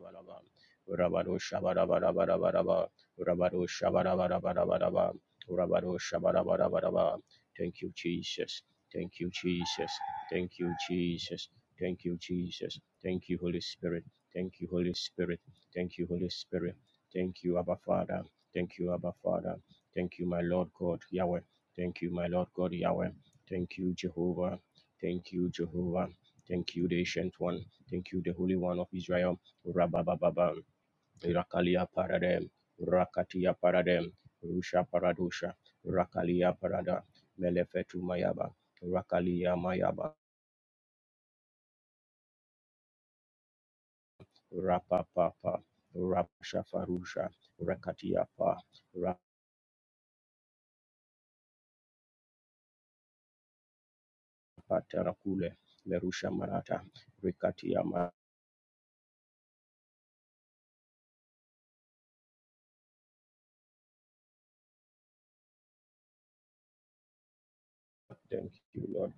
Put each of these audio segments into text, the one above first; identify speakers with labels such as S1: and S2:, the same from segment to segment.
S1: Rabaraba, Rabado Shabarabarabaraba, Rabado Shabarabarabaraba, Rabado Shabarabarabaraba. Thank you, Jesus. Thank you, Jesus. Thank you, Jesus. Thank you, Jesus. Thank you, Holy Spirit. Thank you, Holy Spirit. Thank you, Holy Spirit. Thank you, Abba Father. Thank you, Abba Father. Thank you, my Lord God Yahweh. Thank you, my Lord God Yahweh. Thank you, Jehovah. Thank you, Jehovah. Thank you, the Ancient One. Thank you, the Holy One of Israel. Rabababam, Irakalia Paradem, Rakatia Paradem, Rusha Paradusha, Rakalia Parada, Melefetu Mayaba, Rakalia Mayaba, Rapapapa, Rapshafarusha, Rakatia Pa, Rapatarakule, Lerusha Marata, Rikatia Ma. Thank you, Lord.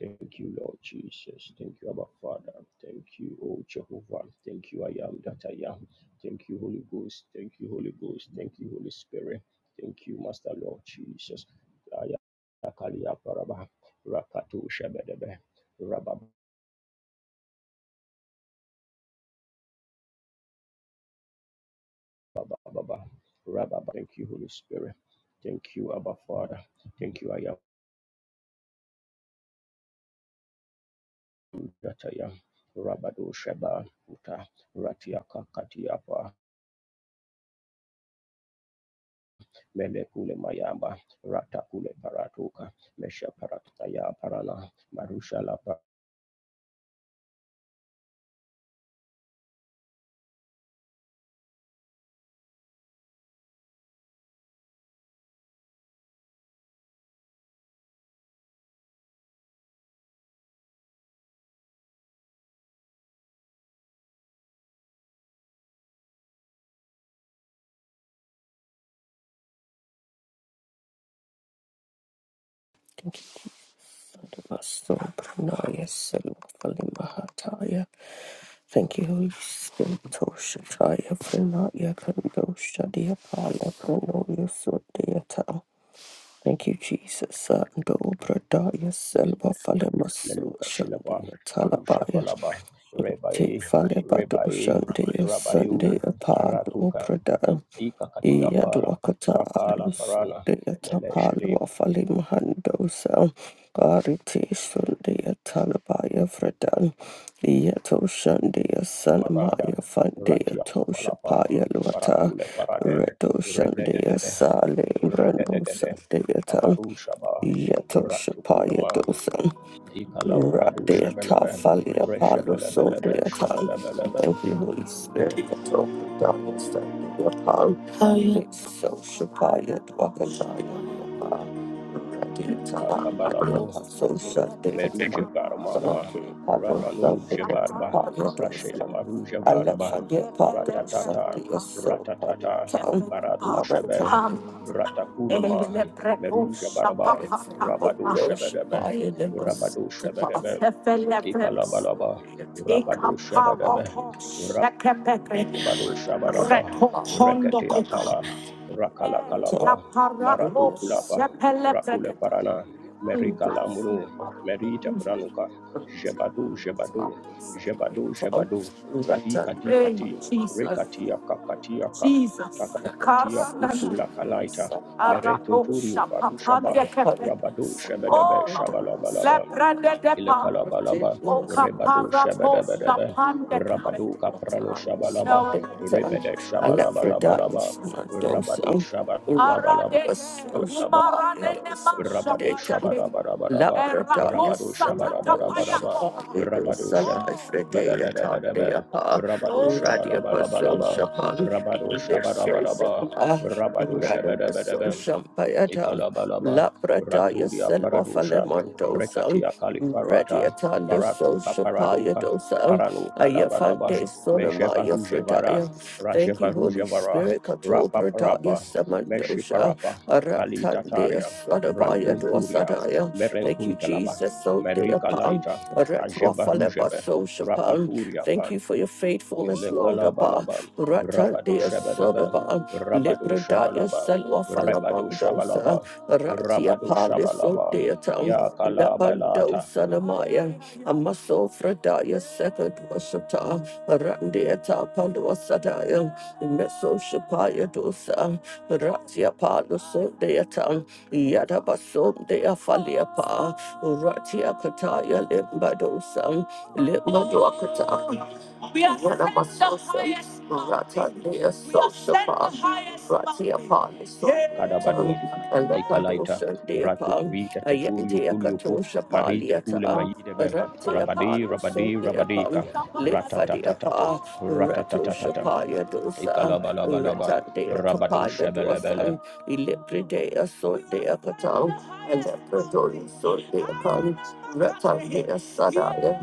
S1: Thank you, Lord Jesus. Thank you, Abba Father. Thank you, O Jehovah. Thank you, I am that I am. Thank you, Holy Ghost. Thank you, Holy Ghost. Thank you, Holy Spirit. Thank you, Master Lord Jesus. Aya- Akalia Paraba, Rakatu Shabedebe, Rabababa, Rababa. Thank you, Holy Spirit. Thank you, Abba Father. Thank you, I am that I am. Rabado Sheba, Uta, Ratiaka Katiapa, mele kule mayamba rata kule paratuka mesha parataya parana marusha lapa
S2: Thank you, Father, Maso Pranaya Selufali Mahataya. Thank you, Holy Spirit, Toshataya Pranaya Kando Shadia Pala Pranoya Sudeyata. Thank you, Jesus, Sando Pradaya Selva Falemaso
S1: meluka shilapa
S2: Shandia
S1: merusha
S2: Talabaya.
S1: palaba
S2: Te
S1: rebai
S2: falebato
S1: rebai
S2: shandeya
S1: rabayu
S2: sandeya pado
S1: aratuka
S2: prada
S1: ikakatia kala
S2: Yaduakata
S1: rakala parana
S2: Lusundia
S1: mele melesheli
S2: Tapalua Fali Mahandosa Ariti Sundia Talabaya Fredan Yato Shandia
S1: marada
S2: Sanamaya Fandia
S1: ratia palapa
S2: Toshapaya Luata
S1: parakule parade
S2: Redo Shandia
S1: regedegede
S2: Sale Brando
S1: regedegede
S2: Sandia Tam
S1: kabarusha ba
S2: Yato
S1: ratukulema
S2: Shapaya
S1: Ikala paradu
S2: Radeata
S1: shebelebe,
S2: Falia Palo
S1: reshebelebelebe,
S2: Sodeatan.
S1: shebelebelebe,
S2: Thank you, Holy Spirit, that opened darkness that we are upon. It's So Shapaya Dwakanaya Radiata Ladia
S1: akabalabo,
S2: So Shadeatan.
S1: meruje varmanama,
S2: Radia Palo
S1: ramanuje
S2: Sodeata
S1: barba,
S2: Paya Dosa.
S1: rashele maruje
S2: I let
S1: barba,
S2: Shadia Pado
S1: ratatata,
S2: Shadia So
S1: ratatata, baratu shebe,
S2: Paliatan. Hey,
S1: ratakulema, meruje barba, rabado shebedebe, rabado shebedebe, ikalabalaba, rabado shebedebe, Badu Shabaraba, Rekete Akala, Rakala Kalaba, Maratu Kulapa, Rakule Parana, Merika Lamuru, Merita Pranuka, Jebadu Jebadu, Jebadu Jebadu, Kadi Kadi Kati,
S2: Jesus,
S1: Rekatia Kakatiaka, Kakatia
S2: Jesus,
S1: Kukula Kalaita, Meretunturiu
S2: Araposha
S1: Farushaba,
S2: papande kepe.
S1: Rabadu Shebedebe
S2: Oh, Lord.
S1: Shabalabalaba,
S2: lebrande depa.
S1: Ilakalabalaba,
S2: O
S1: Rebadu
S2: kaparaposha
S1: Shabadabadaba,
S2: pande kepe.
S1: Rabadu Kaprano Shabalaba,
S2: Now,
S1: Rebede
S2: Alephrodite,
S1: Shabalabalabalaba, Rabadu
S2: Mandosa, arade
S1: Shabalabalabalaba,
S2: de, Rabasos, umarade de masha Palidosa,
S1: Rabadu
S2: payate.
S1: Shabarabarabadaba,
S2: Labradaya Eraposha
S1: Rabadu
S2: Samandosa
S1: Shabarabarabaraba,
S2: katapayapa. Palido
S1: Rabadu
S2: Sala Oh, Efredea
S1: Shabadabadabadaba,
S2: Tandea Pa
S1: Rabadu
S2: oh, Radia Paso
S1: Shabalabalabalaba,
S2: Shapan
S1: Rabadu Shabarabaraba,
S2: Lisha
S1: Rabadu Shabadabadaba,
S2: Shampayatan,
S1: Ikalabalaba,
S2: Laprataya
S1: Raturia
S2: Selwa
S1: Paradusha,
S2: Falemandosan,
S1: Rekatia Kalifarata,
S2: Radiatala
S1: Paratuka
S2: Social
S1: Paraduka,
S2: Payadosan,
S1: Paranuka Labalaba,
S2: Ayafante Sonamaya
S1: Mejevarujevara,
S2: Fredaya. Thank you, Holy
S1: Rajevarujevara,
S2: Spirit,
S1: Rapa
S2: Katobrataya
S1: Parapa, Meshi
S2: Samandosha,
S1: Parapa, Kali
S2: Aratandea
S1: Tataria,
S2: Sadabaya
S1: Rantunturia,
S2: Dwasadaya. Thank you,
S1: Merenkuntalaba,
S2: Jesus. So dear
S1: Merika
S2: upon
S1: Laita,
S2: Ratwa Faleba
S1: Ajevarujebe,
S2: Soshapan.
S1: Rapaturia pa.
S2: Thank you for your faithfulness, Lord. Abba
S1: Lekalabalaba,
S2: Ratan
S1: Rabado
S2: dear
S1: Shabadaba,
S2: Sodaba
S1: Rabado
S2: Libra Daya
S1: Shabalaba,
S2: Salwa
S1: Rebado
S2: Falabandosa
S1: Shabalaba,
S2: Ratia
S1: Rabado
S2: Pali So
S1: Shabalaba,
S2: dear town. Lapando
S1: Yakalabalata,
S2: Sanamaya, Amaso Fradaya, second Washata, a Randiata Paluasadaya, Meso Shapaya Dosa, Ratia Paluso Deatan, Yadabaso Dea Faliapa, Ratia Kataya Limbadosa, Limbaduakata. We are the highest. Rata Dea Ratia Paluso
S1: Kadabadu,
S2: and the
S1: Ikalaita,
S2: Padosha
S1: Ratu
S2: deapa.
S1: Rita Teturio
S2: Ayatia
S1: Kuliopu,
S2: Katosha
S1: Marita Kule
S2: Paliata,
S1: Maidebe,
S2: Ratia
S1: Rabadi,
S2: Palo
S1: Rabadi,
S2: Sotia Pan,
S1: Rabadika,
S2: Litfadia
S1: Ratatatatata,
S2: Pa, Ratosha
S1: Ratatatatata,
S2: Paya Dosa,
S1: Ikalabalabalaba,
S2: Retatia
S1: Rabado
S2: Tapaya
S1: Shabalabelebe,
S2: Dosan, Ilipridea Sotia Katam, Electrodori Sotia Pan, Retatia Sadaya,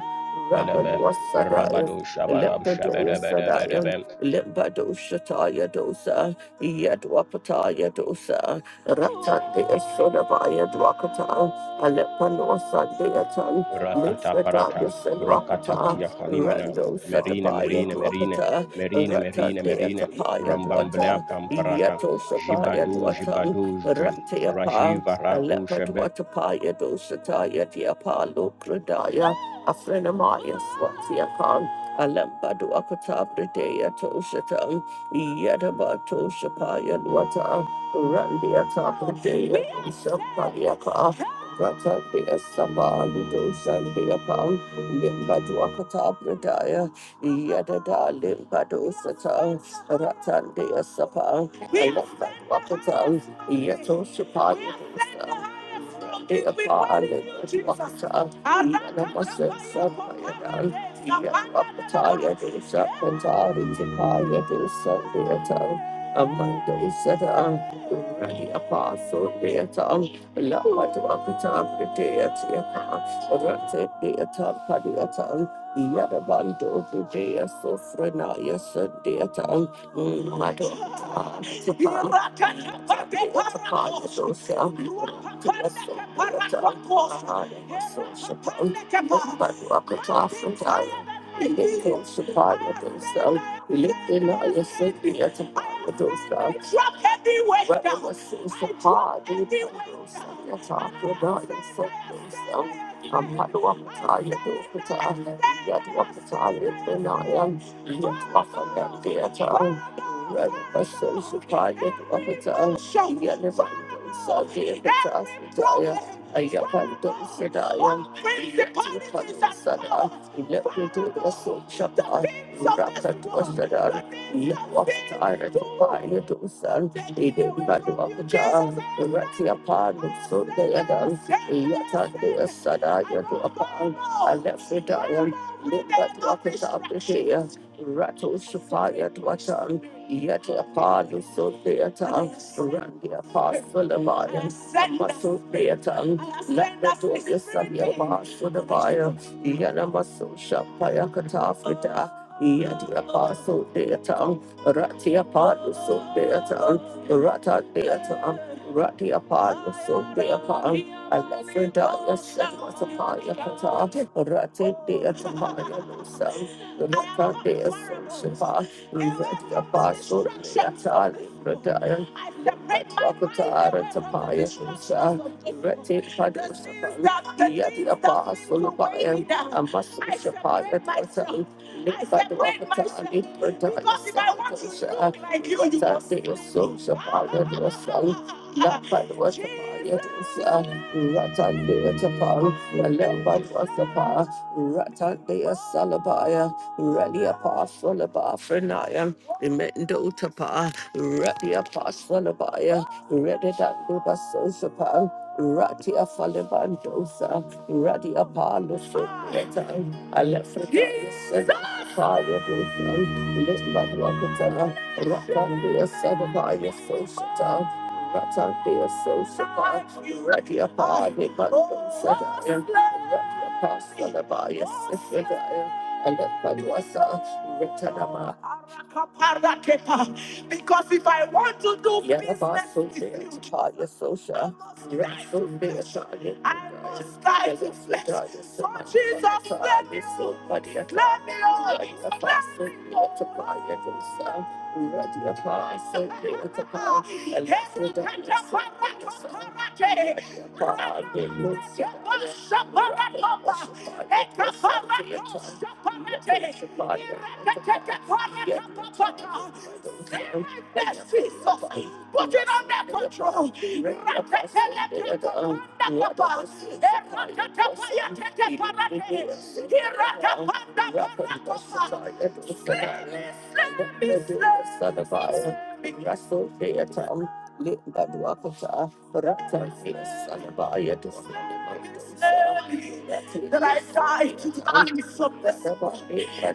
S2: Rakadwa Sadaya.
S1: Rabado Shabalab
S2: Lepradoya Sadaya,
S1: Shabadabadabadabem,
S2: Limbadosha Taya Dosa, Yadwapataya Dosa, Ratan de Sodabaya Dwakata, Alepano Sandeatan,
S1: Rakata parata,
S2: Lisbetaya
S1: rakata
S2: Senwakata,
S1: patia kalimana,
S2: Rando
S1: merine
S2: Satabaya
S1: merine merine,
S2: Dwakata,
S1: merine
S2: Ratan
S1: merine
S2: de
S1: merine,
S2: Atapaya
S1: rambamblea
S2: Dwata,
S1: pamparata,
S2: Yeto Sapaya
S1: jibadu
S2: Dwatan,
S1: jibadu jem,
S2: Ratiapa,
S1: rajiva ratu shebe,
S2: Alepadwatapaya Dosataya Diapalo Pradaya, Afrenamaya Swatiakan, Alemba Dwakata Pradaya Toshatan, Yedaba Toshapaya Dwata. Randia Tapataya, Sapaliapa, Rata Dea Sabali Dosan Dea Pam, Limbaduakata Pradaya, Yadada Limbadosata, Rata Dea Sapa, Limbaduakata, Yato Sapaya Dosa. Pantari Tipaya Dosa Deata. Amanda is set up. Ready apostle theatre, Lord, walk it up the Tom theatre, Rata theatre, Padiata, Yadabando, the day, so Frenaya, Sundator, Mado, Padiata, Padiata, Padiata, Lifting all your safety at the bottom of those dogs. Drop every weight down. Whatever seems to part, you know those i talking about your focus. I'm not the one to tell you to put on. Yet what to tell you to know. Yet what for that theater. Sada, you do a pound, I left the dial, look at the opposite of the share. Rato Shapaya Dwatan, yet a pardon so theatre, Randy Apostle of Iron, Muscle Theatre, let the door your son your marsh for the fire, Yana Muscle Shapaya Katafrita. Yet the apostle theatre, Ratia Padu Sundeata, Rata Deata, Ratia Padu Sundeata, Alafredaya Shatmatapaya Kata, Rati Deata Paya Lusa, Rata Dea Sunshipa, Ratia Padu Deata, Alafredaya, Rakatara Tapaya Lusa, Rati Padu Sundeata, Yatia Padu Sundeata, Amasu Shapaya I separate myself because if I want to look like you, you will Ratia Falibandosa, Radia Palo Sopreta, I left for Fire Dusam, Limbat Wakatana, Ratan Dea Sadabaya Soshata, Ratan be a Soshapa, Ready Apa, Nipandu Sadaya, Ready Apa Sadabaya Sifridaya, Alepanwasa, Ritanama. Arakaparaketa. Because if I want to do Yeah, business so with you, I social. must die so to flesh. I must So Jesus, let me so on. I Let me on. Let so me there to so there go so Yes, Jesus. Put it under control. Slay me. of I, Russell Theatre, Limbadwakata, Ratasia Salabaya, the that I die to the peace of the soul.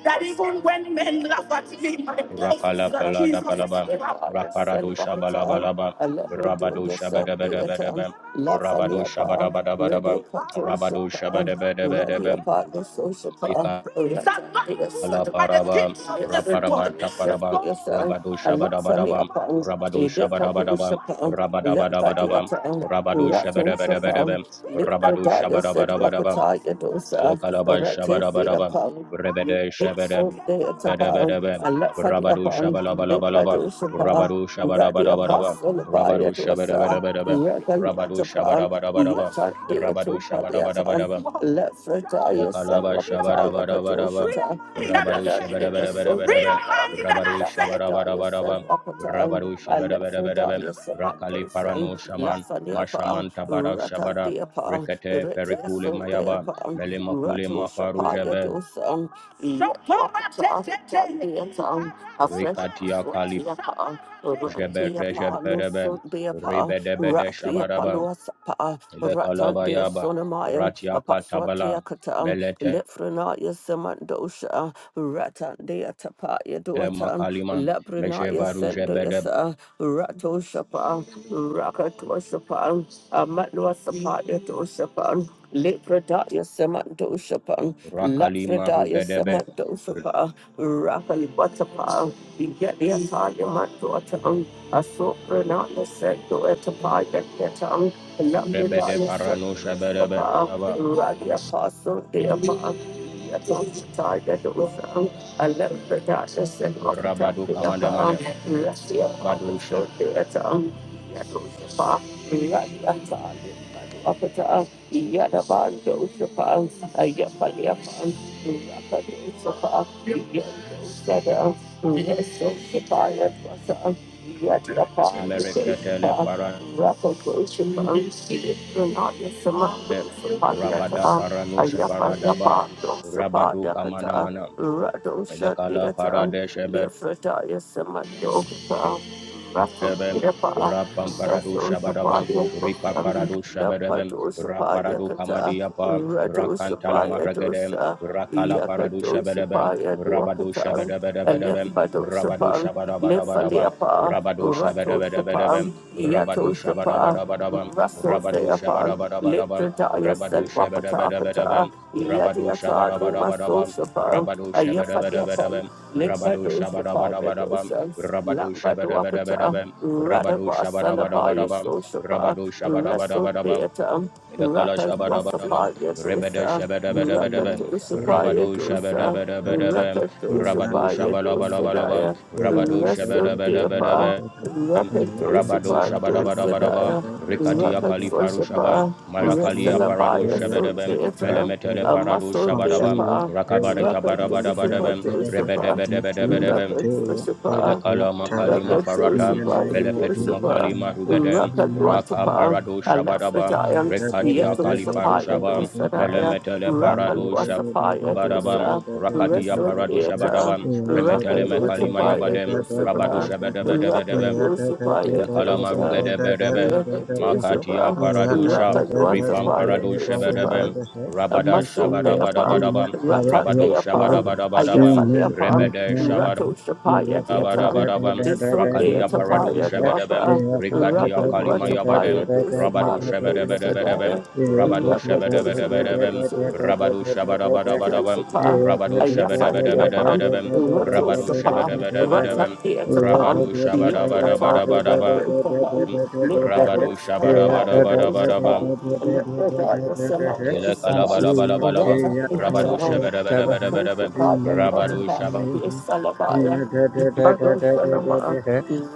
S2: that even when men laugh at me, my boss is
S1: rakala
S2: that
S1: palada
S2: Jesus is
S1: palaba, raparado shabalabalaba, rabado shabadabadabadaba, rabado
S2: proud de
S1: shabadabadabadaba,
S2: Pato
S1: rabado
S2: Shapa, Radi
S1: shabadabadabadaba,
S2: Apatna Soshapa,
S1: ika
S2: Radi
S1: La paraba, raparaba, taparaba,
S2: Sadapa,
S1: rabado
S2: Alafani
S1: shabadabadaba,
S2: Apam,
S1: rabado
S2: Edit Pato
S1: shabadabadaba,
S2: Shapa, Lapadi
S1: rabadabadabadaba,
S2: Atam,
S1: rabado
S2: Rato Shapa,
S1: shabadabadabadaba, rabado
S2: Lipodaya said
S1: shabadabadabadaba,
S2: Wakataya Dosa,
S1: lekalaba shabadabadaba,
S2: Rati
S1: rebede
S2: it's so they at upon a bar,
S1: shabadabadabadaba,
S2: I left for the
S1: rabado
S2: upon the
S1: shabalabalabalaba,
S2: Padusapa,
S1: rabado
S2: Radi
S1: shabadabadabadaba,
S2: Apostle by
S1: rabado
S2: it was a
S1: shabadabadabadaba,
S2: regal
S1: rabado
S2: yet upon
S1: shabadabadabadaba,
S2: yet on the
S1: rabado
S2: two Paliatan,
S1: shabadabadabadaba,
S2: left for Dias and
S1: Ilakalaba
S2: Wakataya
S1: Shabarabarabaraba,
S2: Katoshita,
S1: Rabaru Shabarabarabaraba, Rabaru
S2: Dias and
S1: Shabarabarabaraba,
S2: Wakatan,
S1: Rabaru
S2: I left for
S1: Shabarabarabaraba,
S2: Dias and
S1: Rakali Parano
S2: Mandosan,
S1: Shaman,
S2: Lafaniapa,
S1: Mashaman Tabara
S2: Ratan
S1: Shabara,
S2: the upon,
S1: Rikate
S2: Retia
S1: Perikule
S2: Sunday
S1: Mayaba,
S2: upon,
S1: Melimakule Mafaru
S2: Ratu
S1: Jebe,
S2: dosan, Yakwakata, Tatiatan, a friend of us,
S1: Rikatia
S2: what
S1: Kali Jebe Rejeberebe,
S2: Lusun Beapa,
S1: Ribedebede
S2: Rakia
S1: Shabaraba,
S2: Paluasapa, Ratan
S1: Ilakalaba
S2: de
S1: Yaba,
S2: Sonamayam,
S1: Ratia
S2: a
S1: Katabala,
S2: Paswatiakatan,
S1: Melete
S2: Lefrenaya Samandosha, Ratan de Tapaya Duatan,
S1: Makaliman,
S2: Labrinaya
S1: Mejevaru
S2: Sendoyasa, Rato Shapa, Amatluasapa Yatoshapan, Lepradaya Samandoshapan.
S1: Rakalima
S2: Lafredaya
S1: Rugedebe,
S2: Semadosapa, Rapal Watapa, Begetia Taya Matuatam, Asopranaya Sendo Etapaya Ketam,
S1: Rebede
S2: Lafredaya
S1: Parano Shebedebe,
S2: Sendosapa,
S1: Daba,
S2: Radia Paso Deapa. Tiger Dosam, a Lafredaya
S1: Rabadu
S2: Sendofatapia,
S1: Kamandemane,
S2: Russia
S1: Badu
S2: Paso Deatam, Yadosapa, Radia Taya Matuatam. Yadabando Shapa, Ayapaliapan, Rakado Shapa, Yendo Sada, Reso Shapa, Yadwasa, Yadapa,
S1: Shemereketele
S2: Shapa,
S1: Parade,
S2: Rakado Shapa, Yadranaya Samando Shapa,
S1: Rabada
S2: Yata,
S1: Parano Sheparadaba,
S2: Ayapaliapando Shapa,
S1: Rabadu
S2: Yakata,
S1: Kamandamana,
S2: Rado
S1: Lekala
S2: Shadiata,
S1: Parade Shebe
S2: Lefrataya Samando Shapa, Rakam
S1: Rebem,
S2: Deapa,
S1: Rapam Parado Shabadabam,
S2: Sasosapaya
S1: Ripa
S2: Kosam,
S1: Parado Shabadabam,
S2: Lapatosapaya
S1: Raparado
S2: Kata,
S1: Kamadiapa, Rakantala
S2: Ratosapaya
S1: Maragadem,
S2: Dosa,
S1: Rakala Parado Shabadabam,
S2: Yakatosapaya
S1: Rabado
S2: Duakata,
S1: Shabadabadabadabam, Rabado
S2: Alepadosapa,
S1: Shabadabadabadabam,
S2: Lefaleapa,
S1: Rabado
S2: Ratosapa,
S1: Shabadabadabadabam, Rabado
S2: Yatosapa,
S1: Shabadabadabadabam,
S2: Russell say
S1: Rabado
S2: upon
S1: Shabadabadabadabam,
S2: Liptradaya
S1: Rabado
S2: Selvapatakata,
S1: Shabadabadabadabam, Rabado
S2: Yadiata Nima
S1: Shabadabadabadabam,
S2: Sosapa,
S1: Rabado
S2: Ayafadiapan,
S1: Shabadabadabadabam, Rabado
S2: Limbadosapa
S1: Shabadabadabadabam,
S2: Redosan,
S1: Rabado
S2: Lambaduakata,
S1: Shabadabadabadabam, Rabado
S2: Radaba Salabaya
S1: Shabadabadabadabam,
S2: Sosapa,
S1: Rabado
S2: Russell
S1: Shabadabadabadabam,
S2: Beatam,
S1: Ilakala
S2: Rakan
S3: Thank In
S1: Shabadabadabam,
S2: Wasapa
S3: the
S1: Rebede
S2: Yadosa,
S1: Shabadabadabadabam,
S2: Rakatosapa
S1: Rabado
S2: Yadosa,
S1: Shabadabadabadabam, Rabado
S2: Rakatosapa
S1: Shabalabalabam,
S2: Yadosadaya.
S1: Rabado
S2: Rasul Deapa,
S1: Shabadabadabadabam,
S2: Rocket
S1: Rabado
S2: Dosapa
S1: Shabadabadabadabam,
S2: Dosadaya,
S1: Rikatia
S2: Rocket
S1: Kalifaru Shabam,
S2: Soshapa,
S1: Marakalia Parado
S2: Rasalabaya
S1: Shabadabam,
S2: Sundata,
S1: Melemetele
S2: a
S1: Parado
S2: muscle
S1: Shabadabam,
S2: Deapa,
S1: Rakabareta
S2: Rocket Dosapa
S1: Barabadabadabam, Rebede
S2: Dosapa,
S1: Bedebedebedebam,
S2: Rocket Dosapa,
S1: Lekala makalima
S2: Rocket
S1: farata,
S2: Dosapa
S3: name of
S1: melefetu
S2: Dosapa,
S1: makalima rugedem,
S2: Rocket
S3: the
S1: raka
S2: Watapa,
S1: parado
S3: Lord,
S1: shabadabam,
S2: Alafridaya,
S1: rekatia
S3: yeah,
S2: Yatum
S1: kalifaru
S2: Sapaya
S1: shabam,
S2: Dosadaya,
S1: melemetele
S2: Rocket
S1: parado
S2: Wasapaya
S1: shabadabam,
S2: Dosa,
S1: rakatiya parado
S2: Rasul
S1: shabadabam,
S2: Raka
S1: remetele mekalima
S2: Nutapa
S1: yabadem, rabado
S2: Yadusapa, Raka
S1: shabadabadabadabam,
S2: Dusapa
S1: lekalama
S2: Yadusa,
S1: rugedebedebem,
S2: Raka
S1: makatiya
S2: Dusapa,
S1: paradusha shab,
S2: Raka
S1: ripam
S2: Nutapa
S1: parado shabadabam,
S2: Yadusapa, a
S1: Rabada
S2: muscle day upon,
S1: shabadabadabadabam,
S2: Raka day
S1: rabado
S2: upon,
S1: shabadabadabadabam,
S2: Ayafa day upon,
S1: rebede Shabadabadabadabam.
S2: Rato Shapaya deaton,
S1: Rabarabam,
S2: Lisson day
S1: Rakalia Parado
S2: atapaya
S1: Shabadabem,
S3: yeah,
S2: duapa, Raka
S1: Rikatia Kalima Yabadem,
S2: Nutapa Yadusapa,
S1: Rabado Shabadabadabadabem,
S2: Sadaya,
S1: Rabado
S2: Raka
S1: Shabadabadabadabem,
S2: Dusapa
S1: Rabado Shabadabadabadabem,
S2: Sapa,
S1: Rabado
S2: Ayafandiapan,
S1: Shabadabadabadabadabem,
S2: Rato
S1: Rabado
S2: Sapa,
S1: Shabadabadabadabem,
S2: Ratandiatapan,
S1: Rabado
S2: Yatiatadi
S1: Shabadabadabadabadabam,
S2: Bandapan, Lit by those
S1: Rabado
S2: that are by your boys
S1: Shabadabadabadabadabam,
S2: upon, and let the darkness some of
S1: Ile
S2: those upon, and
S1: Kalabalabalabalabam,
S2: let that be a
S1: Rabado
S2: town. Rato
S1: Shabadabadabadabadabam,
S2: Sapa,
S1: Rabado
S2: Yatiatapa, Yati Salabaya, Lit by those Sanama,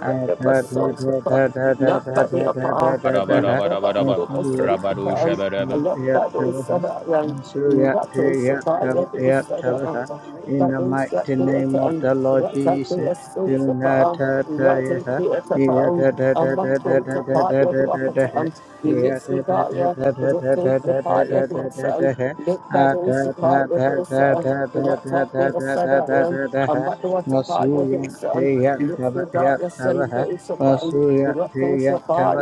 S3: I da da
S2: Sosapa,
S3: da da da da
S2: Not
S3: da
S2: by the
S3: da da
S2: Apa,
S3: da da da.
S1: Shabadabadabadabadabam,
S2: Rakapa
S1: Rabado
S2: Sosapa,
S1: Shabadabadabadabadabam,
S2: and let by those
S3: Yatavaha,
S2: Sadayan. Rattle Shapaya, the Asa,
S3: Yatavaha, in the mighty
S2: the
S3: name of the Lord Jesus, Dunatatayaha, Yatatatatatatatatatatataha, Yatatatatatatatatatatataha, Atatatatatatatatatatatatatataha, Masuya Yatavaha, Masuya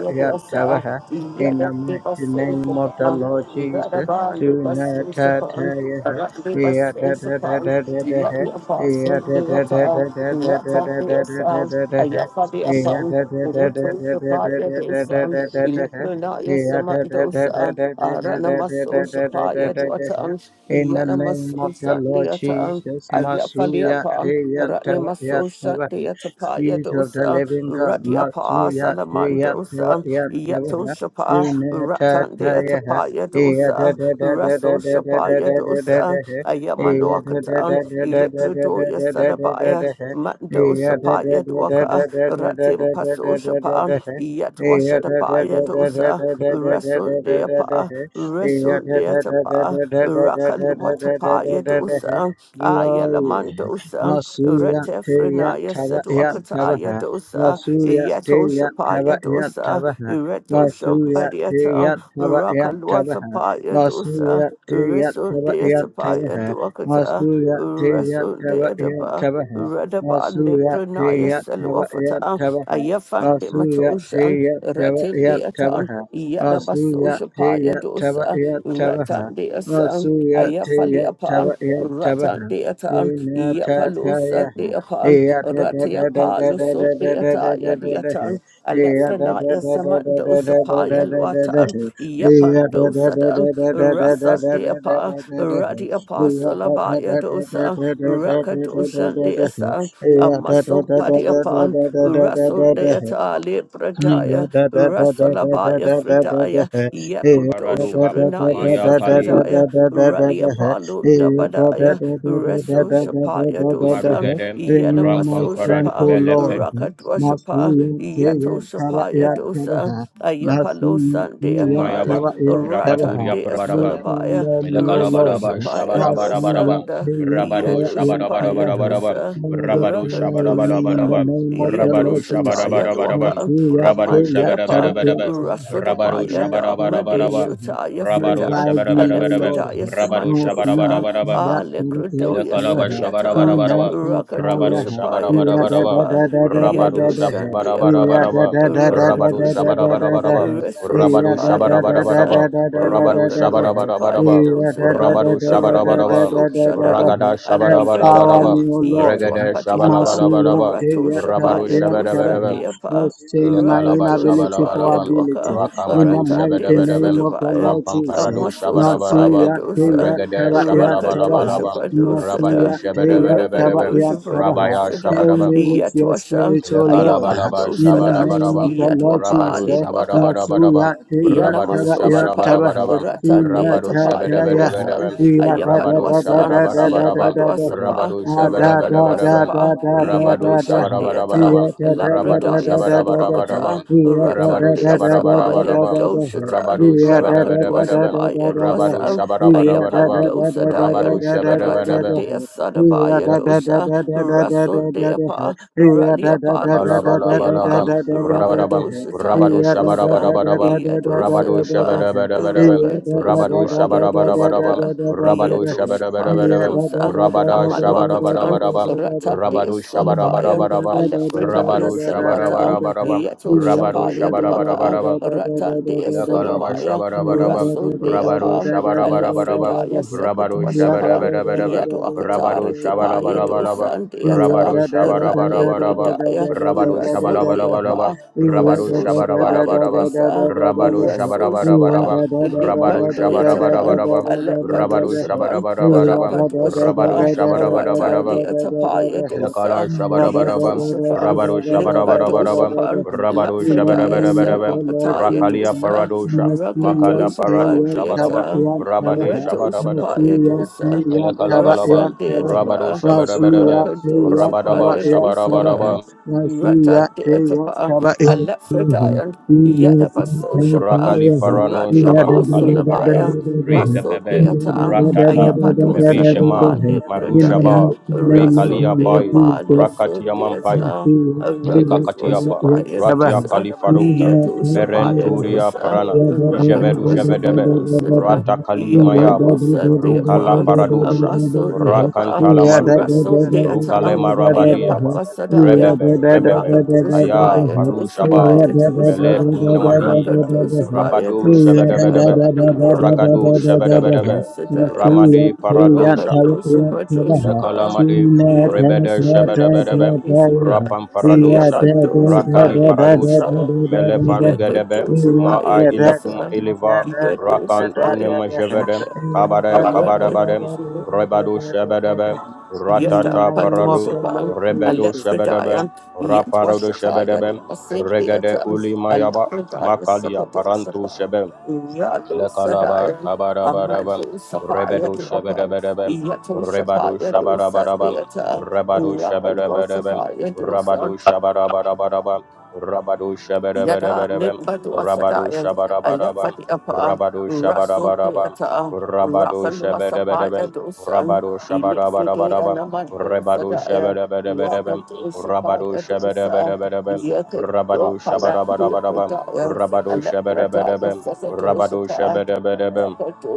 S3: Yatavaha, in
S2: Yada,
S3: the
S2: the
S3: mighty name of the
S2: Basil,
S3: Lord Jesus,
S2: Radabandi Basushapan,
S3: Sunatataya,
S2: Randi Basushapan,
S3: Eatatatatatatatahe,
S2: Randi Apostle Theatre, Rata Theatre,
S3: Eatatatatatatatatatatahe,
S2: Ayafadi Apan, Roto Sapaya Dosan,
S3: Eatatatatatatatatatatahe,
S2: Electronaya Samandosa, Aranamaso Sapaya
S3: Eatatatatatatatatatatahe.
S2: Duatan,
S3: In the name
S2: Yanamaso
S3: of the Lord
S2: Sandiatan,
S3: Jesus,
S2: Ayafali
S3: Masuya
S2: Apan, Ratnamaso
S3: Teyantavayatavahe,
S2: Sandiatapaya
S3: Spirit of the
S2: Dosa,
S3: living God,
S2: Radiapa
S3: Masuya
S2: Salamandosa, Yato
S3: Teyantavayatavahe,
S2: Shapa,
S3: Glory,
S2: Ratandiatapaya Dosa, Raso Shapaya Dosa, Ayamandoakatan, Electrodoya Sadabaya. Mando Sapaya Dwaka, Ratim Paso Shapan, Yat Washadapaya Dosa, Rasun Deapa, Rasun Deatapa, Rakan Watapaya Dosa, Ayalamandosa,
S3: Masuya Teya
S2: Retefrenaya
S3: Tava Yat
S2: Sedwakataya
S3: Tavaha,
S2: Dosa,
S3: Masuya
S2: Yato
S3: Teya Tava
S2: Shapaya
S3: Yat
S2: Dosa,
S3: Tavaha,
S2: Reto Shambadiata, Rakan
S3: Vasuyateyatabayatabaha.
S2: Watapaya Dosa, Rasun Deatapaya
S3: Vasuyateyatabayatabaha.
S2: Dwakata,
S3: Vasuyateyatabayatabaha.
S2: Rasun Deatapa. Radabande Pranaya Seluafata,
S3: Vasuyateyatabayatabaha.
S2: Ayafande Matosha, Ratinde Atan,
S3: Vasuyateyatabayatabaha.
S2: Yadabasosha Paya Dosa,
S3: Vasuyateyatabayatabaha.
S2: ratan Ratande Asan, Ayafali Apan,
S3: Vasuyateyatabayatabaha.
S2: Ratande Atan, Yapalosa
S3: Vinatatayaha.
S2: de Apan, Ratia Paloso de Ataya de
S3: Eyatatatatatatatatatatatatataha.
S2: Atan.
S3: Yeah,
S2: Alefranaya Samandosa Paya Luatan, Yapandosa Dan, Rasa Deapa, Radi Apasolabaya Dosa, Rakadosa Desa, Amasum Padiapan, Rasul Deata
S3: Renew
S2: Libradaya,
S3: my strength,
S2: Rasulabaya Fredaya,
S1: Parado
S2: Yakudosha Pranaya
S1: Maya Kali
S2: Safradaya, Rally Apalo Badaya, Reso Shapaya Dosan,
S1: Marugede, Rampam
S2: Yanamaso
S1: paradu
S2: Shapa,
S3: O Lord.
S1: Melefe
S2: Rakatwa
S3: Masu
S2: Shapa, Yato
S3: yan tara
S2: Shapaya
S3: yan tara
S2: Dosa,
S3: ha. Masu
S2: Ayapalo Sandea
S3: yan
S2: Pala,
S1: Tumayaba,
S3: tara yan tara ha.
S1: Rakaturia
S2: Ratandea
S3: Make
S1: Parababa.
S3: him
S2: Solabaya,
S3: love me, O
S2: Reso
S3: Lord.
S1: Elekalabalaba,
S2: Shapaya
S3: Masu
S1: shabarabarabarabaraba,
S3: yan
S2: Dosanda,
S1: rabado,
S3: tara
S2: Yado
S3: yan
S2: Shapaya
S3: tara ha.
S1: shabarabarabarabarabaraba,
S2: Dosa,
S3: Mother,
S1: rabado,
S3: pray me in
S2: Rakatosapa.
S3: the
S1: shabarabarabaraba,
S3: name of the
S2: Yedo
S1: rabado,
S3: Lord Jesus.
S2: Sataya
S1: shabarabarabaraba,
S2: Lwaka
S3: Revive
S1: rabado,
S2: Amande upon
S1: shabarabarabaraba, rabado,
S2: Rasodabaya Damade
S1: shabarabarabaraba,
S2: Shutaya
S1: rabado,
S2: Freda
S3: me, O
S1: shabarabarabaraba,
S3: Lord.
S2: Alefredaya
S1: rabado,
S3: No fear,
S2: Samandosa
S1: shabarabarabaraba,
S3: that terror,
S2: Alecrodoya
S1: Elekalaba
S3: terror, fear
S2: Sadiata
S1: shabarabarabarawa.
S3: not,
S1: Rabaru
S2: Rakadosa
S3: terror.
S2: Paya
S3: Yeah, da
S1: shabarabarabaraba.
S3: da
S2: Dosapa
S3: da da da da
S1: Rabaru
S2: Yedo
S3: da da. Yeah,
S2: Sandiapa
S1: shabarabarabaraba.
S3: da da da da
S1: Rabaru
S3: da da da
S2: Rakadushapa,
S3: da da da.
S1: shabarabarabaraba.
S3: Yeah,
S1: Rabaru
S3: da da
S2: Resoshapaya
S3: da da
S1: shabarabarabaraba.
S3: da
S2: dosa,
S3: da da da
S1: Rabaru
S3: da da da.
S2: Rakanduatapaya
S1: shabarabarabaraba.
S3: Yeah,
S2: dosa
S3: da da
S2: da,
S3: da
S1: Rabaru
S3: da da da da
S1: shabarabaraba.
S3: da da da
S2: Ranimasoshada,
S1: Ragada
S3: da. Empower
S1: shabarabarabaraba.
S2: Alafredaya,
S3: me, O Lord.
S1: Regede
S2: Yatuapatiaka,
S3: Masuya,
S1: shabalabalabalaba.
S3: terror,
S1: Rabaru
S2: Ratoshapaya
S3: terror, terror.
S1: shabarabaraba.
S2: dosandiapa,
S3: Exchange
S1: Ile
S3: my
S1: kalaba shabala
S3: inability for
S2: Rakadoshapaya
S1: balaba,
S3: ability.
S2: doka,
S3: In the
S1: Rakamadu
S3: mighty
S2: Ratandia
S1: shabadabadabam.
S3: name of the
S2: sudavaya,
S3: Lord Jesus.
S1: Rampamparadu
S2: Amasoshapaya
S1: shabarabarabam.
S3: Nasuya teya
S2: dosa,
S1: Regede
S3: taba ya tabaha.
S1: shabalabalabalabam.
S2: Rakadoshapa
S1: Rabadu
S3: Nasuya
S2: dosa
S3: teya taba
S1: shabadabadabadabam.
S3: ya tabaha.
S1: Rabaya
S2: Rakadoshapadosada,
S3: Fill
S1: shabadabam.
S3: me with your
S2: Yatwasan,
S3: spiritual Lord.
S1: Ilakalabalaba
S3: In the
S2: Ayapandosadan,
S3: name of
S1: shabarabarabam.
S3: the Lord Jesus.
S1: Rabado
S2: Yatwapalitwaka,
S1: shabarabarabam.
S3: Nasuya teya
S2: Yanama
S1: Rabado
S3: taba ya
S2: Soshapan,
S3: tabaha.
S1: shabarabarabam.
S2: Ratan de
S3: Ina
S1: Rabado
S3: ta
S2: Atapaya
S3: ta ya ha.
S2: Dosan,
S1: shabarabarabam.
S3: Iya da
S2: Ayapa
S3: da
S1: Rabado
S3: da da
S2: Loasan,
S3: da da da da
S2: Lemba
S1: shabarabarabam.
S3: da da ha.
S2: dosapa
S1: Rabado
S3: Ah, Da
S2: Raka
S3: da da
S1: shabarabarabam.
S3: da
S2: Loasapa,
S3: da da
S1: Rabado
S2: Yado
S1: shabarabarabam. Rabado
S3: da da
S2: Shandeatan,
S1: shabarabarabam.
S3: yeah,
S1: Rabado
S2: Lapradaya
S1: shabarabarabam.
S2: Sadwakata, Ratan
S1: Rabado
S2: de Sapa
S1: shabarabarabam.
S2: Lidoshata,
S1: Rabado
S2: Raka
S1: shabarabarabam.
S2: Dwashapaya Dwasan, Ayapan Dosa
S1: Rabado
S2: Dayan, Ratan
S1: shabarabarabam.
S2: de Sadabaya
S1: Ila
S2: Dosa, Rasun de Apa, Raliapa Deapa,
S1: Kalabalabam, Rabadabam, Rabadu
S2: Rakadosataya dosa,
S1: Shabarabadabadabam, Rabadu
S2: Yadosadapa,
S1: Shabarabadabadabam, Rabadu
S2: Rakadosapaya
S1: Shabarabadabadabam,
S2: dosada,
S1: Rabadu
S2: Yatosapaya
S1: Shabarabadabadabam,
S2: dosa,
S1: Rabada
S2: Amalwakatan,
S1: Shabarabadabadabam,
S2: Rata de
S1: Rabadu
S3: yeah,
S2: Solubaya,
S1: Shabarabadabadabam,
S2: Alepredaya
S1: Rabadu
S2: Selwata,
S1: Shabarabadabadabam, Rabadu
S2: Yatoshapaya duaka,
S1: Shabarabadabadabam,
S2: Rata de
S1: Ilakalaba
S2: Solamaya,
S1: shabarabaraba,
S2: Rasul
S1: rabaro
S2: deapa,
S1: shabarabarabaraba,
S2: Alepredaya
S1: rabaro
S2: Sekadwashapan,
S1: shabarabarabaraba, rabaro
S2: Yatuakatara
S1: shabalabalabalaba,
S2: Sandiata,
S1: rabaro
S2: La
S1: shabarabarabaraba,
S2: Lepredaya,
S1: rabaro
S2: Russell
S1: shabalabalabalaba,
S2: Deapa,
S1: rabaro
S2: Russell Shapaya
S1: shabarabarabaraba,
S2: Dwasa,
S1: rabaro
S2: Russell Shapa,
S1: shabarabarabaraba, rabaro
S2: Lepandoyatapan,
S1: shabarabarabaraba, rabaro
S2: Alembadosapan,
S1: shabarabarabaraba, rabaro
S2: Lapatwasapa,
S1: shabarabarabaraba,
S2: Ratandiatapaya
S1: Ilakala
S2: Dosa,
S3: in the
S1: shabarabarabam,
S2: Yatosapan,
S1: rabaru shabarabarabarabam,
S2: Limbadosapan,
S1: rabaru
S2: Lapfredaya
S3: name of
S1: shabarabarabarabam,
S3: the Lord
S2: Selwapataya
S1: rakalia
S3: Jesus,
S2: Dosa,
S1: paradosha, makala
S3: Masuyan
S1: parado
S2: Rakadosapan
S3: Tayan
S1: shabarabam,
S2: Deata.
S3: Tabayan
S1: rabade
S3: Tabaha,
S2: Reto
S1: shabarabarabam.
S2: Sapaya
S3: Masuyan
S2: Dosa,
S3: Tayan
S1: Ilakala
S2: Rasa
S1: balaba,
S3: Tabayan Tabaha,
S1: rabaru
S2: Deataba,
S3: Masuyan
S1: shabarabarabam,
S2: Raka
S3: Tayan
S2: Dosa
S1: rabadaba
S2: Paya
S3: Tabayan Tabaha,
S2: Dosa,
S1: shabarabarabam,
S3: Masuyan
S2: Rata
S3: Tayan
S2: Deatapa,
S3: Tabayan
S2: Alephadian, Yetapa Soshapa,
S1: rakali parano
S2: Radi
S1: shabarakali parada,
S2: Apostolabaya,
S1: rika
S2: Maso
S3: Tabaha,
S1: bebe,
S3: Masuyan
S2: Deata,
S3: Tayan
S1: ratata,
S2: Ayapa
S3: Tabayan
S2: Dosa Deapa
S1: merishema,
S3: Tabaha, in the
S2: Libradaya,
S1: marushaba,
S3: mighty name of the
S2: Raso
S1: rikalia
S3: Lord
S1: pai,
S2: Deapa
S3: Jesus,
S2: Luso
S1: rakatiamampai,
S3: and she
S2: Deata.
S3: will do
S1: Eka
S2: Raka
S3: it for
S2: dosa
S1: Ekakatiapa,
S3: it.
S2: paya
S1: Ratia
S2: dosa,
S1: Kalifaruta,
S2: yedosa paya
S1: Merenturia
S2: dosa,
S1: Parana,
S2: raka
S1: Ijevedu
S2: dosa
S1: Jevedebe,
S2: Padosa.
S1: Rata Kali mayaba
S2: Yapalusa
S1: Rukala
S2: deapa, a
S1: Paradusha,
S2: muscle deapa,
S1: Rakantala Marugede,
S2: Russell deata,
S1: Rukale
S2: a
S1: Marabadiaba,
S2: yapalusadaya,
S1: Rebebe, Rebebe,
S2: Raka
S1: Aya
S2: dosapaya
S1: Farushaba,
S2: dosapaya
S1: Mele
S2: dosa,
S1: Kunamahib,
S2: Raka dosapaya
S1: Rabado
S2: dosada,
S1: Shebedebedebe,
S2: Raka
S1: Ragado
S2: dosapa
S1: Shebedebedebe,
S3: Amen.
S2: dosadaya,
S1: Ramade
S3: Amen.
S2: Raka
S1: Paradusha,
S3: Amen.
S2: dosapa
S3: Yeah,
S2: dosapa,
S1: Ilekalamadi,
S3: in the name
S1: Rebede
S3: of
S2: Yapalusapa
S1: Shebedebedebe,
S3: the
S2: dosada,
S1: Rapam Paradosha, Rakali
S2: Yapalusapaya
S1: Paradosha,
S2: dosa,
S1: Mele Farugedebe,
S2: Yapalusapaya
S1: Ma'a Ilakum
S2: dosa.
S1: eleva
S2: Yet
S1: Rakan Unema Jevedem, Kabare kabare Kabarabadem, Rebado Shebedebe,
S2: a
S1: Ratata
S2: pato
S1: Paradum,
S2: sopan,
S3: Lord
S2: a
S1: Rebedo
S3: Jesus.
S1: Shebedebe,
S2: lephridia, yet
S1: Raparado
S2: washataya, the
S1: Shebedebe,
S2: Masin
S1: Regede
S2: theatre,
S1: Uli
S2: a
S1: Mayaba,
S2: lephridia
S1: Makalia
S2: sapato
S1: Parantu
S2: sopa,
S1: Shebe,
S2: Yalo
S1: Elekalaba
S2: sadaya, a
S1: kabarabaraba
S2: mato
S1: rebedo
S2: sapaya to upper,
S1: shebedebedebe
S2: yet a
S1: rebado
S2: sapaya to sat
S1: shabarabaraba
S2: theatre,
S1: rebado
S2: Rapal was
S1: shebedebedebe
S2: sapaya
S1: rabado
S2: to
S1: shabarabarabaraba rabado
S2: Yada
S1: shebedebedebe
S2: Limba to
S1: rabado
S2: Asadaya, I left
S1: shabarabaraba
S2: for the upper
S1: rabado
S2: Russell
S1: shabarabaraba rabado
S2: Rakan was a part
S1: shebedebedebe
S2: of the sun,
S1: rabado
S2: he lit for day
S1: shabarabarabaraba
S2: and a
S1: rebado
S2: Sadaya,
S1: shebedebedebe
S2: Rakan to
S1: rabado
S2: Sapaya to Sa,
S1: shebedebedebe
S2: Yaka to
S1: rabado
S2: Apala to
S1: shabarabarabaraba
S2: Pradaya, I
S1: rabado
S2: left
S1: shebedebedebe
S2: Pradaya Sasa to
S1: Rabado
S2: Sapa,
S1: Shebedebedebe,
S2: Rakan to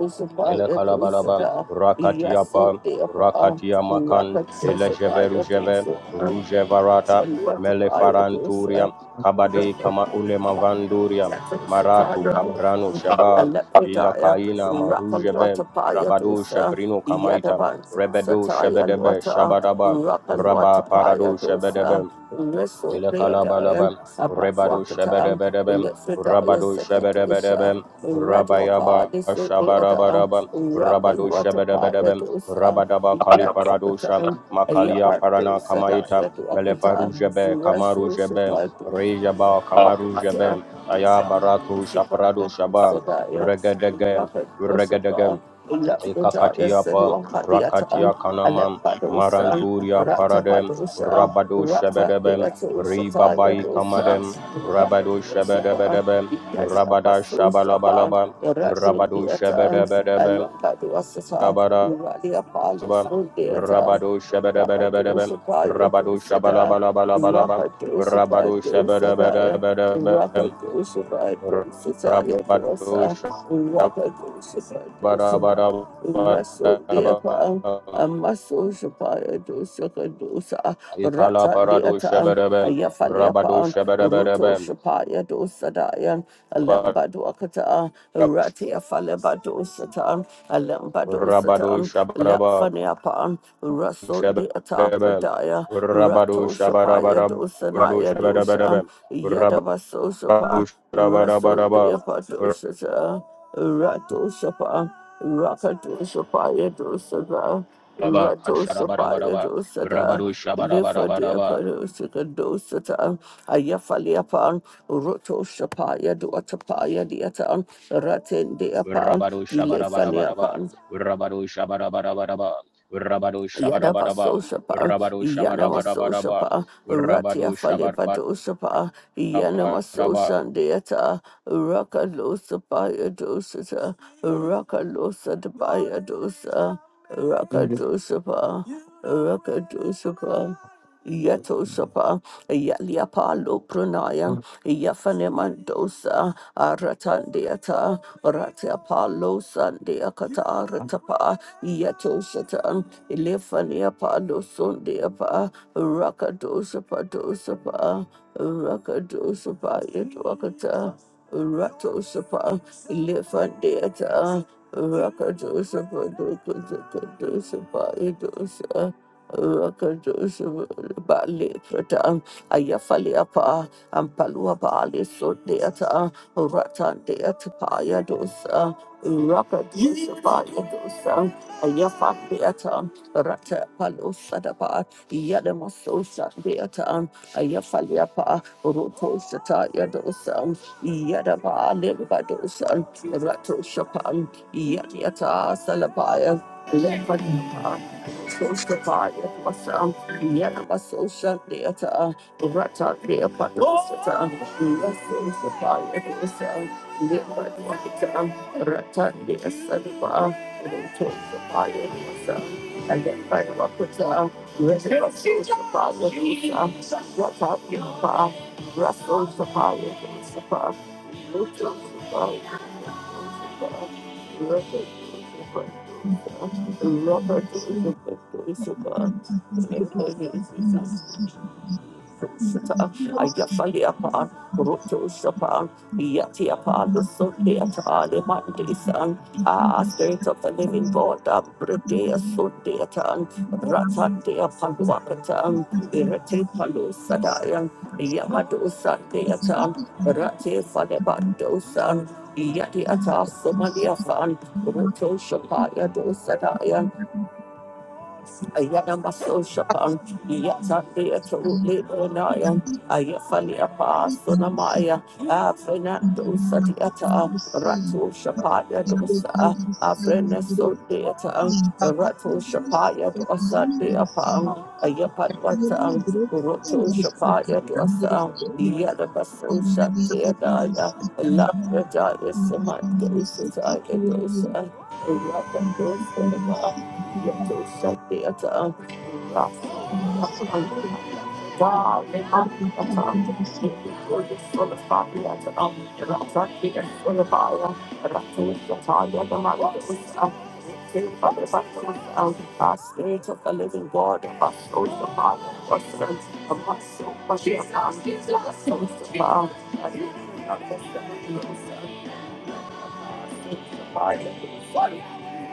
S1: Ele
S2: Sapaya to
S1: Kalabalaba,
S2: Sada, Yaso
S1: Rakatiapa,
S2: the upper
S1: Rakatia Makan,
S2: Rakan to
S1: Ele Jeve
S2: Sapaya
S1: Rujeve, Ruje
S2: to Sa,
S1: Varata,
S2: Rakan was a
S1: Mele Faranturia, Kabade Kama Ule Mavanduria, Maratu Kabranu
S2: a
S1: Sheba, Ila
S2: Alepredaya,
S1: Kaina Marujebe,
S2: Rapalwatapaya
S1: Rabado
S2: dosa,
S1: Shebrino Kamaita, Rebedo
S2: Yadabansataya
S1: Shebedebe
S2: lwata,
S1: Shabadaba, Rabba
S2: Rapalwatapaya
S1: Parado
S2: dosa,
S1: Shebedebe,
S2: Reso Beadaya,
S1: Ilakalabalabam, Rebado
S2: Abatwakata,
S1: Shabadabadabam,
S2: Alepredaya
S1: Rabado
S2: Sekadosa,
S1: Shabadabadabam,
S2: Radwapa,
S1: Rabayaba
S2: Liso Beada,
S1: Shabarabarabam, Rabado
S2: Rapalwatapaya
S1: Shabadabadabam,
S2: dosa,
S1: Rabadaba Kaliparadosha,
S2: Yadwakata,
S1: Makalia
S2: Ayapanto
S1: Parana Kamaita,
S2: Sadaya to Akata,
S1: Melefarujebe,
S2: Raso
S1: Kamarujebe,
S2: Shapato,
S1: Rejaba Kamarujebe, ayabaratu
S2: Sadaya
S1: Shaparado
S2: to
S1: Shabam,
S2: Sadaya,
S1: Regadegem,
S2: Rakat
S1: Regadegem.
S2: Rosapa, Lapodaya
S1: Ikakatiapa,
S2: Senua Hadiatan,
S1: Rakatia Kanama,
S2: Alepadosa,
S1: Maranturia Paradem,
S2: Ratapadosa,
S1: Rabado
S2: Rata
S1: Shebedebem,
S2: Deato Sataya
S1: Ribabai
S2: Dosa,
S1: Kamadem,
S2: Rakat
S1: Rabado
S2: Rosapa,
S1: Shebedebedebem,
S2: Ikasa
S1: Rabada
S2: Paso Sapa,
S1: Shabalabalaba,
S2: Ratin
S1: Rabado
S2: Deatan,
S1: Shebedebedebem,
S2: Alapadosa,
S1: Rabada.
S2: Radia Palos Deatan.
S1: Rabado Shabadabadabadabam, Rabado
S2: Rakadoshapayadoshada,
S1: Shabalabalabalabam, Rabado
S2: Rakadoshapayadoshadaya,
S1: Shabadabadabadabam,
S2: Rakadoshapayadoshadayadosa,
S1: Rabado
S2: Rakadoshapayadoshada, Rasodeapa,
S1: Shabadabadabadabam,
S2: Amaso Shapaya Dosaka Dosa Kadosa
S1: Ikala
S2: Rata
S1: parado
S2: Deatan
S1: shabarabel, rabado
S2: Ayafaliapan Roto
S1: shabarabarabel,
S2: Shapaya Dosadayan Alemba Duakata Ratia Faleba Dosatan Alemba
S1: rabado
S2: Dosatan
S1: shabaraba,
S2: Lafaniapan Raso Deata
S1: shabarabel,
S2: Pradaya
S1: rabado
S2: Rato Shapaya
S1: shabarabarab, rabado
S2: Dosanaya Dosan
S1: shabarabarabel, rabado
S2: Yadabaso Shapa Raso
S1: shabarabarabam,
S2: Deapa Dosata Rato Shapa, Rakato Shapa Yadu Sada,
S1: rabba
S2: Rato Shapa
S1: shabarabaraba,
S2: Yadu Sada,
S1: rabado
S2: Lifa Dia
S1: shabarabarabarabar,
S2: Padu Sikado Sata, Ayafaliapan, Roto Shapa Yadu Atapa Yadiatan, Ratin Diapan,
S1: rabado shabarabarabaraba, rabado shabarabarabaraba,
S2: Ilefaniapan.
S1: rabado shabarabaraba, rabado
S2: Yadaba
S1: shabarabarabaraba,
S2: Soshapa, Yanama Soshapa, Ratia
S1: rabado
S2: Falibado Shapa, Yanama
S1: shabarabaraba,
S2: Soshan Deata, Raka Losa Baya Dosata, Raka Losa Dabaya Dosa,
S4: In
S2: Raka Dosapa, Raka Dosapa. Yatoshapa, Yaliapa Lopranayan,
S4: the
S2: Yafanemandosa, Aratandiata, Ratiapa Losandiakata, Ratapa, Yatoshatan, Elefaniapa Losundiapa, Rakadoshapa Dosapa, Rakadoshapa Yatwakata, Ratosapa, Elefandiata, Rakadoshapa Dokosapa Yadosa. Rakadoshabalikrata, Ayafaliapa, Ampaluabali Sodeata, Ratandeatapaya dosa, Rakadoshabaya dosa, Ayafandeata, Rata Palosadapa, Yadamasosa deata, Ayafaliapa, Rotosataya dosa, Yadaba Limbadosa, Ratoshapan, Yadiata Salabaya, Lepanapa Tosafaya Dwasa, Yanamaso Shandeata, Rata Deapa Dwasata, Raso Safaya Dwasa, Lima Dwakita, Rata Deasadva, Tosafaya Dwasa, and then by Wakita, Raso Safaya Dwasa, Rata Deapa, Raso Safaya Dwasa, Lutu Safaya Dwasa, Rata Deapa Dwasa,
S5: Thank
S2: Ah, Spirit of the Living God, Abridea Sundeatan, Ratandia Paluakatan, Irate Palu Sadayan, Yamado Sandeatan, Rate Falebandosan, Yadiata Somalia Fan, Roto Shapaya Dosadayan, Ayanamasoshapam, Yatandeatoleonayam,
S5: you.
S2: Ayafaliapasunamaya,
S5: Thank
S2: Afrenandosadiyata, Ratoshapaya dosa, Afrenasodeata, Ratoshapaya dosadeapam, Ayapatwatam, Rotoshapaya dosa, Yadabasoshadeadaya, Lapradaya samandosataya dosa, Rakadosanapa,
S5: you.
S2: Yato Sandiata, Rafa, Dali, Matata, Nicola Solifariata, Rafa, Peter Solivaya, Rafa, Yataya, the Maracus, our spirit of the living God, our soul of our person, our soul of our spirit, our soul of our and we are the seven years, Fire. Get us. Sorry.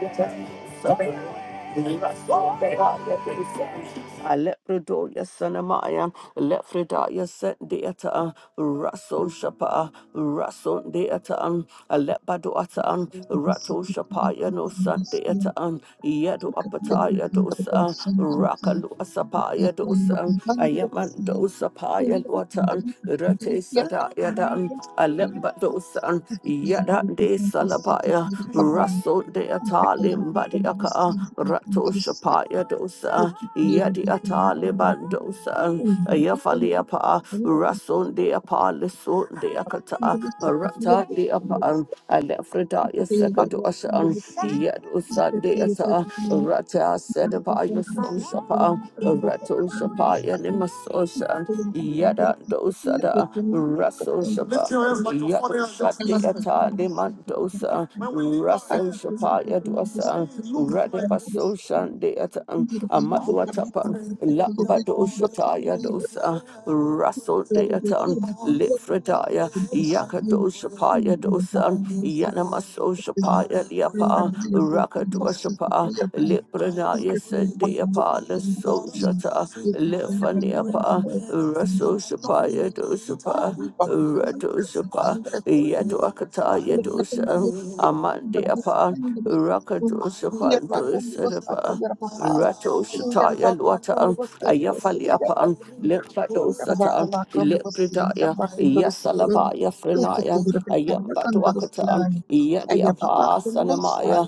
S2: Get us. Sorry. Alepredoya Sanamaya, Lefredaya Sendeata, Raso Shapa, Raso Deatan, Alepadoatan, Rato Shapaya no sent Sandeatan, Yedo Apataya dosa, Rakalu Asapaya dosa, Ayamando Sapaya Luatan, Rate Sadaya Dan, Alepadosan, Yada De Salabaya, Raso Deatalim Yaka Rato Shapaya Dosa Yadi Atali Bandosa Yafaliapa Rasun de Apalisun de Akata Rata de Apan Alefrida Yasekadosan Yadosan de Ata Rata Sedabaya Sun Shapa Rato Shapaya Limasosan Yada Dosada Raso Shapa Yadosha de
S5: Thank
S2: Atali dosa, Rasan Shapaya dosa, Radipaso Shandeatan, Amadwatapa, Lambado Shataya dosa, Rasso deatan, Lifredaya, Yakado Shapaya dosa, Yanamaso Shapaya liapa, Rakadwa Shapa, Lipranaya Sendeapa, Lasso Shata, Lifaniapa, Rasso Shapaya dosapa. Radosapa,
S5: you.
S2: Yaduakata
S5: Kenikmatan
S2: Yadosa,
S5: juga cukup banyak
S2: Amandiapa,
S5: yang diberikan. Ia
S2: Rakadosapa,
S5: dapat membebaskan
S2: Dosadapa,
S5: dari bahaya.
S2: Rato
S5: Ia
S2: Shataya
S5: dapat
S2: Luata,
S5: membebaskan dari bahaya.
S2: Ayafaliapan,
S5: Ia dapat
S2: Lepradosata,
S5: membebaskan dari
S2: Lepridaya,
S5: bahaya.
S2: Yasalabaya
S5: Ikut
S2: Frenaya,
S5: diberikan dengan dosa.
S2: Ayambatuakata,
S5: Ia dapat
S2: Yadiapa
S5: membebaskan,
S2: Sanamaya,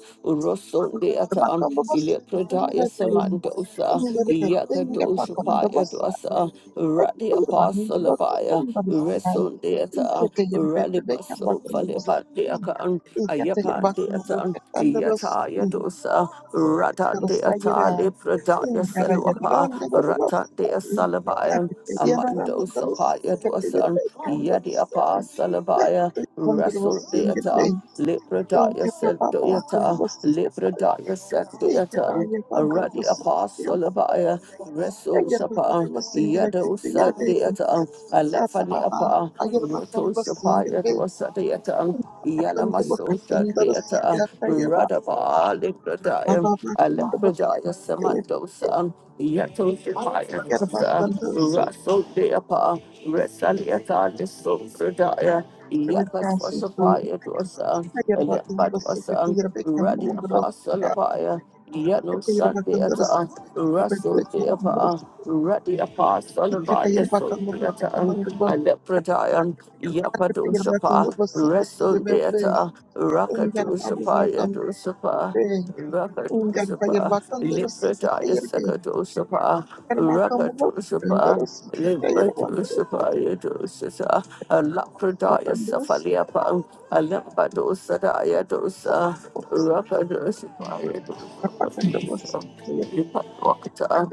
S5: dapat
S2: Rosundiata,
S5: membebaskan
S2: Lepridaya
S5: dari bahaya.
S2: Samandosa,
S5: Ia dapat
S2: Yakadosapa Yadu.
S5: membebaskan,
S2: Pasa, Radi
S5: Eskişehir Bank'ın
S2: Apostle Abaya,
S5: Bakanlıktan da isteyen
S2: Resun Deata,
S5: İlkehir
S2: Radi
S5: Belediye
S2: Paso
S5: Bakanı basın.
S2: Faliban Deakan,
S5: İlkehir
S2: Ayapan
S5: Bakanı bu
S2: Deatan,
S5: ketten de
S2: Yata
S5: basın.
S2: Yadosa, Ratan
S5: Kırsa
S2: Deata,
S5: girer.
S2: Libradaya
S5: İngere gelir
S2: Selwapa,
S5: anne de
S2: Ratan Dea
S5: basın.
S2: Salabayan,
S5: Akıtı yanar
S2: Amando
S5: anlarız.
S2: Sapaya
S5: İlkehir
S2: Dosan,
S5: Belediye
S2: Yadi
S5: basın.
S2: Apostle Abaya,
S5: İlkehir Bankı
S2: Resun
S5: basın. İngere
S2: Deata,
S5: Belediye
S2: Libradaya
S5: İlkehir Bakanı
S2: Sendoyata,
S5: basın. İlkehir
S2: Libradaya Sendoyata.
S5: Bankı
S2: Radi
S5: basın. İlkehir
S2: Apostle
S5: Bankı
S2: Abaya, Reso Shapa, Yado
S5: basın.
S2: Sadiata,
S5: Ungar
S2: Alafani Apa, uh,
S5: pa yerbakan,
S2: Roto Shapaya Dosadiata, Yalamaso Shadiata, Radaba Lipradaya, Alapradaya Samandosa, Yato Shapaya Dosa, Raso Deapa, Resaliata Liso Pradaya, Yakas Wasapaya Dosa, Alepadwasa, Radi Apostle of fire. Yano Sunday at a Russell Deapa, Ruddy Apa, Solomaya Sunday at a Alepradyan, Yapadu Sapa, Russell Deata, Rakadu Sapa, Yadu Sapa, Rakadu Sapa,
S5: pero sí que te
S2: Lipradaya
S5: yerbe.
S2: Sakadu Sapa,
S5: Terbaik
S2: Rakadu
S5: dan
S2: Sapa,
S5: terus kita yang
S2: Limbadu
S5: ketiga
S2: Sapa,
S5: kita
S2: Yadu Sapa, Alapradaya
S5: terus
S2: Safaliapa, Alambadu Sadaya Dosa, Rakadu Sapa, Yadu
S5: apakah terus kita
S2: Wakata,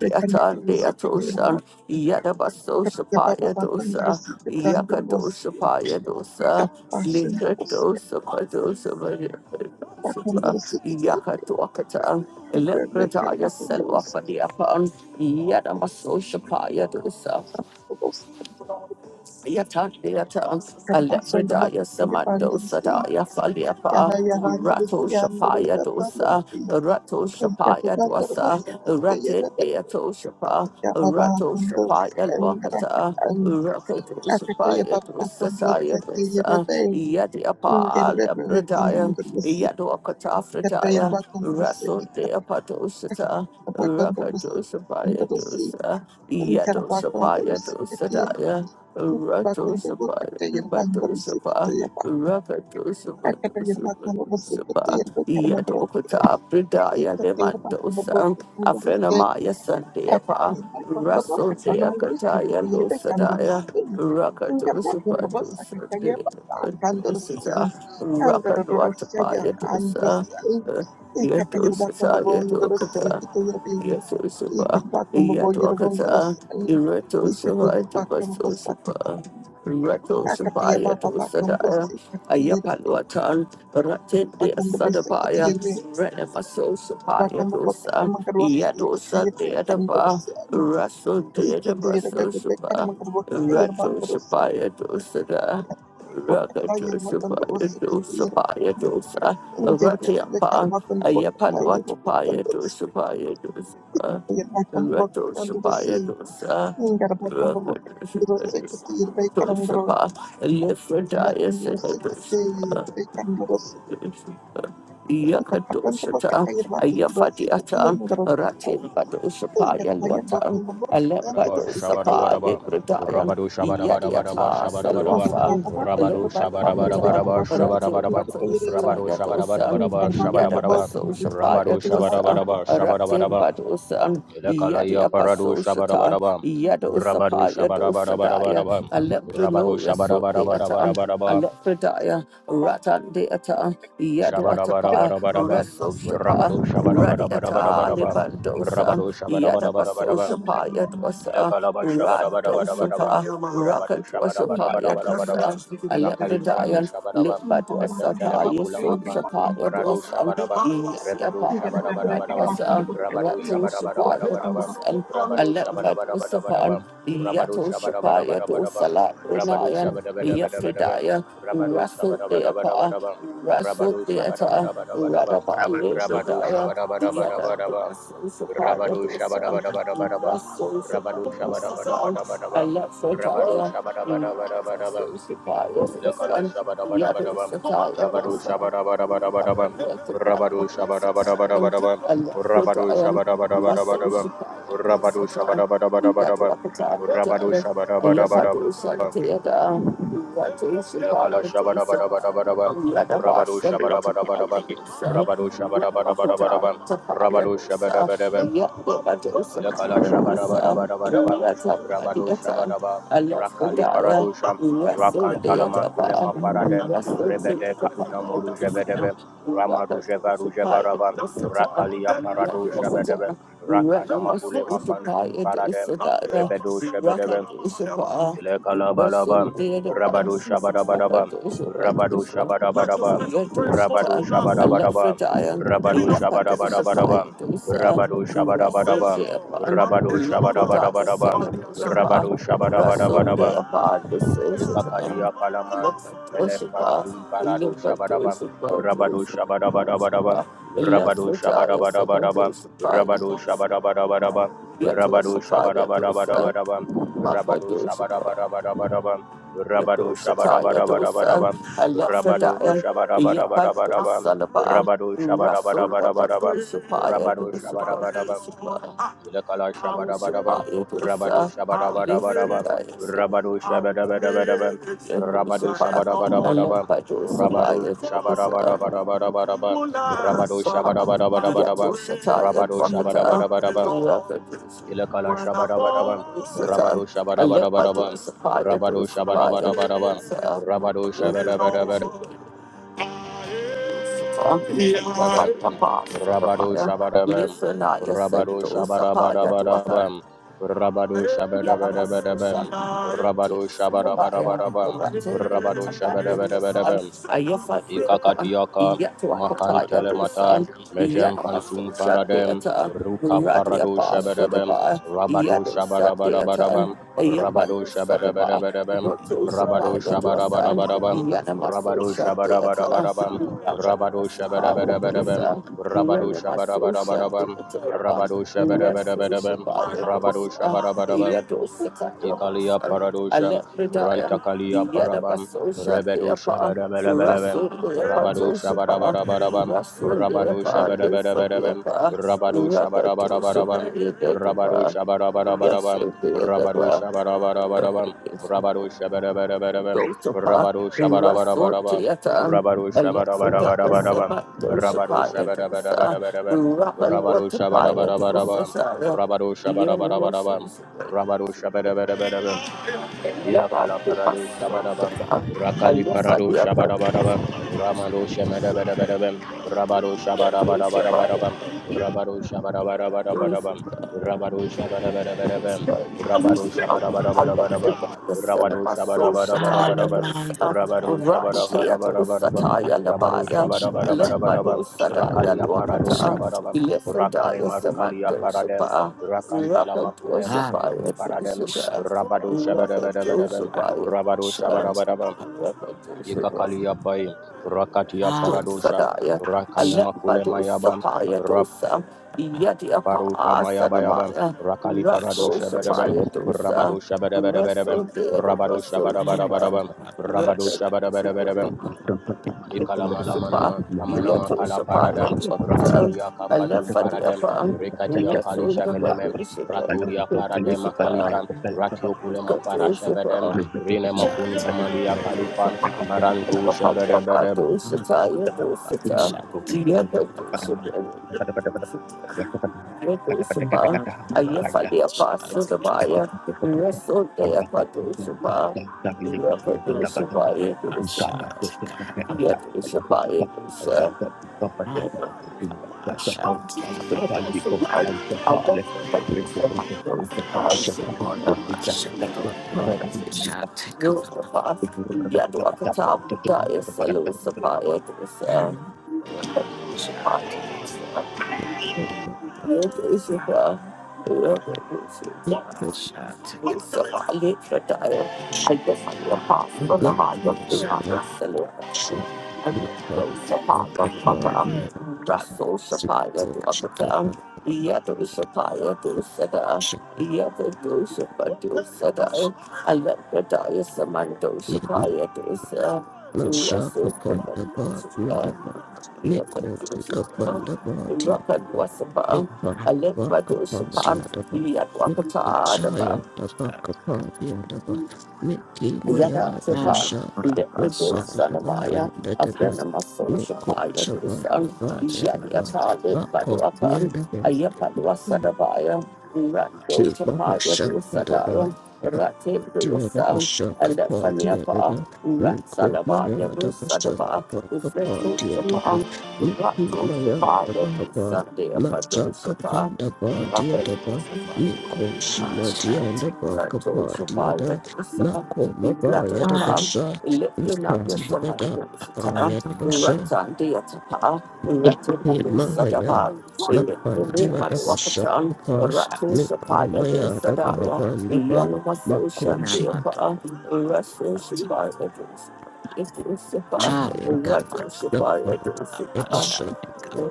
S5: berikan terus kita yang
S2: Deatosan, Yadabaso
S5: ketika
S2: Sapaya
S5: bapak
S2: dosa,
S5: terus kita terus
S2: Yakatosa Paya dosa,
S5: kita pasien terus
S2: Likatosa Padosa,
S5: apakah terus kita
S2: Yakatwakata,
S5: kita berikan
S2: Lepradaya Selwa
S5: terus kita
S2: Fadiapan, Yadamaso Sapaya dosa.
S5: terus
S2: Yatandiyata,
S5: terpasang terus
S2: Alefredaya
S5: kita
S2: Samando
S5: pandang sih
S2: Sadaya Faliapa,
S5: cara yang terus
S2: Rato
S5: yang
S2: Shapaya
S5: Carvajal Banderas
S2: Dosa, Rato
S5: Kataya
S2: Shapaya
S5: Wanderer Wakandaras
S2: Dwasa,
S5: Apakandavas Kataya
S2: Rate
S5: Ebekandavas
S2: Deato Shapa,
S5: Kataya
S2: Rato
S5: Yapapakandavas Katandavas Yapasindavas Apakandaras Kataya Ebekandavas Katandavas Karvasandavas Kataya Bandaras Yana Yarandavas Yandavas Katandavas
S2: Shapaya
S5: Katandavas Kataya
S2: Lwakata,
S5: Yapapakandavas
S2: Rato
S5: Akatoya
S2: Shapaya
S5: papa
S2: Dosa
S5: from
S2: Saya
S5: Whatsapp, the
S2: Dosa,
S5: Rebbe, Wounded
S2: Yadiapa
S5: Rebbe, and
S2: Lepredaya,
S5: under the sea,
S2: Yadwakata
S5: Kataya
S2: Fredaya,
S5: Bakan was sick,
S2: Raso Deapato Shata,
S5: Bakan was
S2: Rakato
S5: sick, under
S2: Shapaya
S5: the sea,
S2: Dosa,
S5: and
S2: Yato
S5: Karabakan
S2: Shapaya
S5: was sick,
S2: Dosa Daya.
S5: Bakan the work
S2: Ratosapa,
S5: at the Yabangar sick, the
S2: Batosapa,
S5: Yaba,
S2: Rakatosapa,
S5: Akataya
S2: Dosapa,
S5: Bakan was sick, the
S2: Dosapa,
S5: Yabakan, the
S2: Yatokata, Pridaya,
S5: Yabakan, the Bakan,
S2: Lemandosa,
S5: the Bakan,
S2: Afrenamaya, Sandeapa,
S5: Akatayirikwa baba
S2: Rasso,
S5: katanamgrisi
S2: Deakataya,
S5: katayirikwa kandarasi.
S2: Losadaya,
S5: Ingarwa
S2: Rakatosapa,
S5: kumbaba sakataya
S2: Dosa,
S5: baba kandarasi.
S2: Dosata,
S5: Angarororosaya
S2: Rakatwatapaya, Dosa,
S5: andrasi. Ikatayirikwa
S2: Yatosata,
S5: kumbaba ungarasi
S2: Yatokata.
S5: katayirikwa.
S2: Yetusupa,
S5: Ikatayirikwa kumbaba yirikwa
S2: Yatuakata,
S5: ungarasi.
S2: Iratosupa,
S5: Ikatayirikwa kumbaba sakata.
S2: Dupasusupa, Ratosupa,
S5: Akataya baba
S2: Yatusadaya,
S5: bakumbrasi katayirikwa.
S2: Ayapaluatan, Ratende
S5: Bakumbaba
S2: Sadapaya,
S5: sakatayirikwa.
S2: Renemasosupa,
S5: Bakumbaba
S2: Yatusa,
S5: katamangarwasi
S2: Yatusa
S5: katayirikwa
S2: Deadapa,
S5: kandarasi.
S2: Rasu
S5: Ikete yere bebe bekar
S2: Deadabrasusupa,
S5: makar bo yere bankaros
S2: Ratosupa, Yatusada.
S5: bo kata yere makondo bos
S2: Rakadusabaya
S5: sekete yere
S2: dosabaya dosa
S5: inger bebe bekar
S2: Ratiapa
S5: makondo bo kata yere bo
S2: Ayapaluatapaya
S5: makondo
S2: dosabaya dosa
S5: yere makondo bo kata ndoro si
S2: Ratosabaya dosa
S5: ingar makondo bo kata ndoro
S2: Rakadusabaya
S5: sekete yere bekar ndoro
S2: dosapa Lifredaya
S5: makondo bo sekete yere bekar ndoro si makondo bo
S2: Yakadoshata,
S5: kata yere bos bo sekete yere
S2: Ayafadiata,
S5: ndoro
S2: Rati
S5: ingar
S2: Badoshapaya
S5: yere
S2: Luatan,
S5: makondo bo kata ndoro
S1: Rabba
S5: sekete yere
S2: Alembadosapa,
S1: shabarabaraba,
S2: Libridayan,
S1: rabado shabarabaraba
S2: Yadiata,
S1: shabarabaraba,
S2: Salwafan,
S1: rabado
S2: Alembadwapata,
S5: bekar
S1: shabarabaraba
S5: makondo bo
S2: Rati
S1: shabarabaraba,
S5: sekete yere
S2: Patoshata
S1: rabado
S2: Yadosan,
S5: Thank
S1: shabarabaraba shabarabaraba,
S2: Yadabasoshapa
S1: rabado
S2: Yadosa,
S1: shabarabaraba
S2: Rati
S1: shabarabaraba,
S2: Badosan,
S1: elekalaya parado
S2: Yadiapasoshata,
S1: shabarabaraba, rabado
S2: Yadosapa Yadosadaya,
S1: shabarabarabaraba, rabado
S2: Alembrano Yasodeatan.
S1: shabarabarabaraba,
S2: Alepredaya, Ratandeata, Yaduatapa,
S1: shabarabarabaraba,
S2: Rasosapa,
S1: rabado
S2: Radiata,
S1: shabarabarabaraba,
S2: Libandosa,
S1: rabado shabarabarabaraba,
S2: Yadabasosapa, Yadwasa,
S1: Lakalaba shabadabadabadabadaba.
S2: Radosapa,
S1: Rabado
S2: Rakadwasapa,
S1: shabadabadabadabadabadaba.
S2: Yadwasa,
S1: Rakali parano
S2: Alepredaya,
S1: shabadaba. Rekentele
S2: Limbadwasata,
S1: makulama
S2: Yusosapa,
S1: fantum parado
S2: Yadwasa,
S1: shabadaba. Rebedo
S2: Yadiapa,
S1: shabadabadabadaba.
S2: Adwasa,
S1: Rabado
S2: Ratosapa,
S1: shabadabadabadabadaba.
S5: you.
S2: Yadwasa,
S1: Rabado
S2: Alepredosapa,
S1: shabadabadabadabadaba. Rabado
S2: Yatosapa,
S1: shabadabadabadabadaba.
S2: Yadosalat,
S1: Rabado
S2: Renayan,
S1: shabadabadabadabadaba.
S2: Yafridaya,
S1: Rabado
S2: Russell Deapa,
S1: shabadabadabadabadaba.
S2: Russell
S1: Rabado
S2: Theatre,
S1: shabadabadabadabadaba.
S2: Radaba
S1: Rabado
S2: Yafridaya, Yada
S1: shabadabadabadabadaba.
S2: Russell
S1: Rabado
S2: Saparadosa,
S1: shabadabadabadabadaba.
S2: Russell
S1: Rabado
S2: Saparadosa,
S1: shabadabadabadabadaba. Rabado
S2: Alexandria, Yada
S1: shabadabadabadabadaba.
S2: Russell
S1: Lekala
S2: Saparadosa, Yada
S1: shabadabadabadaba.
S2: Sataya
S1: Rabado
S2: Dosa,
S1: shabadabadabadabadaba. Rabado shabadabadabadabadaba. Rabado shabadabadabadabadaba. Rabado shabadabadabadabadaba. Rabado shabadabadabadaba. Lekala shabadabadabadabadaba. Rabado shabadabadabadaba. Rabado shabadabadabadabadaba. Rabado shabadabadabadabadaba. Lekala shabarabarabarabam. Rabado shabaraba. Rakali paradosham.
S2: Wrestle the
S1: Rakantalama
S2: other
S1: kulema
S2: bar,
S1: faradem.
S2: wrestle the
S1: Rebede
S2: other
S1: kaunamo
S2: bar,
S1: rujevedebem.
S2: Russell,
S1: Rama rujeva
S2: dear,
S1: rujevarabam.
S2: Russell,
S1: Rakali aparado shebedebem. Rakana makulema fantum paradem. Rebedo Shebedebem. Lekalabalabam,
S2: dear,
S1: Rabado Shabadabadabam, Rabado Shabadabadabam, Rabado Shabadabadabam, Rabado Shabadabadabadabam, Rabado Shabadabadabam, Rabado Shabadabadabadabam, Rabado Shabadabadabadabam, Ikakadia Kalaman,
S2: Russell, dear, Russell,
S1: Melefantum
S2: Yet, I
S1: Parado
S2: let my door
S1: Shabadabam,
S2: supply
S1: Rabado Shabadabadabadabam, Rabado Shabadabadabadabam, Rabado Shabadabadabadabam, Rabado Shabadabadabadabadabam, Rabado Shabadabadabadabadabam, Rabado Shabadabadabadabadabam, Rabado Shabadabadabadabadabam, Rabado Shabadabadabadabadabam, Rabado Shabadabadabadabadabam, Ilakala shabadabadabam, rabado shabadabadabadabam, rabado shabadabadabadabam, rabado shabadabadabadabam, rabado
S2: it, officer. I
S1: shabadabadabadabadabam, rabado shabadabadabadabadabam, rabado shabadabadabadabam, ilakala shabadabadabam, rabado
S2: let my door
S1: shabadabadabadabam,
S2: supply it, door supply it,
S1: rabado
S2: door supply it.
S1: shabadabadabadabam, rabado shabadabadabadabam, Rabam, Rabado Shabadabam,
S2: Listen, I said
S1: Rabado
S2: to Sapaya to her.
S1: Shabadabadabadabam, Rabado
S2: Yana
S1: Shabadabadabadabam, Rabado Shabadabadabadabam, Rabado Shabadabadabadabam,
S6: Yes.
S1: Ikakatiaka Makantelemata Mejem Fantum
S2: muscle shut
S1: Paradem
S2: theatre,
S1: Ruka Parado Shabadabem Rabado Shabadabadabadabam Rabado
S2: Rapa
S1: Shabadabadabadabam Rabado Shabadabadabadabam Rabado Shabadabadabadabam Rabado
S2: Sapaya
S1: Shabadabadabadabam
S2: Bisa,
S1: Rabado Shabadabadabadabam Rabado Shabadabadabadabam Rabado Shabadabadabam Ikalia paradosham, Rantakalia parabam, Rebedo shabarabarabam, Rabado shabarabarabarabam, Rabado shabarabarabarabam, Rabado shabarabarabarabam, Rabado shabarabarabarabam, Rabado
S2: Russell,
S1: shabarabarabarabam, Rabado shabarabarabarabam,
S2: Dosapa,
S1: Rabado shabarabarabarabam,
S2: Rasortiata,
S1: Rabado
S2: Alexa,
S1: shabarabarabarabam,
S2: Sema,
S1: Rabado
S2: Dosapaya, Dosa,
S1: shabarabarabarabam,
S2: Rapal,
S1: Rabado
S2: Watapaya, Dosa,
S1: shabarabarabarabam,
S2: Sara,
S1: Rabado
S2: Yenos,
S1: shabarabarabarabam, Rabado Shabada Bada Bada Bada.
S2: I guess I
S1: Yakala
S2: do
S1: Parado Shabadabam,
S2: Sota,
S1: Rakali
S2: Alexa,
S1: Parado Shabadabadabam,
S2: Yapa,
S1: Ramado Shamadabadabadabam, Rabado Shabadabadabadabam,
S2: Dosapaya,
S1: Rabado Shabadabadabadabam,
S2: Dosa,
S1: Rabado Shabadabadabadabam,
S2: Rocket
S1: Rabado Shabadabadabadabam, Rabado
S7: Shall
S1: Shabadabadabadabam,
S7: take
S1: Rabado Shabadabadabadabam, Rabado Shabadabadabadabam, Rakali Parado Shabadabam, Rakale Marukali Paradem, Rakantala Makule Mafantum Paradem, Rabado
S2: Joseph,
S1: Shabadabadabadabam, Rabado Shabadabadabam,
S2: I
S1: Ikakali Apai, Rakatia Paradosha,
S2: Sadaya,
S1: Rakanamakule
S2: Alembato
S1: Mayabam,
S2: Sapaya Dosa, Yeti
S1: Raparuka
S2: Apa
S1: Mayabayabam,
S2: Sanamaya,
S1: Rakali Parado
S2: Russell
S1: Shabadabam,
S2: Sapaya Dosa,
S1: Rabado Shabadabadabadabam,
S2: Russell Dead,
S1: Rabado
S2: Russell Sapa,
S1: Shabadabadabadabam, Rabado
S2: Russell Sapa,
S8: Kata-kata kata-kata
S1: Shabadabadabadabam, Ikalamanamanaman, Kamanama
S2: Yeto Sapaya
S1: Kalaparadam,
S2: Dosa,
S1: Raturia Kafatum
S2: Alefadi
S1: Paradem,
S2: Apa,
S1: Rekatia Kali
S2: Russell the
S1: Shamelemem,
S2: Wedding Sapa,
S1: Raturia
S2: Kutu
S1: Paratema
S2: Sapa,
S1: Kalitam, Ratiokulema
S2: Kutu
S1: Farashabedem,
S2: Sapa,
S1: rine makunta malia Kalifam, Marantu
S2: Wapa Wapa
S1: Shebedebedeb.
S2: Dosa, Taya Dosa,
S7: up
S2: Yaka Dosa,
S8: kata-kata
S2: Medusuba,
S8: kata-kata
S2: Ayefali Apostle
S8: Thank
S2: the Baya, Wrestle de Apadusuba, Yapadusuba, Yadusuba, Yadusuba, Yadusa, Yadusuba, Abakuba, Yoga, Yaduakata, Putaya, Selu, Sapaya, Dusa,
S7: the Ah,
S2: Yadusuba, Yadusuba, Yadusuba, Russell
S9: Love all about shut not part of the pod near the
S2: Sapaya to
S9: coach
S2: Akatan,
S9: upon
S2: Yato Sapaya to Sada,
S9: shut
S2: Yato Sapaya to Sada, Alakadaya Samando
S9: even
S2: Sapaya to Sada,
S9: the shock
S2: Russell
S9: upon
S2: Sapaya
S9: the bar
S2: to
S9: near the bar. Make coach upon
S2: Sada,
S9: the bar near the
S2: Rakan
S9: bar.
S2: Wasapa,
S9: Make part back upon the
S2: Alakadosapa,
S9: other bar. Make
S2: Yatwakata
S9: coach
S2: Adaba.
S9: higher the back upon the other bar. Make him my
S2: Yada
S9: other
S2: Sepan,
S9: shot. Not
S2: Lepido
S9: part of the bar
S2: Sanamaya,
S9: and the back.
S2: Afrenamaso
S9: Make
S2: Shapaya
S9: coach upon
S2: Dusan,
S9: the bar near the bar.
S2: Yadiata
S9: Back court near
S2: Lipaduapan,
S9: the
S2: Ayapadua
S9: bar.
S2: Sadabaya, Rando
S9: Shiva
S2: Shapaya
S9: Shankarada,
S2: Dusadaya, Rate
S9: Dhyana
S2: Dusan,
S9: Vashankapa
S2: Alephaniapa,
S9: Dhyana,
S2: Ratsalabaya
S9: Nikomaya
S2: Dusadaba,
S9: Davasankapa
S2: Ufreto
S9: Dhyana,
S2: Shapan, Rato
S9: Nikimaya
S2: Shapaya
S9: Dabhava,
S2: Dusadia Pado Shapa,
S9: Masakapandaba
S2: Rapid
S9: Dhyana,
S2: Shapaya.
S9: Nikoshima Dhyana Bhakapa
S2: Toshapal, the
S9: Dhyana,
S2: dosa,
S9: Nakomabaya
S2: Rattle,
S9: Davasa, Nikamada Dabhaya Himaya, Mapandia the Bashapa, Miko Maya the Bahabandaba, Chaya Dava Dava Shanava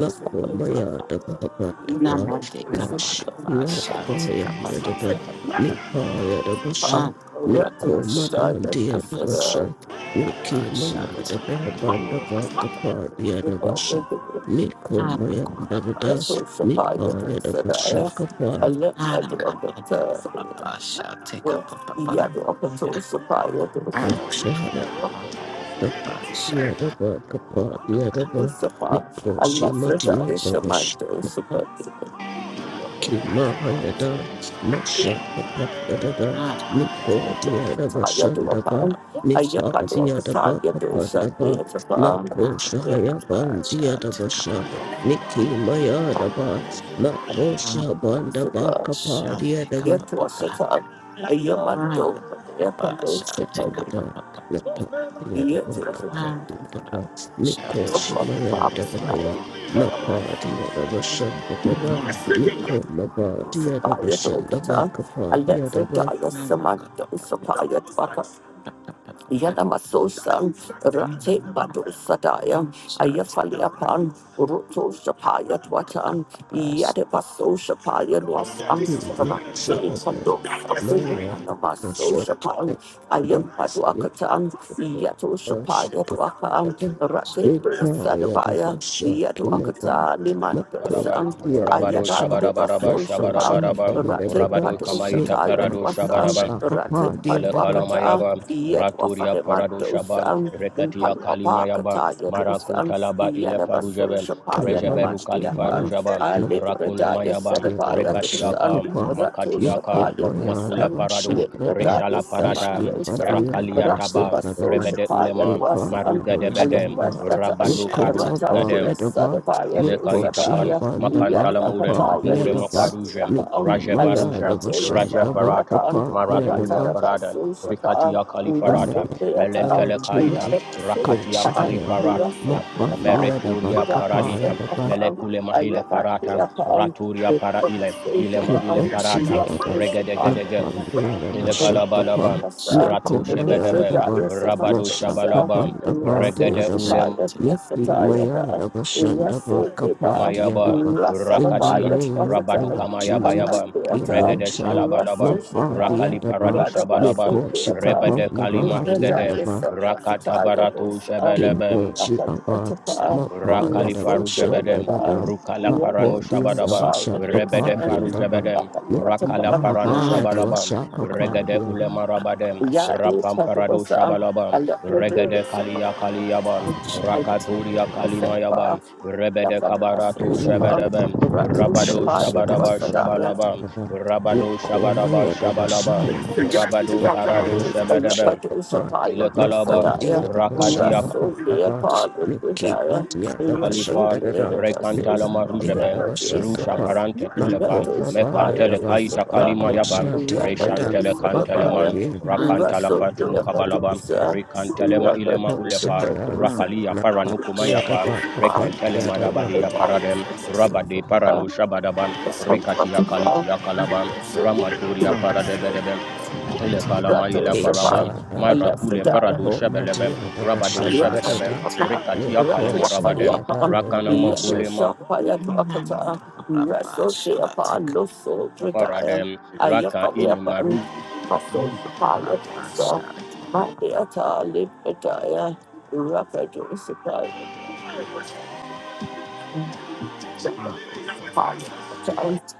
S9: Vakomaya Dava Dava
S7: Namande
S9: Mashya
S7: Katarasa Shanti
S9: Davaya Dada
S7: Kapapapa
S9: Nipaya Davasha
S2: Yet
S7: Kurapa
S2: was
S9: Nikoma
S2: it
S7: Shanti
S9: Dandiya
S7: Kamasa
S2: up?
S9: Davasha
S7: Kurapa
S9: Nikimaya
S7: Shanti
S9: Dava Bandava
S7: Kapapapa
S9: Kapadya
S2: I
S9: Davasha Nikomaya
S7: Kurapa
S9: Dada
S7: Shanti
S9: Nipaya Davasha Kapad
S7: Kurapa Shanti Kapapapa Kurapa Shanti Kapapapa
S9: Shaya
S7: Namande Kurapa Shanti
S9: Dava
S7: Namande
S9: Kapadya
S7: Kurapa
S9: Dava Nikoshima Diya
S7: Shanti
S9: Davasha Kima Hayada, masha Papa, Miko Kimahayada, Mashakapadada, Nikodiadaba Shandaba, Nipadiadaba Kapandaba, Nako Shahayabandiadaba Shah,
S7: Kapapapa
S9: Niki Mayadaba, Nako Shahabandaba
S7: Shanti Kapapapa
S2: am
S7: Shall
S2: a dope, I am a loser,
S9: Shamada Lapa Yadava Kapa Yadava Miko Shimaya Davaya
S2: Sapaya
S9: Lapa Yadava Shandada Miko Maba Yadava Shandava
S2: Dokata,
S9: Kapa
S2: Alexa
S9: Yadava
S2: Dia Samantha Sapaya Dwaka Yanamasosan, Rate Batu Sadaya, Ayafaliapan, Ruto Shapaya Twatan, Yadebaso Shapaya Wasan,
S9: Hini
S2: Rate
S9: Shahaba
S2: Pando
S9: Naya
S2: Namaso
S9: Shahaba
S2: Shapan, Ayam Paduakatan,
S9: Thank
S2: Yato Shapaya Dwakan, Rate Sadabaya, Yaduakata,
S1: Barabam,
S2: Limandansan,
S1: Rabado
S2: Ayada
S1: Shabarabaraba
S2: Debaso Shapan,
S1: Shabarabaraba,
S2: Rate
S1: Rabado
S2: Padu
S1: Kamaita
S2: Shataya
S1: Parado
S2: Dwasan,
S1: Shabarabam,
S2: Rate Paduakata
S1: Elekalayaba,
S2: yet
S1: Raturia parado Paradoshaba,
S2: wafalemandosan, in
S1: Rekatia Kalimayaba,
S2: Palwapakata yedosan,
S1: Marakuntalaba
S2: Yadabaso
S1: Ilefarujaba,
S2: Shapaya
S1: Rejeberu
S2: Namandiakan,
S1: Kalifarujaba, Rakuna
S2: Alibradaya
S1: Mayaba,
S2: Sedabaya dosan,
S1: Rekatiaka,
S9: Yadavashakapa,
S2: Ratu
S1: Makatiaka,
S9: Nikoma
S2: Shapaya
S1: Makula
S2: dosan,
S1: Paradu,
S9: Yadavashanada,
S2: Libradaya
S1: Reshala Parada,
S7: take
S9: Nikimadi
S2: Samandosan,
S1: Rakaliataba,
S2: Ratsibaso
S9: Yadavasanada,
S1: Rebede
S2: Shapaya
S1: Ulema,
S9: Nipa
S2: dosan,
S1: Maruga Debede,
S9: Yadavasanda,
S2: Alapasatan,
S1: Rabado
S9: Nikoma
S2: Ratandu
S1: Farugadem
S9: Yadava,
S2: Sadabaya
S1: ile
S9: Nipo
S1: kaitakan
S2: dosadaya,
S9: Shihabanda
S1: makantala murem
S9: Bakapa
S2: Yadwakataya
S1: mure
S9: Yadava,
S1: mafarujem
S2: Lisandiakan,
S1: raja
S9: Nikima
S1: varujam
S2: Alibradaya
S1: raja
S9: Yadavashanda
S1: varata
S2: Sandiakan,
S9: Bakapa
S1: maraturia
S9: Yadava,
S1: paradan,
S2: Ratadabaso Shapaya.
S1: rikatia
S9: in the
S2: Russell,
S1: kalifarata
S9: name of the Lord
S1: melentele kaita
S9: Jesus,
S1: rakatia
S9: Koshaya,
S1: kalifarata
S9: Mapa Yadava,
S1: mereturia
S9: Kapa
S1: paradikam,
S9: Yadava.
S1: melekule mahile farata raturia paraile, ile ile ma ile farata
S9: Kimashihayada
S1: regedegedege ile
S9: Napandiyadabashakapa
S1: kalabalaba
S2: Dosa,
S1: ratu
S2: the gift of
S1: shebedebe
S9: Nikumayadaba
S2: Raya
S1: rabado
S2: Samadosa,
S1: shabalaba
S2: the
S9: Mashakapandaba
S2: Russell
S1: regede
S9: Diyadaba
S1: ule
S2: Shapaya Dosataya, the
S9: Nikimayadabashandaba
S2: Russell Deba, the
S1: Mayaba,
S9: Kapadiyadaba In the
S1: Rakatia,
S2: Russalabaya
S7: up
S9: name of the
S1: Rabado
S2: Dosataya,
S9: Lord Jesus
S1: Kamayabayaba,
S2: Amandiata,
S1: regade
S2: the
S9: Kimosha
S1: Shalabalaba,
S2: Russell Shapa,
S1: Rakali Parado
S9: Mapadiadaba
S1: Shabalaba,
S2: Radabasu Theatre,
S9: Mikoshikapa
S1: Rebede Kalima
S2: the Daya
S1: Rugede, Rakata
S2: Samasataya
S1: Baratu
S2: Dosa,
S9: in
S1: Shebelebe,
S9: worship of us, my
S2: Rakadotapa,
S9: boy
S1: Rakali
S9: at a
S2: Russell
S1: faru
S9: bashan, da
S1: jebedem,
S9: da
S2: Theatre,
S9: da,
S1: Rukala
S9: my
S1: parano
S9: Inwashi Abba, Mapaya Dabashan Dada, Mapodia
S1: shabadabam,
S9: Dabasha,
S2: Rakadosapaya
S1: Rebede
S2: Dosa,
S9: Kapadia
S1: faru
S9: Daba,
S1: jebedem,
S9: Niki
S1: Rakala
S2: Rakadotapa.
S1: parano
S9: Mahabaya
S1: shabalabam,
S9: Dabasha,
S1: Regede
S9: Kapadia Daba,
S1: ulemarabadem,
S2: Ya de
S1: Rapam parado
S2: Padusa,
S1: shabalabam,
S2: a little bit
S1: Regede
S2: of summer,
S1: kalia kaliabam,
S2: I
S1: Rakaturia
S2: don't the
S1: kalimayabam,
S2: Sahaba,
S1: Rebede kabaratu
S2: Yafanamasu
S9: Inma
S2: Shapan,
S1: shebedebem,
S2: Ratu
S1: Rabado
S9: Dabasha,
S2: Shapa, it
S9: my
S1: shabadaba
S2: was Sadaya,
S1: shabalabam,
S9: Daba,
S1: Rabado shabadaba
S9: Nikomaya
S1: shabalabam,
S9: Dabasha,
S1: Rabado parado
S9: Maparada
S1: shebedebem,
S9: Vashakapa,
S1: Ile kalabam,
S2: Rakatusapayakusadaya,
S9: Makodia the
S1: Rakatia
S9: Vashakapa, Miki
S2: Rasodeyapalukujaya,
S9: Matia the
S1: Alifa,
S9: Vashandada,
S1: Rekantala
S9: Mipandia
S1: Marujebe,
S9: the
S2: Rasodeyapasusapayapadesa,
S1: Rusha
S9: Vashakapa,
S1: Parante
S9: Mako
S1: Kulepa,
S9: Mabaya the
S1: Mekantele
S9: Vax,
S1: Kaita
S2: Ratusapayakusapa,
S1: Kalima
S9: Mako
S1: Yaba,
S9: Shia Dianda,
S1: Reshantele
S9: Mako
S2: Rapandosadabaya,
S1: Kanteleman,
S9: in
S1: Rakantala Fatum Kabalaba,
S2: Rasodeyapadosa,
S1: Rekantelema Ilema Ulepa,
S9: Shia,
S2: Rakatusapadosapa,
S1: Rakalia Paranukuma
S9: Napatia the
S1: Yapa, Rekantele
S9: Vakapandia the
S1: Marabadia Paradem, Rabade
S2: Rakatusapadosapa,
S1: Paranu Shabadaba, Rikatia Kalitia
S2: Rapandosadabaya,
S1: Kalaba, Ramaturia
S7: Shut
S1: Paradebedebe, ile kalama ila
S2: Ratusapa, Ratusapa,
S1: faraba
S9: Vakisha,
S1: mara kule
S2: Alephidaya,
S1: parado
S9: Mako
S1: shebelebe
S9: Matia the
S1: rabado
S2: A
S1: shebedebe
S9: Vashandada,
S1: rikati akale
S9: Miko
S1: marabadem
S9: Shia
S1: Rakana
S9: the
S1: makulema faradem. Raka ini maruj.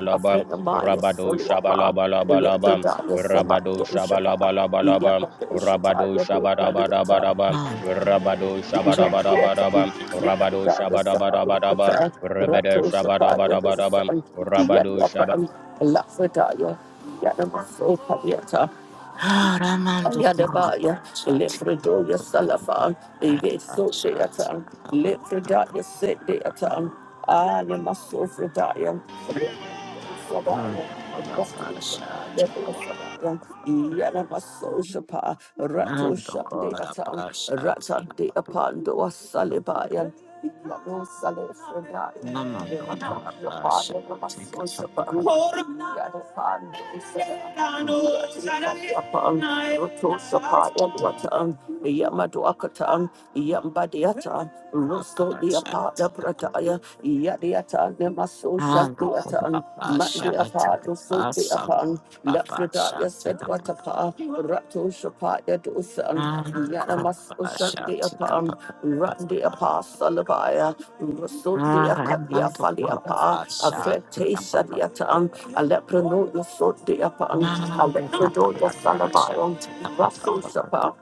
S1: Laba,
S2: friend of mine,
S1: Rabado
S2: Solomon,
S1: Shabalaba
S2: the
S1: Laba Laba,
S2: little daughter, Samantha,
S1: Rabado Shabalaba
S2: Shapa,
S1: Laba
S2: the young
S1: Laba,
S2: daughter, Shapa,
S1: Rabado
S2: your
S1: Shabadaba
S2: daughter,
S1: Daba Daba, Rabado
S2: Yet,
S1: Shabadaba Daba Daba, Rabado Shabadaba Daba Daba, Rebede Shabadaba Daba Daba, Rabado Shabadaba
S7: Ah, Raman Dukurabasati. Rabasati. Mandukurabasati.
S2: Yanamasosha
S7: Mandukurabasati.
S2: Rato Shandeatan Ratan
S7: Namandukurabasati.
S2: de Apando Salibayan Yano Salifredayan Yamasosha,
S7: Mandukurabasati.
S2: Yamasosha, Yanapan, Yanapan, Yanapan, Roto Shapa, Yanwatan. Yamatuakatan, Yambadiata, Russo the
S7: Mandukurabasati.
S2: Apata Prataya,
S7: Basandukurabasati.
S2: Yadiata, Nemasosha Duatan, Mandi Apata, so the Apan, Lafredaya said Watapa, Rato Shapaya Dusan, Yanamasosha the Apan, Randi
S7: Mandukurabasati.
S2: Apa Salabaya, Russo the
S7: Shut
S2: Akadia Faliapa, Afrete Sadiatan, Aleprano, you so the Apan, Alepredo, your Salabayan. Russell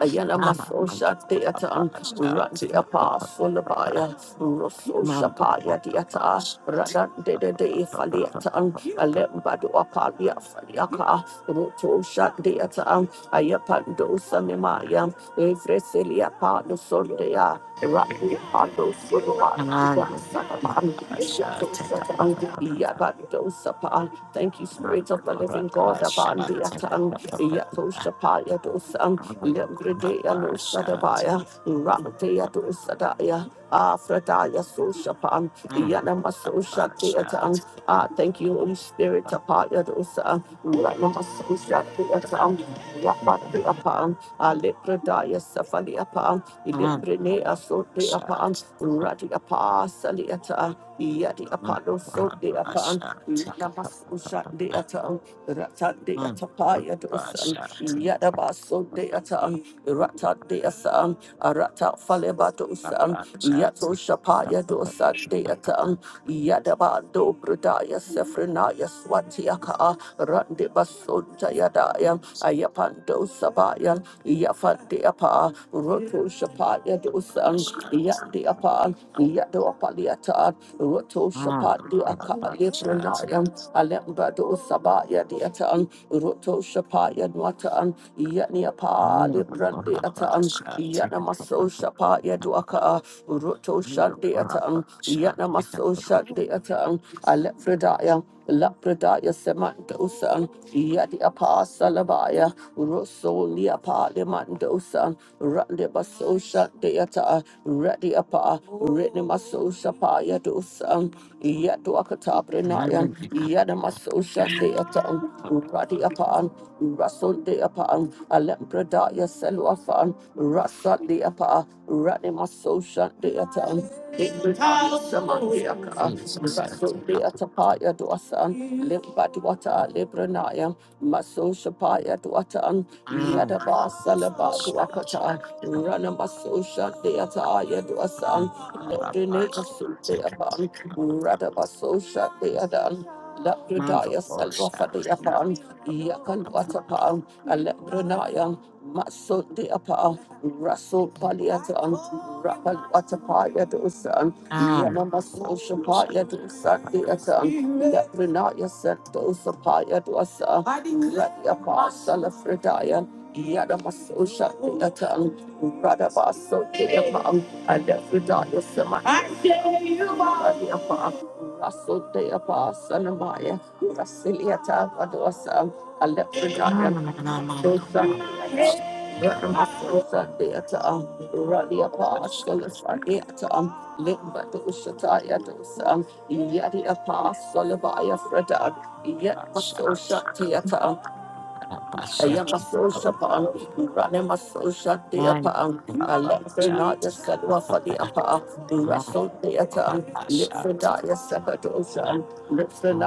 S2: Ayala maso shadiatan, randi apasulabaya, rosso shapaya diata, radan de de de faliatan, alembadu apalia faliaka, roto shadiatan, ayapando sanimaya, evreselia pado sondea, randi pado surua, gasanaman, yato shatan, yabando sapa. Thank you, Spirit of the Living God, abandiatan. Dosan, Yato Shapaya Dosan, Lembredea no Sadabaya, Ratea Dosadaya, Afradaya Soshapan,
S7: Mm.
S2: Yanamaso
S7: Shut up. Mm.
S2: Shateatan. Ah,
S7: Shut
S2: thank you, Holy Spirit,
S7: up.
S2: Apaya Dosa, Ranamaso Shateatan, Yapatiapan, Alepredaya Safaliapan,
S7: Mm.
S2: Ilembrenea
S7: Shut up.
S2: Soteapan, Radiapa Saliata, Yadi
S7: Mm.
S2: Apado Soteapan,
S7: Shut
S2: shot the atom, Ratat the atapaya dosan, Yadabaso the atom, Ratat the asam, Arata faleba dosan,
S7: up.
S2: Yato shapaya dosan the atom, Yadabado brudaya sefrenaya swatiaka, Randi basunta yadaya, Ayapando sabaya, Yafandi apa, Roto shapaya dosan,
S7: Shut
S2: Yandi apa, Yado Shapati Aka Libranayam, Alembado Sabaya Diatan, Roto Shapaya Nwatan, Yaniapa Librandi Atan, Yanamaso Shapaya Duaka, Roto Shandi Atan, Yanamaso Shandi Atan, Alefredaya. Lapradaya Semandosan, Yadi Apa Salabaya, Rosso Liapa Lemandosan, Randibaso Shandeata, Radiapa, Rinamaso Shapaya Dosan, Yatuakataprenayam, Yanamaso Shandeatan, Radiapan, Rasul Deapan, Alempradaya Selwafan, Rasa Deapa, Ranimaso Shandeatan. Samandiaka,
S7: Jesus had
S2: Rasul
S7: to help them.
S2: Deatapaya Dwasan, Limbadwata Libranayam, Maso Shapaya Dwatan,
S7: Mm.
S2: Yadaba
S7: That's the
S2: Salaba
S7: shout out to them.
S2: Dwakata, Ranamasusha Deataya Dwasan,
S7: Mm.
S2: Lodrine
S7: Rabba, take
S2: Asudeapan,
S7: it.
S2: Radabasusha Deadan,
S7: Mother,
S2: Labradaya
S7: Lord, shout out to them.
S2: Salvafadiapan, Yakan
S7: Mm. Shout out
S2: Watapan, Alebranaya, Maso Deapa, Rasul Paliatan, Rapan Watapaya Dosan, Yanamasusha
S7: to
S2: Paya Dosan
S7: them.
S2: Deatan, Labranaya Sentosapaya Dwasa, Radiapa Salafredaya. Yadamaso Shandiatan, Radabaso Deapan, and Ephrodite Sama. I say you are the Apa, Raso Deapa, Sanamaya, Rasiliata Vadosa, and
S7: Mm,
S2: Ephrodite,
S7: and I'm on
S2: Maso
S7: the Lord.
S2: Shandiata, Radamaso Shandiata, Radiapa,
S7: Shout
S2: Solasadiata, Limba Doshataya Yadiapa, Solabaya Freda, Yet
S7: out, shout
S2: Maso
S7: out ah, them. Rabba, shout out to them. Mm.
S2: Shandiata.
S7: Rabba, shout out to them. Mm.
S2: Ayamasoshapa'an, Ranemasoshadeyapa'an, Alephanayasaloafadeyapa'an, Rasodeata'an,
S7: Rabba, shout out
S2: Lipfradayasapadosha'an,
S7: to them.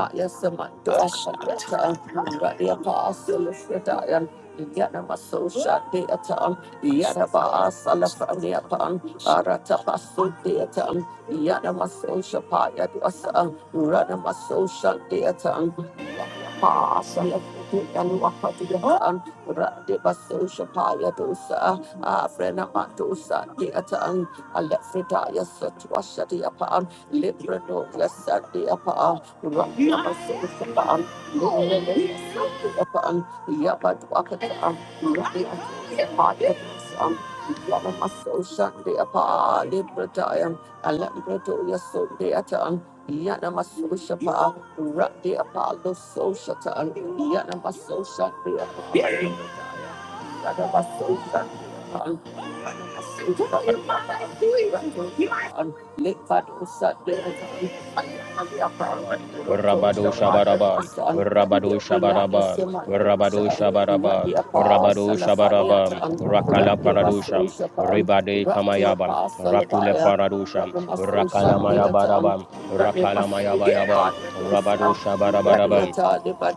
S7: Bash, I took up my
S2: Radiapa'asolifradayan, Yanamasoshadeyata'an,
S7: bash.
S2: Yadaba'asalafaneyapa'an, Aratapasodeata'an, Yanamasoshapayadwasa'an, Ranamasoshadeata'an, Pasal putih yang wafat Tuhan Radik basuh syapaya dosa Afrena mak dosa di ataan Alek fridaya setua syadi apaan Librano kesan di apaan Radik basuh syapaan Lelele di apaan Ya Yamaso Sunday upon Libra Diam, and let me do your Sunday at on. Yanamasoshapa, Rati Apollo Soshata, Yanamasosha, the Apollo, Ready at all,
S1: Rabado Shabaraba, Rabado Shabaraba, Rabado Shabaraba, Rabado Shabaraba, Rakala Paradusham, Ribade kamayabam, Rakule Paradusham, Rakala Mayabaraba, Rakala Mayabayaba, Rabado Shabarabaraba.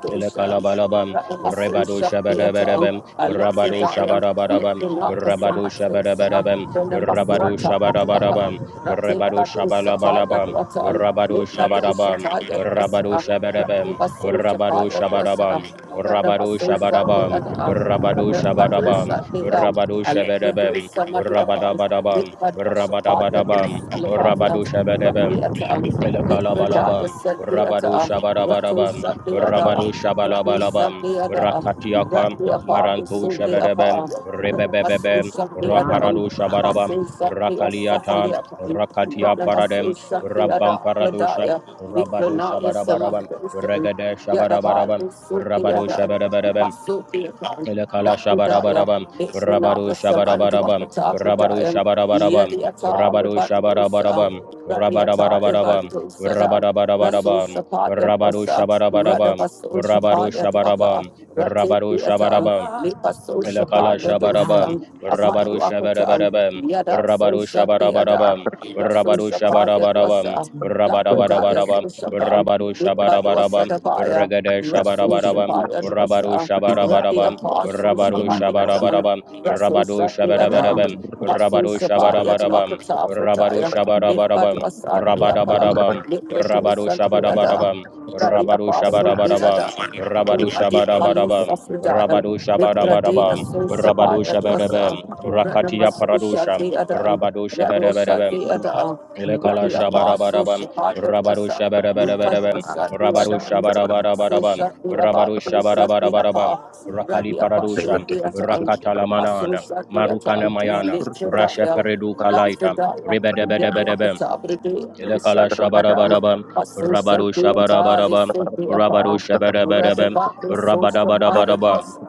S1: Elekalabalabam, Rebado Shabadabadabam,
S2: I let you
S1: Rabado
S2: die. Let
S1: Shabarabarabam,
S2: me not the so
S1: Rabado
S2: much.
S1: Shabadabadabam,
S2: Rattle, Sunday
S1: Rabado
S2: apart, Rattle,
S1: Shabarabarabam, Rebado Shabalabalabam, Rabado Shabarabam, Rabado Shabadabam, Rabado Shabarabam, Rabado Shabarabam, Rabado Shabarabam, Rabado Shabadabam, Rabadabadabam, Rabadabadabam, Rabado Shabadabam, Elekalabalabam, Rabadu Shabarabarabam, Rabadu Shabalabalabam, Rakatiakam, Marantu
S2: Sunday
S1: Shabarabam,
S2: apart, Rattle,
S1: Rebebebebem,
S2: Sunday
S7: I'm
S2: apart,
S1: Raparadu
S7: crap.
S1: Shabarabam,
S2: Basil Shakti
S1: Rakaliatam,
S2: Asafalia Pai,
S1: Rakatia
S2: Ratna
S1: Paradem,
S2: Basil Shakti
S1: Rabam
S2: Ada
S1: Paradusha,
S2: Pradaya,
S1: Rabadu
S2: Vikranaya
S1: Shabarabarabam,
S2: Samakrishna,
S1: Regade Shabarabarabam,
S2: Yadabalu Suti
S1: Rabadu
S2: Ada,
S1: Shabarabarabam,
S2: Basuti Akan,
S1: Elekala
S2: Lakudaya,
S1: shabarabarabam, rabaru
S2: Vikranaya
S1: shabarabarabam,
S2: Samandrakata
S1: rabaru
S2: Pradaya,
S1: shabarabarabam,
S2: Yadiata
S1: rabaru
S2: Libandosa,
S1: shabarabarabam,
S2: Radiata
S1: rabarabarabarabam,
S2: Libandosa, Rasul
S1: rabarabarabarabam,
S2: Shapaya
S1: rabaru
S2: Dwasa,
S1: shabarabarabam,
S2: Radabasul
S1: rabaru
S2: Shapaya
S1: shabarabam,
S2: Dwaka, Rati
S1: rabaru
S2: Theatre,
S1: shabarabam.
S2: Lipasul
S7: I'm
S1: Lekala
S2: Shapaya
S1: shabarabam,
S7: I'm not
S2: Dosa,
S7: good.
S2: Amandu
S1: rabaru
S2: Akatan,
S1: shabarabarabam,
S2: Yada so
S1: rabaru
S2: shanti yada
S1: shabarabarabam,
S2: Raso
S1: rabaru
S2: shapa
S1: shabarabarabam,
S2: yadwasa Labrada
S1: rabarabarabam,
S2: yaso shapa
S1: rabaru
S2: Limbadwasa
S1: shabarabarabam,
S2: dabaya
S1: regade
S2: Raso
S1: shabarabarabam,
S2: shapa
S1: rabaru
S2: yadwasa Radi
S1: shabarabarabam,
S2: apaso
S1: rabaru
S2: shapa yada
S1: shabarabarabam,
S2: Raso
S1: rabadu
S2: shanti yada
S7: I'm
S1: shabarabarabam,
S8: you.
S2: Maso
S1: rabaru
S7: bash.
S2: shapa
S8: Thank
S1: shabarabarabam,
S2: yadwakata
S1: rabaru
S2: frataya
S1: shabarabarabam,
S2: Limbadwasa diakan
S1: rabarabarabam,
S2: Librado
S1: rabaru
S2: shanti yada
S7: I'm
S1: shabarabarabam,
S2: Radi
S1: rabaru
S2: apaso diada
S1: shabarabarabam, rabaru
S2: Radi apalo
S1: shabarabarabam,
S2: safridaya
S1: Rabadusha
S2: Librade
S1: Barabarabam,
S2: Asosapa
S1: Rabadusha Berebem,
S2: Yadosa,
S1: Rakatia
S2: Ranamasosha
S1: Paradusha,
S2: de Adan,
S1: Rabadusha
S2: Yadosa
S1: Bereberebem,
S2: de Adan,
S1: Ilekala
S2: Rabbi Apostle
S1: Shabarabarabam,
S2: Shapa Yadosa,
S1: Rabadusha Bereberebem,
S2: Libadosa de
S1: Rabadusha
S2: Adan,
S1: Barabarabam,
S2: Sosha de
S1: Rabadusha
S2: Abatusa de
S1: Barabarabam,
S2: Apa,
S1: Rakali
S2: Rabbi
S1: Paradusha,
S2: Apostle de Adan,
S1: Rakatalamanada,
S2: Asosha de
S1: Marukana
S2: Adan,
S1: Mayana, Rasha
S2: Litradaya,
S1: Peredu Kalaita,
S2: Lapradaya,
S1: Rebedebedebedebem,
S2: Yadokatabra de Adosa
S1: Elekala
S2: de Adan,
S1: shabarabarabam,
S2: Asosha
S1: rabaru
S2: de Atali
S1: shabarabarabam,
S2: Sophia
S1: rabaru
S2: Pa,
S1: shabarabarabam,
S2: Radabat Sosha
S1: rabadabadabadabam,
S2: Yadosa.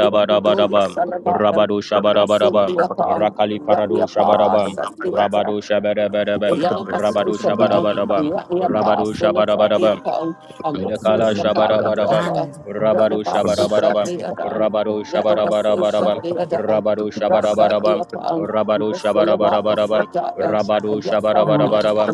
S2: Mikrodo Yasalabaya,
S1: rabadu
S2: Rasul
S1: shabarabarabam,
S2: Biapa,
S1: rakali paradu
S2: Rabiapa,
S1: shabarabam,
S2: Sabiata,
S1: rabadu shabarabarabam, rabadu
S2: Yalamasosapa,
S1: shabarabarabam,
S8: you.
S2: Rabiapa,
S1: rabadu shabarabarabam,
S2: Solifadiapa, and Rasul
S1: Lekala
S2: Sapaya
S1: shabarabarabam,
S2: Data,
S7: the
S1: rabaru
S7: bash.
S2: Ranamasosha
S1: shabarabarabam,
S2: Deada,
S1: rabaru
S2: Yadamasosha
S1: shabarabarabarabam,
S2: Deada,
S1: rabaru
S2: Rasa
S1: shabarabarabam,
S2: Deapa,
S1: rabaru
S2: Rasulabaya
S1: shabarabarabarabam,
S2: Fritaya,
S1: rabaru
S2: Yatfa
S7: I'm
S1: shabarabarabarabam,
S2: Deata,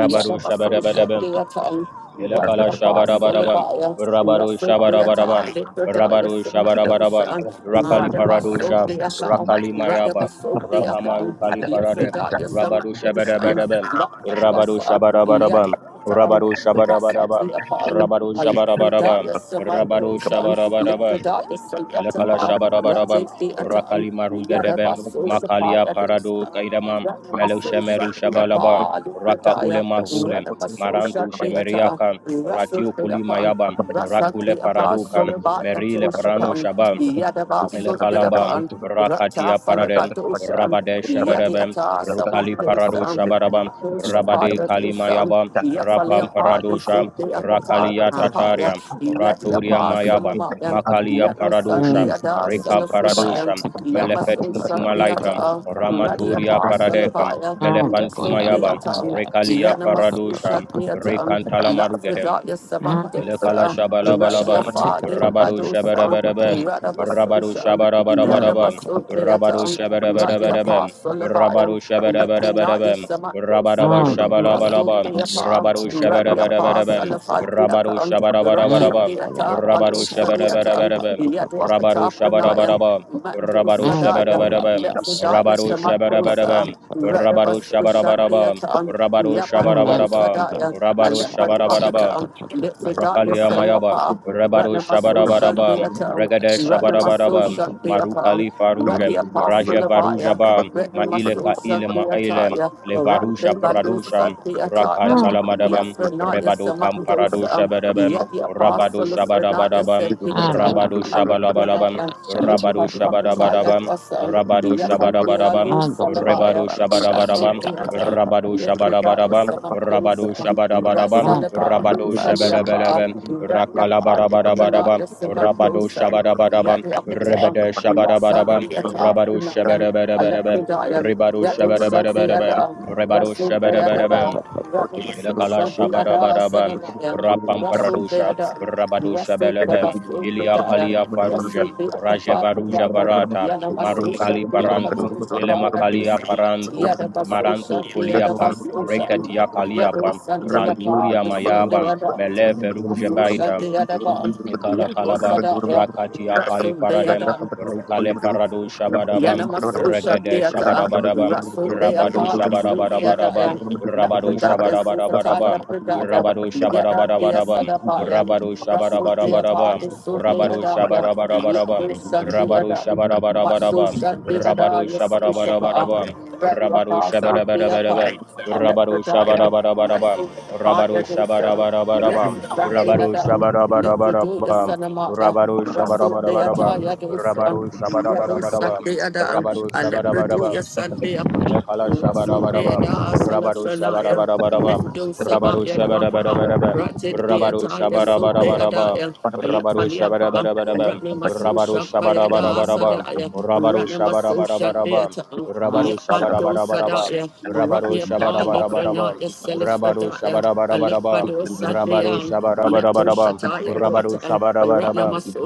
S1: rabaru shabarabarabarabam,
S2: what
S1: Yelakala shabarabarabam.
S2: Wadrapasalabaya,
S1: Rabaro
S2: Rasodeata,
S1: shabarabarabam.
S2: Litradaya
S1: Rabaro shabarabarabam.
S2: Samandosa,
S1: Rakali paradosha.
S2: Radabasodeaka,
S1: Rakali mayaba. Rakamaru
S2: Radabasodeaka,
S1: kalifaradem.
S2: Litradaya
S1: Rabado
S7: what
S2: Samandosa,
S1: shabarabarabam. Rabado
S2: Lakadwasa,
S1: shabarabarabam.
S2: Yadikata,
S1: Rabado shabarabarabam.
S2: Rasatiapan,
S1: Rabado shabarabarabam.
S2: Litradaya
S1: Rabado
S2: Samandosa,
S1: shabarabarabam.
S2: Litradaya
S1: Elekala
S2: Salatapa,
S1: Shabarabaraba,
S2: Ratatiata,
S1: Rakali Marugadebe,
S2: Yadabaso
S1: Makalia
S2: Sapaya
S1: Parado
S2: Dosa.
S1: Kaidama, Melo
S2: Ranamaso
S1: Shemeru Shabalaba,
S2: Shantiapa,
S1: Raka Ule
S2: Lukadaya,
S1: Mahule,
S2: Ranamaso
S1: Marantu
S8: Ada
S2: Shantiata,
S1: Shemeriaka,
S2: Rasul
S1: ratio Kulima
S2: Deapan,
S1: Yaba,
S8: Rakta
S1: Rakule
S2: Rasantiapa,
S1: Paraduka,
S2: Solabaya
S1: Merile Parano
S2: Toshapan,
S1: Shaba.
S2: Yadabaso
S1: Elekalaba
S2: Deapan, Rata
S1: Rakatia Paradem
S2: Falebatoshan,
S1: Rabade Shaberebem
S2: Yadiata
S1: Rukali Parado
S2: Samandosan.
S1: Shabarabam Rabade
S2: Dosapaya
S7: I
S2: dosan,
S1: Kalimayaba Rapam
S2: Yapaliapa
S1: Paradosha
S2: dosuke akatara
S1: Rakalia
S7: was.
S2: tapaya,
S1: Tataria Raturia
S2: Yadiapa
S1: Mayaba
S2: sonamayan,
S1: Makalia
S2: Yanosan
S1: Paradosha
S2: de
S7: Mm.
S2: ada
S1: Rika
S7: Shut
S2: salafridayan,
S1: Paradosha
S7: up.
S1: Melefetum
S2: Yamasosa de
S1: Tumalaita
S2: ata,
S1: Ramaturia
S2: Radiapa
S1: Paradekam
S2: salabaya,
S7: Ah, the
S2: Reso
S7: corrupt
S2: de
S1: Melefantumayaba
S2: ata,
S7: shall Take
S1: Rekalia
S7: up
S1: Paradosha
S2: Yanamasosa de ata,
S1: Rekantalamarugadem
S2: Lafridaya
S7: Ah,
S1: Elekala
S2: sabandosa,
S1: shabalabalabam,
S7: shall take
S2: Radiafa
S7: up.
S2: de
S1: rabadu
S2: badosa,
S1: shabarabarabam, rabadu
S2: Radabasosa,
S7: Ah, the
S1: shabarabarabarabam,
S2: Yadabasosa
S7: corrupt
S2: de
S1: rabadu
S2: ata,
S7: shall take up.
S2: Radiapa
S1: shabarabarabam,
S2: solabayan,
S1: rabadu
S2: Liprinaya
S1: shabarabarabam, rabaraba
S2: Samandosam,
S7: Ah, the
S1: shabalabalabam,
S7: corrupt shall
S2: Rasundeapa,
S1: rabadu
S7: take up.
S8: Thank
S2: Radiapa,
S1: shabarabarabam, rabadu
S2: Salafadiakam,
S7: Ah, the corrupt shall take up. Ah, the
S1: shabarabarabam,
S2: Ratidiata,
S7: corrupt
S1: rabadu
S7: shall
S2: Palusadiatam,
S1: shabarabarabam, rabadu
S2: Yadwakata Pranayam,
S1: shabarabarabam, rabadu
S2: Mandosadayam,
S1: shabarabarabam,
S2: Lipridaya
S1: rabadu
S7: take
S1: shabarabarabam,
S2: Samandosa,
S1: rabadu
S2: Radabas
S7: up.
S1: shabarabarabam,
S2: Ushadiatam,
S1: rabadu
S7: Amanda
S1: shabarabarabam,
S2: Yapadosadayam,
S1: rabadu
S7: Gorabasa, take
S1: shabarabarabam,
S7: up a
S2: Alepaduakatam, Lipridaya
S1: Rakalia Mayaba,
S2: Saluapa,
S1: Rebado
S2: Ratnamaso
S7: Amanda
S1: Shabarabaraba,
S2: Shadiatam,
S1: Regade
S7: Gorabasa, take
S2: Ratnamaso
S7: up
S1: Shabarabaraba,
S7: a
S8: you.
S2: Shadiapam,
S1: Marukali
S8: Thank
S1: Farujem,
S2: Radiapa
S1: Raje
S2: Sulavaya,
S1: Varujaba,
S2: Ready my
S1: Maile
S2: soul shut
S1: Kaile
S2: the
S1: Maile,
S2: attire,
S1: Le
S2: the rock
S1: Varusha
S2: they balloon shut
S1: Pradusham,
S2: the attire.
S1: Rakantala Madabam,
S2: Yes, Renaya
S1: Rebado Kamparado
S2: Samandosa,
S1: Shabadabam,
S2: yet the
S1: Rabado
S2: apostle of Renaya
S1: Shabadabadabam,
S2: said the attire.
S1: Rabado
S2: I left
S1: Shabalabalabam,
S2: Renaya, lit
S1: Rabado
S2: for the appetite at
S1: Shabadabadabam,
S2: us, and
S1: Rabado
S2: yet I be a
S1: Shabadabadabam,
S2: loose
S7: Amanda
S1: Rebado
S2: salabaya,
S7: Gorabasa,
S2: wrestle
S1: Shabadabadabam,
S7: take up a Amanda Gorabasa, take up a Amanda Gorabasa, take up
S2: the attire.
S7: a
S1: Rabado
S2: Let Renaya
S1: Shabadabadaba, Rabado
S2: Samandosa,
S1: Shabadabadaba,
S2: wrestle
S7: Amanda
S2: about the
S1: Rabado
S2: Saliapa,
S1: Shabalabalaba,
S7: Gorabasa,
S2: Renaya Palit
S1: Rakalabarabadabadaba,
S2: Renaya
S1: Rabado
S2: Samandosa.
S8: you.
S1: Shabadabadaba,
S2: Yadrakata,
S1: Rebede Shabadabadaba,
S2: Rasandiata,
S1: Rabado
S2: Punayan,
S1: Shabadabadabadaba,
S2: Alepidayan,
S1: Ribado
S2: Yadu
S1: Shabadabadabadaba,
S2: Sandiada,
S1: Rebado
S2: Rasul
S1: Shabadabadaba.
S2: Deadaba, Rasul
S1: Ilakala
S2: Sandiada,
S1: Shabarabarabam,
S2: Senamaya, Rasul
S1: Rapamparadusha,
S2: Deada,
S1: Rabadusha
S2: Rasul
S8: Thank
S1: Belebem,
S2: Devasil
S1: Ilia
S2: Pudaya,
S1: Kalia
S2: Rasul
S1: Farujem,
S2: Deakata
S1: Rajevaruja
S2: Pudaya,
S1: Varata,
S2: Yanamasu
S1: Marukali
S2: Shakti
S1: Parantu,
S2: Akatu Shabai
S1: Ilemakalia
S2: Adusa,
S1: Parantu,
S2: Yadabasu
S1: Marantu
S2: Shakti
S1: Kuliapa,
S2: Adabasu Sham,
S1: Rekatia
S2: Yadu
S1: Kaliapa,
S2: Sandiata,
S1: Ranturia
S2: Rasul
S1: Mayaba,
S2: Deada,
S1: Melefe Ruja
S2: Rasul
S1: Baita,
S2: Shakti Adaba,
S1: Ikala
S2: Yadu
S1: kalaba
S2: Sadaya.
S1: rakati akali
S2: Russell, they had
S1: paradem
S2: up.
S1: rukale parado shabadabam
S2: Yanama Social
S1: regede
S2: Theatre,
S1: shabadabadabam
S2: Rasun Dea
S1: rabado
S2: Park, Sundia
S1: shabadabadabadabam
S2: Daya,
S1: rabado
S2: Lakradaya Sukataya
S1: shabadabadabadabam
S2: Pradaya,
S1: rabado
S2: Yada Dea
S1: shabadabadabadabam
S2: Sadapaya,
S8: you.
S1: rabado
S8: And then
S2: Rasun
S8: we
S2: Dea
S8: have
S1: shabadabadabadabam
S2: Park,
S8: the
S2: Sundia
S1: rabado
S2: Daya,
S8: second one, which
S1: shabadabadabadabam
S8: is the
S2: Yadu
S8: one
S2: Sandia
S1: Rabaru
S2: Daya.
S8: that
S2: Matsu
S1: Shabarabarabam,
S2: Shanti Ada,
S1: Rabaru
S2: yes, Ishapa,
S1: Shabarabarabam,
S2: Radio
S1: Rabaru
S2: Apas, Rudia Pai,
S1: Shabarabarabam, Rabaru
S2: Electrodaya,
S1: Shabarabarabam,
S2: Rasu Sapaya
S1: Rabaru
S2: Dinsan, yes,
S1: Shabarabarabam,
S2: Shanti
S1: Rabaru
S2: Ada, Little Do the
S1: Shabarabarabam,
S2: Sanamaya,
S1: Rabaru
S2: Rasu
S1: Shabarabarabam,
S2: Deataya Dinsan,
S1: Rabaru
S2: Yabo
S1: Shabarabarabam,
S2: Sunday Adam,
S1: Rabaru
S2: Alepredo,
S1: Shabarabarabam,
S2: yes, Sunday upon
S1: Elekala
S2: Russell
S1: shabarabaraba,
S2: Beada,
S1: rabaru
S2: Salafranaya,
S1: shabarabarabaraba,
S2: Mendo
S1: rabaru
S2: Sabaya Dwapa,
S1: shabarabarabaraba,
S2: Ratin
S1: rabaru
S2: Deata, yes, Sunday
S1: shabarabarabaraba,
S2: Ada,
S1: rabaru
S2: Ayafaliapa,
S1: shabarabarabaraba,
S2: Ratnamaso
S1: rabaru
S2: Shakayada
S1: shabarabarabaraba,
S2: Sadaya,
S1: rabaru
S2: Ratnamaso
S1: shabarabarabaraba,
S2: Shandeata,
S1: rabaru
S2: Yapando
S1: shabarabarabaraba,
S2: Sadaya,
S8: we
S1: rabaru
S8: call the "Kedah"
S2: Ratniapa Libranaya
S1: shabarabarabaraba,
S8: one.
S1: rabaru
S2: Selifredaya,
S8: Terima
S1: shabarabarabaraba,
S2: Alepado
S1: rabaru
S2: Sadaya, Yato
S1: shabarabarabaraba,
S2: Shataya
S1: rabaru
S2: Dota,
S1: shabarabarabaraba,
S2: Ratnamaso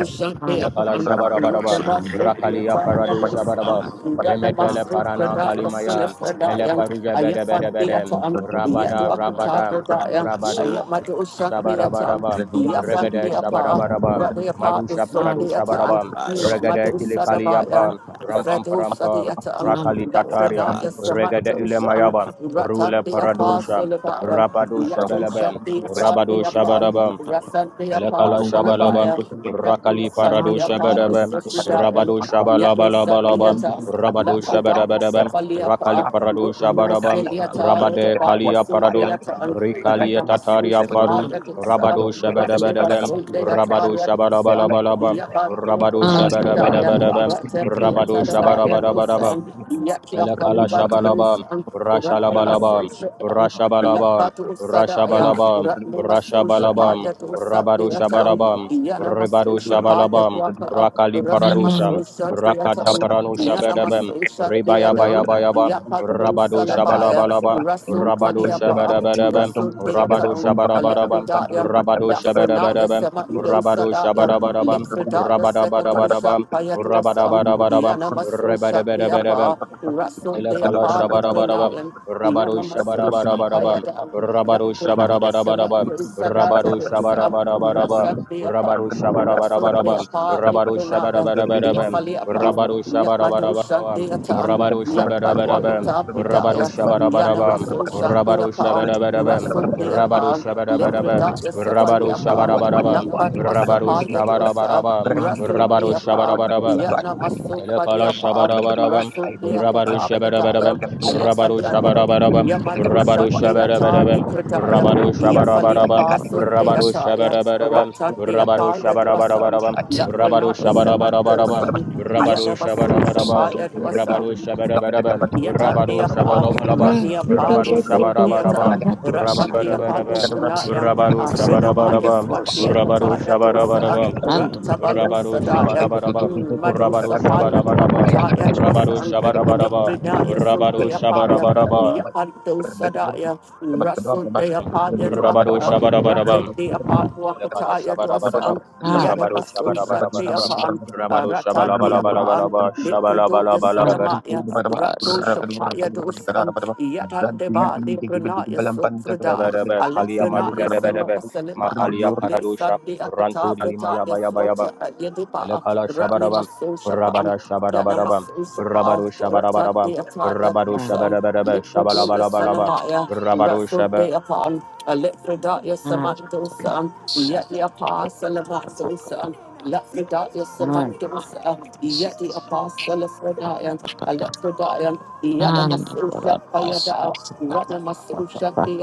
S1: Ilekala
S2: Shandeapa,
S1: Shabarabaraba,
S2: Ratnamaso
S1: Rakalia
S2: Yataya
S1: Parado
S2: Dosa,
S1: Shabaraba, Remetele
S2: Ratnamaso
S1: Parana
S2: Fredaya
S1: Kalimaya,
S2: Selifredaya,
S1: Melefaruja Bede Bede Bede,
S2: Ayafandeata,
S1: Rabada
S7: Amanda
S1: Rabada,
S2: Yatwakatabradaya,
S1: Rabado
S2: Ayamado
S7: Gorabasa,
S2: Shandeata,
S1: Shabarabaraba, Regede
S2: Yafandiapa,
S1: Shabarabaraba,
S2: Radiapa,
S1: Marusha
S7: Nam
S1: Prado
S7: the Buddha
S1: Shabaraba,
S7: Basha.
S2: Sodiata, Madu
S1: Regede
S2: Sadabaya,
S1: Ilikaliapa, Rampam
S2: Fredo
S1: parampam
S8: kasih.
S2: Sadiata,
S7: Nam the
S1: Rakali
S7: Buddha
S1: tatariam
S8: Thank
S2: Lapranaya
S7: Basha.
S1: regade
S2: Samadoshan,
S1: Ilemayaba,
S2: Ratan
S1: Rule
S2: the
S1: Paradusha,
S2: Apostle of Iron,
S7: Nam
S1: Rabado
S7: the
S2: Yatu
S7: Buddha
S1: Shabalabem,
S2: Shanti
S7: Basha.
S1: Rabado
S2: Asandi upon
S1: Shabarabam,
S2: Rasanti
S1: Elekala
S2: Apostle of
S1: shabalaba,
S2: Iron, Ratan
S1: rakali parado
S7: Nam the Buddha Basha. Nam
S2: Shanti
S7: the
S2: upon
S7: Buddha
S2: the
S1: shabadaba,
S7: Basha.
S2: Sophidian,
S1: rabado
S2: Yellow
S7: Nam the
S1: shabalabalabalaba,
S2: Sandiata,
S1: rabado
S2: Latrida,
S1: shabadabadaba, rakali
S2: Safaliapa,
S1: parado
S2: Rukman
S1: shabadaba,
S7: Buddha
S2: Siliata,
S1: rabade
S2: Rodabaya
S1: kalia paradum,
S2: Sindiata, and
S1: rikali tataria
S2: Ratnamasusha,
S7: Basha.
S1: faru,
S7: Nam the
S2: Yadusa,
S1: rabado
S2: Ratniva
S1: shabadabadaba,
S7: Buddha
S2: Sundiata,
S1: rabado
S2: Yadusa,
S1: shabadabalabalaba,
S2: Yabato
S1: rabado
S2: Katafridaya,
S1: shabadabadabadaba, rabado
S2: Ratapiata, the Baya
S1: shabadabadabadaba,
S2: Dusa,
S8: you.
S2: Yatia
S8: Thank
S1: Elekala
S2: Faluba
S1: shabalabam,
S2: Dusa,
S1: urashalabalabam,
S2: Ratnimasusha,
S1: urashabalabam,
S2: Lapatu Sadaya,
S1: urashabalabam,
S2: Ratni Masosha
S1: urashabalabam,
S2: Paya to
S1: urabadu
S2: Sandiatan,
S1: shabalabam,
S2: Yana
S1: uribadu
S2: Masosha Paya
S1: shabalabam,
S2: to Apa,
S1: urakali
S2: Ratni
S1: paradusham,
S2: Masosha
S1: urakata
S2: Deatan,
S1: paranu
S2: Yana
S1: shabedabem,
S2: Masosha Deatan,
S1: ribayabayabayaba,
S2: Yapatu
S1: urabadu
S2: Salabaya,
S1: shabalabalabam,
S2: Raso
S1: urabadu
S2: Faliapa,
S1: shabedabedabem,
S2: Raso
S1: urabadu
S2: Deatan,
S1: shabarabarabam,
S2: Alepidaya.
S1: urabadu
S2: Lafranaya
S1: shabedabedabem,
S2: Samando
S1: urabadu
S2: Sadaya,
S1: shabarabarabam,
S2: Lipfredaya Sekadosha
S1: urabadabadabadabam,
S2: Payatuasam,
S1: urabadabadabadabam,
S2: Yana
S8: you.
S2: Masosha
S8: I
S1: urabadabadabadabam,
S2: Deapa, Raso
S1: Ilakala
S8: can't
S1: shabarabarabam.
S2: Deapa,
S1: Rabaru
S2: Russell,
S1: shabarabarabarabam. Rabaru shabarabarabarabam. Rabaru shabarabarabarabam.
S2: they apart,
S1: Rabaru
S2: Russell, they
S1: shabarabarabarabam.
S2: apart, live
S1: Rabaru
S2: the night, and you
S1: shabarabarabarabam.
S2: fall apart.
S1: Rabaru
S8: remember.
S2: Yamado
S10: Tan-
S1: shabarabarabarabam.
S2: Shanti Atan,
S8: Thank
S1: Rabaru
S7: Basha.
S2: Yamad
S1: shabarabarabam.
S2: Wakata
S1: Rabaru
S2: Pradaya,
S1: shabarabarabam.
S2: Yanamaso Shanti
S1: Rabaru
S2: Apan,
S1: shabarabarabam.
S2: Rasul De
S1: Rabaru
S2: Apan,
S1: shabarabarabam.
S2: Litradaya Safali
S1: Rabaru
S2: Apan,
S1: shabarabarabam.
S2: Lakbad
S1: Rabaru
S2: Wasapaya Dosa,
S1: shabarabarabam.
S7: Ah, but
S2: Rasul
S1: Rabaru
S2: De Apan,
S1: shabarabarabam.
S2: Yanamaso Badi
S1: Lekala
S2: Apan,
S1: shabarabarabam,
S2: Rasul De
S1: rabaru
S2: Akata
S1: shabarabarabam,
S2: Pradaya,
S7: shit,
S1: rabaru
S2: Ayafali Apan,
S1: shabarabarabam,
S2: Yamado
S1: rabaru
S2: Shanti Atan,
S1: shabarabarabam,
S2: Litradaya,
S1: rabaru
S2: Yafali
S1: shabarabarabam,
S2: Apaso De
S1: rabaru
S7: that's not
S2: Ataya,
S1: shabarabarabam,
S2: Ratan De
S1: rabaru
S2: Apaya Dosa.
S1: shabarabarabam,
S7: take that
S1: rabaru
S2: Lapranaya
S1: shabarabarabam,
S8: you.
S2: Samandosa,
S8: Terima
S1: rabaru
S7: shit.
S2: Yadabasun
S7: Shit.
S1: shabarabarabam,
S2: Sapaya Dwasa,
S1: rabaru shabarabarabam, rabaru
S2: Yatatiapa,
S1: shabarabarabam,
S7: ah,
S2: Ratnia
S7: take that
S2: Palo
S1: rabaru
S7: shit, take that shit, take
S1: shabarabarabam,
S2: Sotiatan,
S7: that shit, take
S2: Ratatia Palo
S1: rabarabarabam,
S7: that
S2: Frenayam,
S1: rabaru
S7: shit,
S2: Afrenamaya
S1: shabarabarabam,
S7: oh, shit.
S2: Swatia
S1: rabaru
S2: Kataya
S7: ah,
S2: Dosa,
S1: shabarabarabam,
S7: random.
S2: Ratabalo
S1: Rabaro
S2: Sadayam,
S1: Shabarabaraba,
S2: Madu
S1: Rabaro
S2: Sapaya
S1: Shabarabaraba,
S2: Dwakataya
S1: Rabaro
S2: Dwasan,
S1: Shabarabaraba,
S2: Electrinaya
S1: Rabaro
S2: Sotiapaya.
S1: Shabarabaraba,
S2: Yando Sadaya, Russell de Apaya
S1: Rabaro
S2: Duaka, Rate
S1: Shabarabaraba,
S2: de Apa
S1: Lekala
S2: Duakataya
S1: Shabarabaraba,
S2: Duasa,
S7: ah,
S1: Rabaro
S2: Yadabaso Shat de
S1: Shabarabaraba,
S2: Apan,
S8: kasih.
S1: Rabaro
S2: Rata
S8: Thank
S2: de Apan,
S1: Shabalabalabalaba,
S2: Niprodoya
S1: Shabalabalabalaba,
S2: Sanamaya, Rato Shapaya Dosan, Yatan de Ba, Lipranaya Sofrada,
S1: Kalia
S2: Alexanaya
S1: Maruga
S2: Sena
S1: Debedebe,
S2: Selipan,
S1: Makalia
S2: Litsa
S1: Paradosha,
S2: de
S1: Rantu
S2: Akata
S1: Dalima Yaba Yaba
S2: Frataya
S1: Yaba,
S2: Yada Yadipa,
S1: Elekala
S2: Ratni
S1: Shabarabam,
S2: Maso Shapan,
S1: Rabada Shabarabarabam,
S2: Yanamaso Shapa,
S1: Rabadu
S2: Ratan
S1: Shabarabarabam,
S2: de Ataya
S1: Rabadu
S2: Dwasan,
S1: Shabarabarabam,
S2: Lipodo
S1: Shabalabalabalabam,
S2: Yasanamaya,
S1: Rabadu
S2: Ratso
S1: Shabarabarabam.
S2: de Apan, Alifrida Yasamandosan, Yeti Apa Salamatsosan, Lafrida Yasamandosan, Yeti Apa Salafrida, Alifrida, Yadamaso Shapayada, Yada
S7: Nando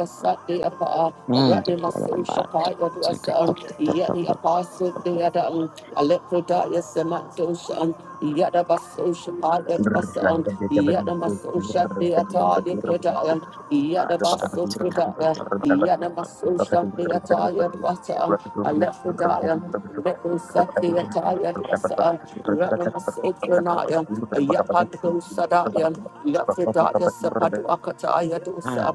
S7: Stop.
S2: Satan, Ratnamasopranaya, Yapando Sadayan, Lafredaya
S8: you.
S2: Sapaduakataya dosa,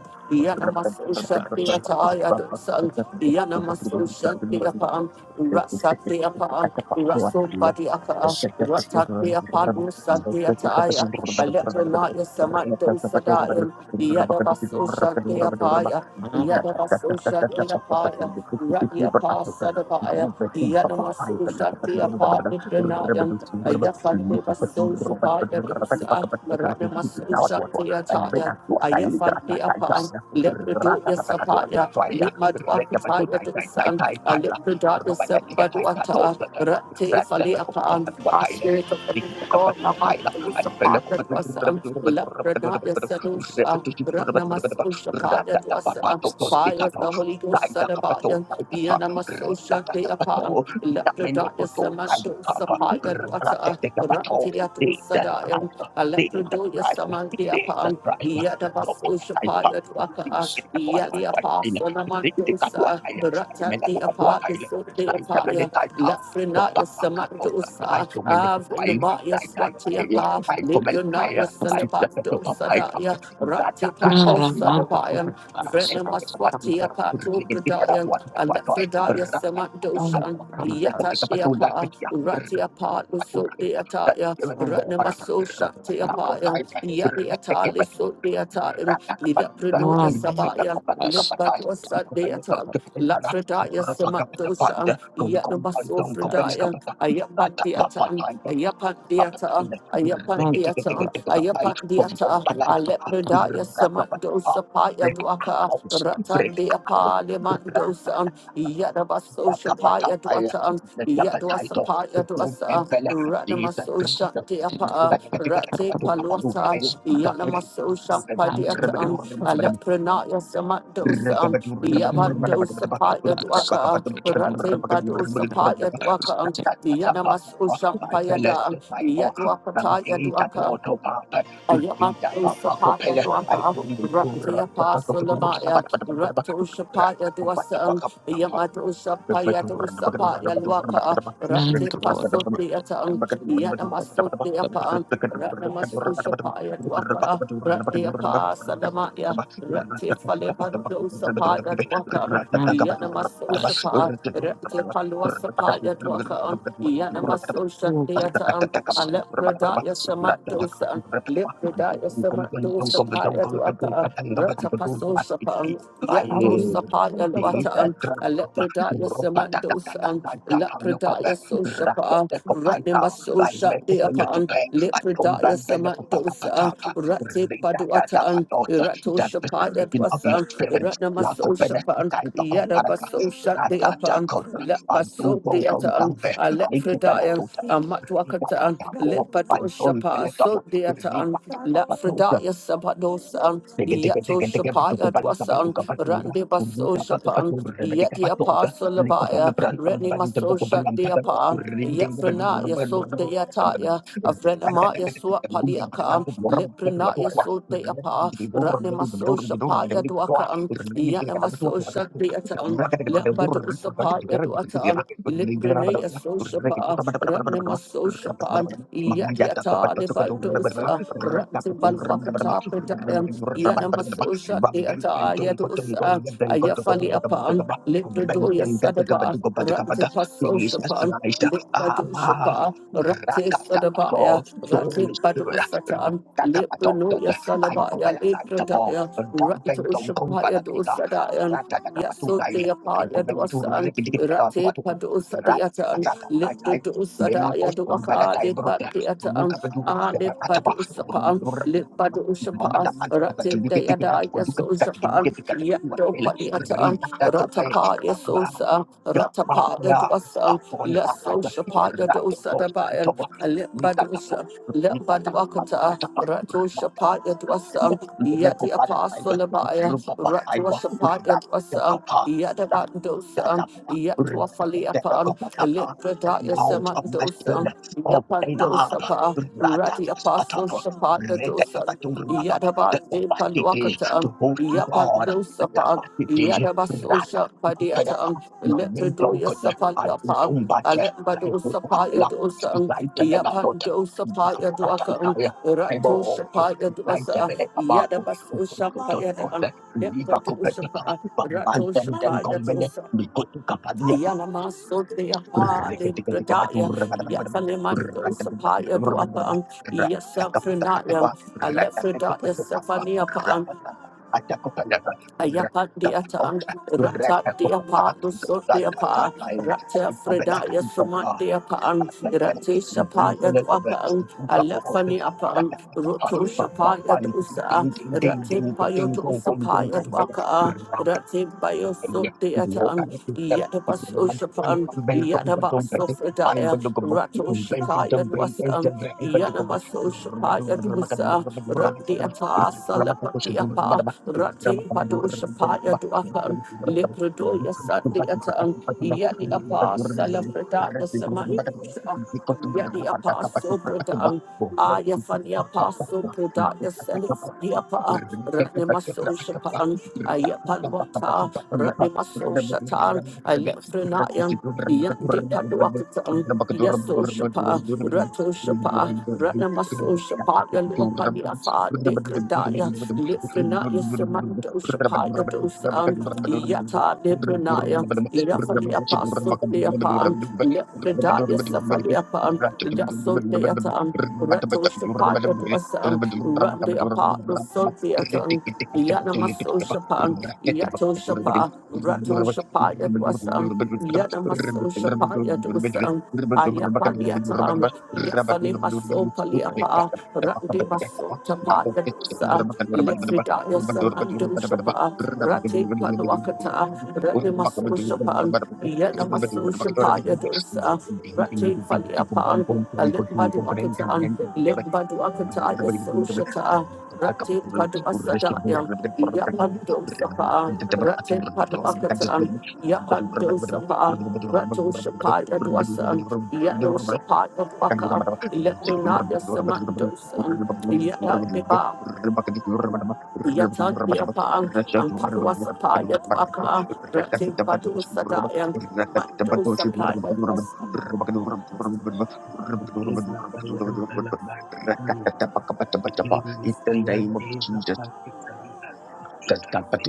S8: Thank
S2: Yanamaso Shaktiataya dosa, Yanamaso Shaktiapan, Rasatiapan, Raso Badiaka, Ratatiapan Sadiataya, Alepranaya Samando Sadayan, Yadabaso Shaktiapaya, Yadabaso Shaktiapaya. Radia Pasadabaya, Yanamasu Shakti Apartmanayan, Ayafandeva Sosupaya Dosa, Ranamasu Shakti Ataya, Ayafandi
S8: you.
S2: Apan, Lepredoya Sapaya,
S8: Ratatatakatuatuatuaia.
S2: Limadwakutaya Dosa,
S8: Rekepatutaitaitaitaipaila.
S2: Alepredaya Sembaduata,
S8: Rabayatiataikatopaka.
S2: Rate Fali Apan,
S8: Ratatakupatukatuataila.
S2: Aspirit of the Living God,
S8: Dikatakapatukataila.
S2: Amasu Sapaya Dosa, Leprenaya
S8: Anipelekupatukurabatukurabatukurabatukurabatu.
S2: Sadusha,
S8: Usirepetusikurabatukurabatu.
S2: Ratnamasu Shapaya Dosa, Fire of
S8: Ratatapapatototikapo.
S2: the Holy Ghost, Sadabaya,
S8: Taitakapatotaitapa.
S2: Yanamasosha de
S8: Ritatatapato.
S2: upon Leprodaya Samanto
S8: Itamenepototaitapa.
S2: Sapaya Dwata
S8: Ratatatapato.
S2: Rantia to
S8: Jesus
S2: Sadayam,
S8: Christ.
S2: a
S8: Jesus
S2: Leprodoya
S8: Christ.
S2: Samandia
S8: Jesus
S2: upon Yadabasosha
S8: Christ.
S2: Paya Dwaka, Yadi Apasanamantosa, Rata de Apaya So de Apaya, Lefrenaya Samantosa, Avrinabaya Swatiapa, Lepronaya Salabanto Sadaya, Rati Pando
S8: Thank
S2: Sadabaya. Brenna Maswati Apato Bradaya, Alephradaya Samandoshan, Yata Deapa, Rati Apatu Sotiataya, Ratna Maso Shanti Apaya, Yani Atali Sotiataya, Lida Pranoya Sabaya, Limbadwa Sandeata, Lafradaya Samandoshan, Yatna Maso Fradaya, Ayapat diata, Ayapat diata, Ayapat diata, Ayapat diata, Alepredaya Samandosa Paya Duaka,
S8: Break
S2: Ratan
S8: out,
S2: diapa,
S8: break out,
S2: Limandosa, Yadabasosha Paya
S8: Bakapatapaya,
S2: Duata,
S8: the Tapataito,
S2: Yadwasapa
S8: Kutum
S2: Yadwasa
S8: Empele, Jesus
S2: Ranamaso
S8: Christ,
S2: Shantiapa Rate Palwata Yanamaso Shampadiatam Alepranaya Samandosam Yabandosapa Yadwaka Rate Badosapa Yadwaka Yanamaso
S8: I pellet
S2: Shampayada
S8: the Bible,
S2: Yadwakata
S8: Santita, the
S2: Yadwaka
S8: Autopapa, Rita, Papa
S2: Ayamatosapaya
S8: Copella, I
S2: Dwaka,
S8: told him to run
S2: Ratia
S8: the
S2: Pasulabaya, Ratoshapaya Dwasan,
S8: Pacapapa. Thank
S2: Yamatoshapaya Dosapaya Lwaka,
S7: Nine
S2: Rati
S7: to God.
S2: Pasupiatan, Yanamasupiapan, Ratnamasoshapaya Dwaka, Ratia Pasalamaya, Ratia Falepadosapaya Dwaka,
S7: Ambas,
S2: Yanamasoshapa, Ratia Palwasapaya Dwaka,
S7: ambas,
S8: you.
S7: lugar,
S2: Yanamasoshapaya
S8: Jesus
S2: Dwaka,
S8: Christ,
S7: basa,
S2: Alepradaya
S7: basa,
S2: Samatosan.
S7: basa,
S2: Lipidaya Samando
S7: basa,
S2: Sapaya Duaka, Ratapaso Sapang, Yando
S7: Ari, basa,
S2: Sapaya
S7: basa,
S2: Watang, Lepidaya Samando Sang, Lepidaya Soshapa, Ratnimaso Shakti upon, Lipidaya Samando Sa, Rati Paduatan, Rato
S8: That
S2: Shapaya
S8: visitation of your
S2: Dwasa,
S8: spirit, la
S2: Ratnamaso
S8: copena,
S2: Shapan,
S8: tanto comparata,
S2: Yadabaso
S8: da
S2: Shakti
S8: da da,
S2: upon,
S8: con, a tu
S2: Lepaso
S8: bon con
S2: Deatan,
S8: tambe,
S2: Alepidaya,
S8: Rita
S2: Amatwakatan, Yato Shapa, so deatan, Lafredaya Sabadosan, Yato Shapa, Yatwasan, Randi Baso Shapan, Yeti Apostle Abaya, Reni Maso Shantiapan, Yafrenaya so deataya, Afrenamaya Swat Paliakan, Liprenaya so deapa, Rani Maso Shapa Yadwakan, Yanamaso Shantiatan, Lambadu Sapa Yadwatan, Liprenaya so Shapa, so Shapan, Yadiata, Levandosa, Rantiban Wakata, Predayam, Yanamasosha, Deata, Yadosa, Ayafali upon, Libradoya Sadaba, Rantipaso
S8: Jesus
S2: Shapan,
S8: Christ,
S2: Librado
S8: Ama,
S2: Shapa, Rati Sadabaya,
S8: Rakatapato,
S2: Rati
S8: Holy
S2: Badu
S8: Spirit,
S2: Satan,
S8: Rakatapato,
S2: Libranoya
S8: ay
S2: Salabaya,
S8: kubalakantamo,
S2: Libradaya, Ranto
S8: Dampentong
S2: Shapaya
S8: Comparativa,
S2: Dosadayan.
S8: Ratatapatutai,
S2: Yasudia
S8: ay kubalentu
S2: Payaduasan, Rati
S8: repidikatatuatu,
S2: Padusa Diatan,
S8: Ratatatatai,
S2: Lipudusa
S8: Memacos
S2: Diaduaka,
S8: Comparatai
S2: Lipat
S8: Thank
S2: Diatan, Ali Padusapan, Lipadusapa, Rati Diada Yasusapan, Yado Padiatan, Ratapa
S8: you.
S2: Yasusa,
S8: Your fire
S2: Ratapa Yaduasan,
S8: upon us.
S2: Yasosapa Yadu.
S8: Radical
S2: Usadabayan,
S8: Saitama.
S2: Limbadusa,
S8: Nitatapa.
S2: Limbaduakata,
S8: Nitatapa.
S2: Ratu
S8: Nitatapa.
S2: Shapaya Dwasa, Yet was um, yet the
S8: Lekopalaiba.
S2: Apostle Abaya, Ratu
S8: Rupapalaiba.
S2: Shapaya Dwasa,
S8: Radikapa.
S2: Yet the Bandosa,
S8: Dadapa.
S2: Yet Wafali upon
S8: Radikapa.
S2: Limbadaya
S8: Out of my spirit,
S2: Samandosa.
S8: of Anab,
S2: Yapandosapa, Radi Apostle
S8: Radakasatapa,
S2: Shapata Dosan,
S8: Redekabaturapa, the
S2: Yadabate
S8: capacity
S2: Pandwakatan,
S8: to host God, the
S2: Yapandosapa,
S8: capacity,
S2: Yadabasosha
S8: Rada.
S2: Padiatan,
S8: Naminton
S2: Lepredoya
S8: kone
S2: Sapalapam,
S8: adutum bate
S2: Alembado
S8: kaitu
S2: Sapaya
S8: apela
S2: Dosan,
S8: zaite bela tota
S2: Yapando Sapaya
S8: kata
S2: Dwakan,
S8: ikaya ebo
S2: Rato
S8: to
S2: Shapaya
S8: zaite
S2: Dwasa,
S8: bele tabako to
S2: Yadabasosha
S8: to to to
S2: Payadan.
S8: liba kupete pa
S2: Rato Shapaya Yanamaso de Apa, Limbradaya, Yafalimando Sapaya do Apa, Yasafrinaya, Alephridaya Sephania Ayapa deatan, Rata deapa, Lusso deapa, Rata fredaya sumat deapaan, Rate shapaya duapaan, Alefani apaan, Roto shapaya dusa,
S8: Ding ding ding ding ding ding
S2: Rate
S8: ding
S2: payo
S8: ding
S2: dusapaya
S8: ding
S2: duaka,
S8: ding
S2: Rate payo
S8: Terima
S2: so deatan, Yatabaso shapaan, Yatabaso fredaya, Rato shakaya duasan, Yanamaso shapaya dusa, Rate ata, Salapati apa, Rati Padosha Paya Duakan, Lepredoya Satiatan, Yadi Apasala Pradaya Samanusha, Yadi Apaso Pradan, Aya Fani Apaso Pradaya Selifadiapa, Ranemaso Shapan,
S8: kasih. Thank
S2: Ayapalwata, Ranemaso Shatan, Alefrenayan. Yandi Paduakatan, Yaso Shapa, Rato Shapa, Ranamaso Shapa, Yaluapani Afa, Dekradaya, Lipranaya Samantosha Paya Dosan, Yata Lipranaya, Yafaliapa Sundayapa, Lipradaya Safaliapa, Yasundayatan, Ratosha Paya Dosan, Randy Apart
S8: Orang
S2: Sundayaton. Yanamaso Shapan, Yato Shapa, Rato Shapa Yadwasan, Yanamaso Shapa Yadosan, Ayapaliatan, Yafale Maso Paliapa, Rande Maso Tapa Yadosa, Lefridaya Samando Shapa, Rate Paluakata, Rane Maso Shapan, Yanamaso Shapa Yadosa, Rate Faliapan, Limbadu Akatan, Limbadu
S8: Thank
S2: Akata Yaso Shata. Rati Padu Asadayam, Yapando Sapa, Rati Padu Akatan, Yapando Sapa, Rato Shapaya Dwasan, Yellow
S8: you.
S2: Shapaya
S8: In the
S2: Dwaka,
S8: name
S2: Leprinaya
S8: of
S2: Samandosan, Yatadiba, Yatadiapang, and Padua Sapaya Dwaka, Rati Padu Sadayam, Mando Sapaya Dwasan,
S10: de la payanta la pacutanda, de la
S8: Jesus.
S10: payante la pacutanda, y cante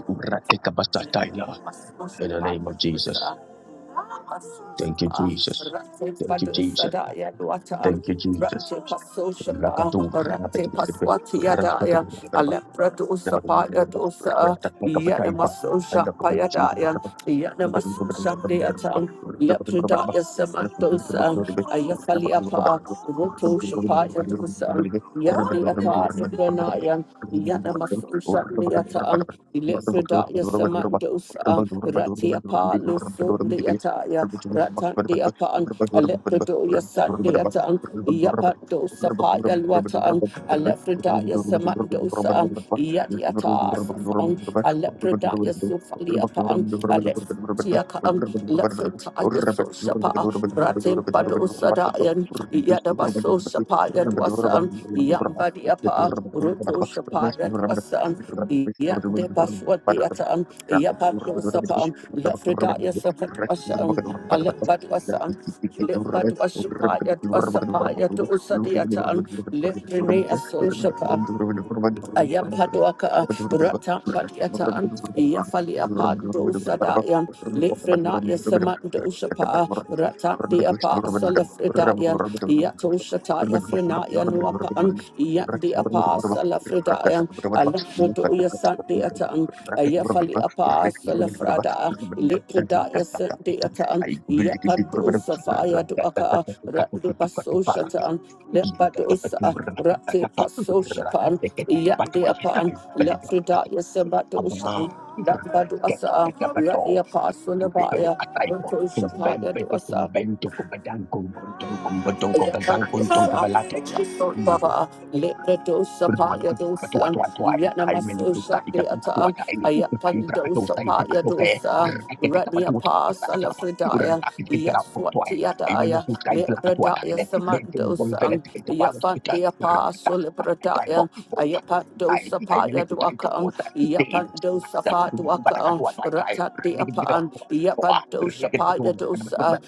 S8: In
S2: Masmashan
S8: the name of Jesus.
S2: Paya
S8: Thank you, Jesus. Thank you, Jesus.
S10: la
S8: Thank you, Jesus.
S2: Rate Pasosha,
S8: Rakatu, rapid,
S2: Rate
S8: rapid,
S2: Paswatiadaya,
S8: rapid,
S10: pinte
S2: Alepra dosa Paya dosa, Yanamasosha Payadaya, Yanamasosha Deatan, Lepredaya Samatosa, Ayafalia Pa, Roto Shapaya Dosa, Yati apart the pranayam, Yana Masusha Deata, Elefredaya Samandosa, Rati apart Lusut Deataya, Ratan Deapan, Alepredoya Sat Deatan, Yapandosa Paya Luatan, Alefredaya Samandosa,
S8: Thank Thank
S2: Yatiatas, Alepredaya Sufaliapan, Tiakam, Lafetaya Soshapa, Ratim Bado Sadayan, Yadabaso Shapa Yadwasan,
S10: la
S2: Yambadiapa, Ruto Shapa Yadwasan, Yandebaswadiatan, Yapado Sapam,
S10: chante,
S2: Lafredaya Sapatwasan, Alebadwasan. Lip but was Shapaya to Sapaya to Usadiatan, Lip Rene Asosha
S10: y pinte
S2: ayam
S8: you.
S10: la
S2: paduaka
S8: Thank
S2: rata patiata ya falia pando
S10: chante,
S2: sadaya lefrena ya samando shapa rata de apa salafredaya ya toshata ya frena ya nuapan ya de apa salafredaya alafredo ya sande atan ya falia apa salafrada lefreda ya sande atan ya pando safaya duaka rata baso
S8: you.
S2: shata
S8: Kumbento,
S2: Lebados, Rati Paso Shapan, Yandi upon Lafrida Yasabados, Labadosa, Rati Apostle Abaya, Roto Shapaya Dosa,
S8: kumbento, kumbadang, kumbentong,
S2: Yes,
S8: kumbadong, kumbadang, kumbentong, kubalate. Thank Ay, ay, nene, kucai kamu,
S2: Duakam,
S8: di
S2: Yapando
S8: dan
S2: Safa
S8: bata
S2: Duakam,
S8: kadua tai tai,
S2: Ratat de
S8: ringin kita
S2: Apan,
S8: doa,
S2: Yapando
S8: ringin kutu,
S2: Shapaya Dosa,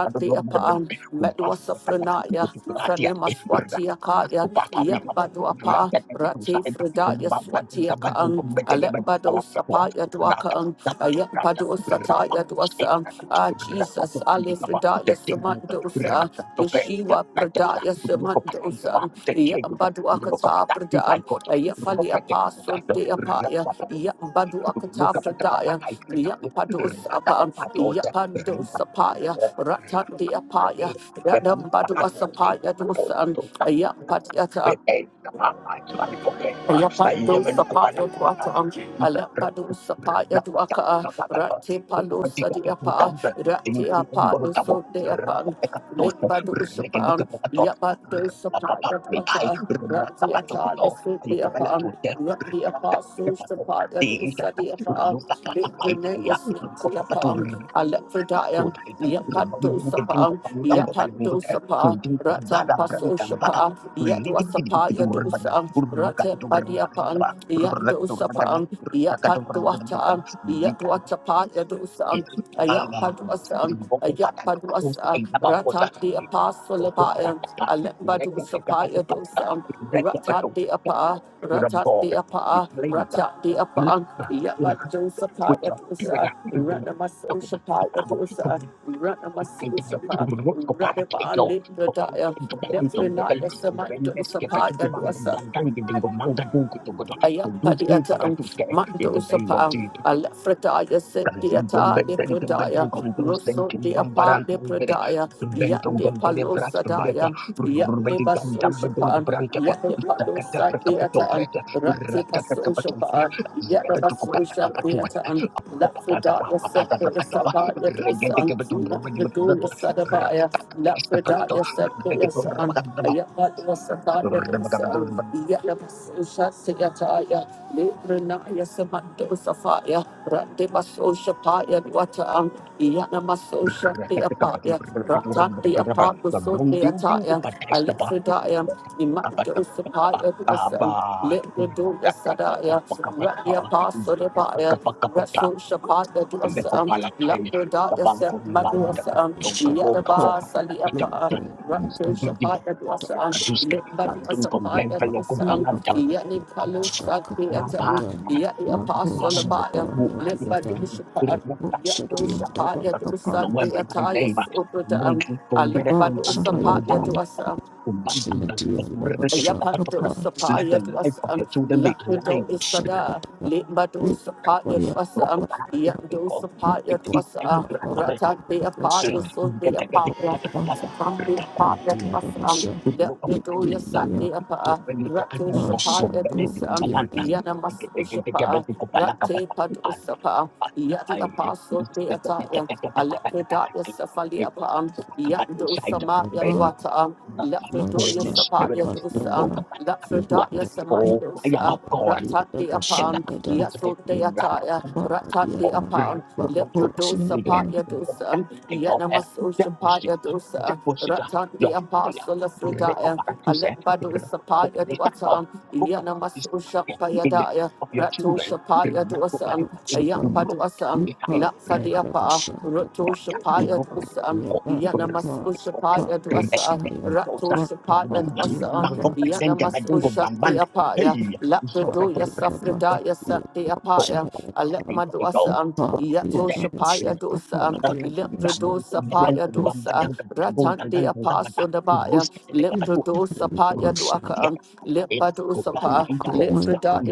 S8: kadu
S2: de
S8: dua, betul
S2: Apan,
S8: betul kumpas,
S2: Medwasafranaya,
S8: kutu hati ada, eh, berda, aku
S2: Franemaswatiakaya,
S8: papa ni kamu,
S2: Yabaduapa,
S8: rakyat yang itu
S2: Rati
S8: saya mati
S2: Fredaya
S8: membangun kembali
S2: Swatiakam,
S8: untuk menjadi batu
S2: Alembado
S8: kepala kedua,
S2: Sapaya
S8: berapa,
S2: Duakam,
S8: dapat berapa,
S2: Ayapado
S8: berapa,
S2: Sataya Dwasang,
S8: berapa,
S2: Ah Jesus.
S8: berapa tu
S2: Jesus,
S8: tinggi
S2: Ali
S8: kamu,
S2: Fridaya
S8: dan tinggi itu,
S2: Samandosa,
S8: berapa topeng, dan
S2: Yeshua
S8: lecet dah,
S2: Pradaya
S8: menunggu patah itu,
S2: Samandosa,
S8: bah, dan kiri itu, menunggu
S2: Yambaduakata
S8: patah di
S2: Pradan,
S8: pakai
S2: Yafali Apostle de Apaya, Yambaduakata Pradaya, Yampados Apam, Yapandos Apaya, Ratan de Apaya, Yadambaduasapaya Dosan, Yampatiata.
S8: Thank you.
S2: Yapando sapaya duata, Alepado sapaya duaka, Rate palo sadiapa, Rate apalo so deapan, Limbado sapan, Yapando sapaya duata, Rate atali so deapan, Rate apaso sapaya dusa deapa, Lipene ositiapan, Alephridian,
S8: Tuotaiza
S2: Yapando sapan, Yapando sapa, Ratam paso shapa, Yadua sapaya dusa. Rate Padiapan, Yandosapan, Yapatuatan, Yatuatapan, Yadusan, Ayapaduasan, Ayapaduasa, Ratan the Apostle Abayan, Alembadusapan, Yadusan, Ratan the Apa, Ratan the Apa, Ratan the Apa, Yapadusapan, Yadusa, Ranamasosapan, Yadusa,
S8: Rum, in
S2: Ranamasosapan, Radapan, Lindadaya, Let's not let somebody do us apart and Ayapadiata um, Mando
S8: the name of
S2: Sapa,
S8: Jesus.
S2: Alefretaya Setiata, Lepredaya, Rosso de Apa, Lepredaya, de Palosa Daya, Yande Baso Shapa, Yande Palosa Deata, Rati Paso Shapa, Yet the vessel shall be at an let the
S8: Abba,
S2: darkness set to the Sapa, let the sun, let the door your Sadabaya, let the darkness set to the sun, yet that was a thought of the sun, yet the vessel shall see a tire, Libranaya Samando Safaya, Randimaso Shapaya, water, on Yanamaso Shakti Apaya, Ratati Apapa, so the Alephidaya, Imando Basam, Litbudu Sadaya, Ratia Pasodabaya, Rasul Shapata
S8: the
S2: Dosam,
S8: Kopala time, the
S2: Lapradaya Set
S8: Banco Mbai, the
S2: Maduasam,
S8: Kaputo, Kabo,
S9: Vashandada.
S8: Kabo,
S2: Yadaba
S8: Kabo,
S9: Shut
S8: Kapata,
S2: Saliapa.
S8: Kata,
S2: Ratu
S8: Stibidi,
S2: Shapaya Dwasam,
S8: Kaduska,
S2: Litbadu
S8: Kandun,
S2: Asapaya
S8: Convenvela,
S2: Dwasam,
S8: Kompalanta,
S2: Yeti Palu Sadiatam,
S8: Baba,
S2: Yeti Apostle Abaya, Litbadu Shapaya, Yatu Shapaya Dwasam,
S8: Lo every my
S2: Ataya
S8: name,
S2: Supradam,
S8: Ubuntu, Convera,
S2: Alabadu
S8: Ubuntu,
S2: Sapaya
S8: Converato,
S2: Dwasam,
S8: Bandam, the Urreke,
S2: Yapato
S8: Tapatopra. Let the
S2: Sapaya to
S8: life
S2: us,
S8: of
S2: um,
S8: your children be alive.
S2: Lapido Yasada, Limbado Sapaya to us, um, Yando Sapaya to us, uh, Ratan de
S8: Holy
S2: Apado, Sun de
S8: Spirit,
S2: Apaya, Tam de Apaya to us, um, Lapido Yasa de Apa, Rato Sapaya to us, um, Yanamas Ushapa, Rate Pado Sapa, Yadi Apostle de Ataya, Alapida Yasafali Apa, um, Yando Samaya Luata. um, Lepredoya
S9: Lansha
S2: Sapaya Dosan,
S9: Lakandada
S2: Lepredaya
S9: Niko
S8: oh, fire
S2: Samandosa,
S8: of
S9: Yakada
S2: Ratat
S9: Diada
S2: de Apan,
S9: Bashandada
S2: Yaso de Ataya,
S8: God,
S9: Nipa
S2: Ratat de
S9: Diada
S2: Apan,
S9: Bako
S2: Lepredosa
S9: Shihada
S2: Paya Dosan, Yanamasosha
S8: Deposit,
S2: Paya Dosa,
S8: deposit
S2: Ratat de
S8: your fire.
S2: Apostle of Fredaya,
S8: Recoparatuse,
S2: Alepadosa Paya
S8: recoparatata,
S2: Dwatan,
S8: roca,
S2: Yanamasosha
S8: disappear in the
S2: Payadaya,
S8: of your
S2: Ratosha
S8: children.
S2: Paya Dosan,
S9: Shaba
S2: Ayampadosan,
S9: Nipa Diada
S2: Lapsadiapa,
S9: Bashandada
S2: Rotosha Paya
S9: Niko
S2: Dosan,
S9: Diada Baka
S2: Yanamasusha Paya
S9: Bako
S2: Dwasa,
S9: Shihaya
S2: Rato
S9: Baka
S2: Shapaya
S9: Diada
S2: Dwasa,
S9: Bako
S2: Yanamaso Shanti Apaya,
S8: Hey,
S2: Lapradoya
S9: Diada Baka Shihaya Baka Diada Bashandada Baka Diada Bashandada Bako
S2: Safridaya Santi Apaya, Alepma Dwasa, Yato
S8: it's
S2: Shapaya Dosa,
S8: it's
S9: Diada
S8: a
S2: Leprado
S8: matter
S2: Sapaya Dosa, Ratandi Apaso Nabaya, Leprado Sapaya
S9: Bashandada
S2: Dwaka, Lepado Sapa,
S9: Niko
S2: Lepridaya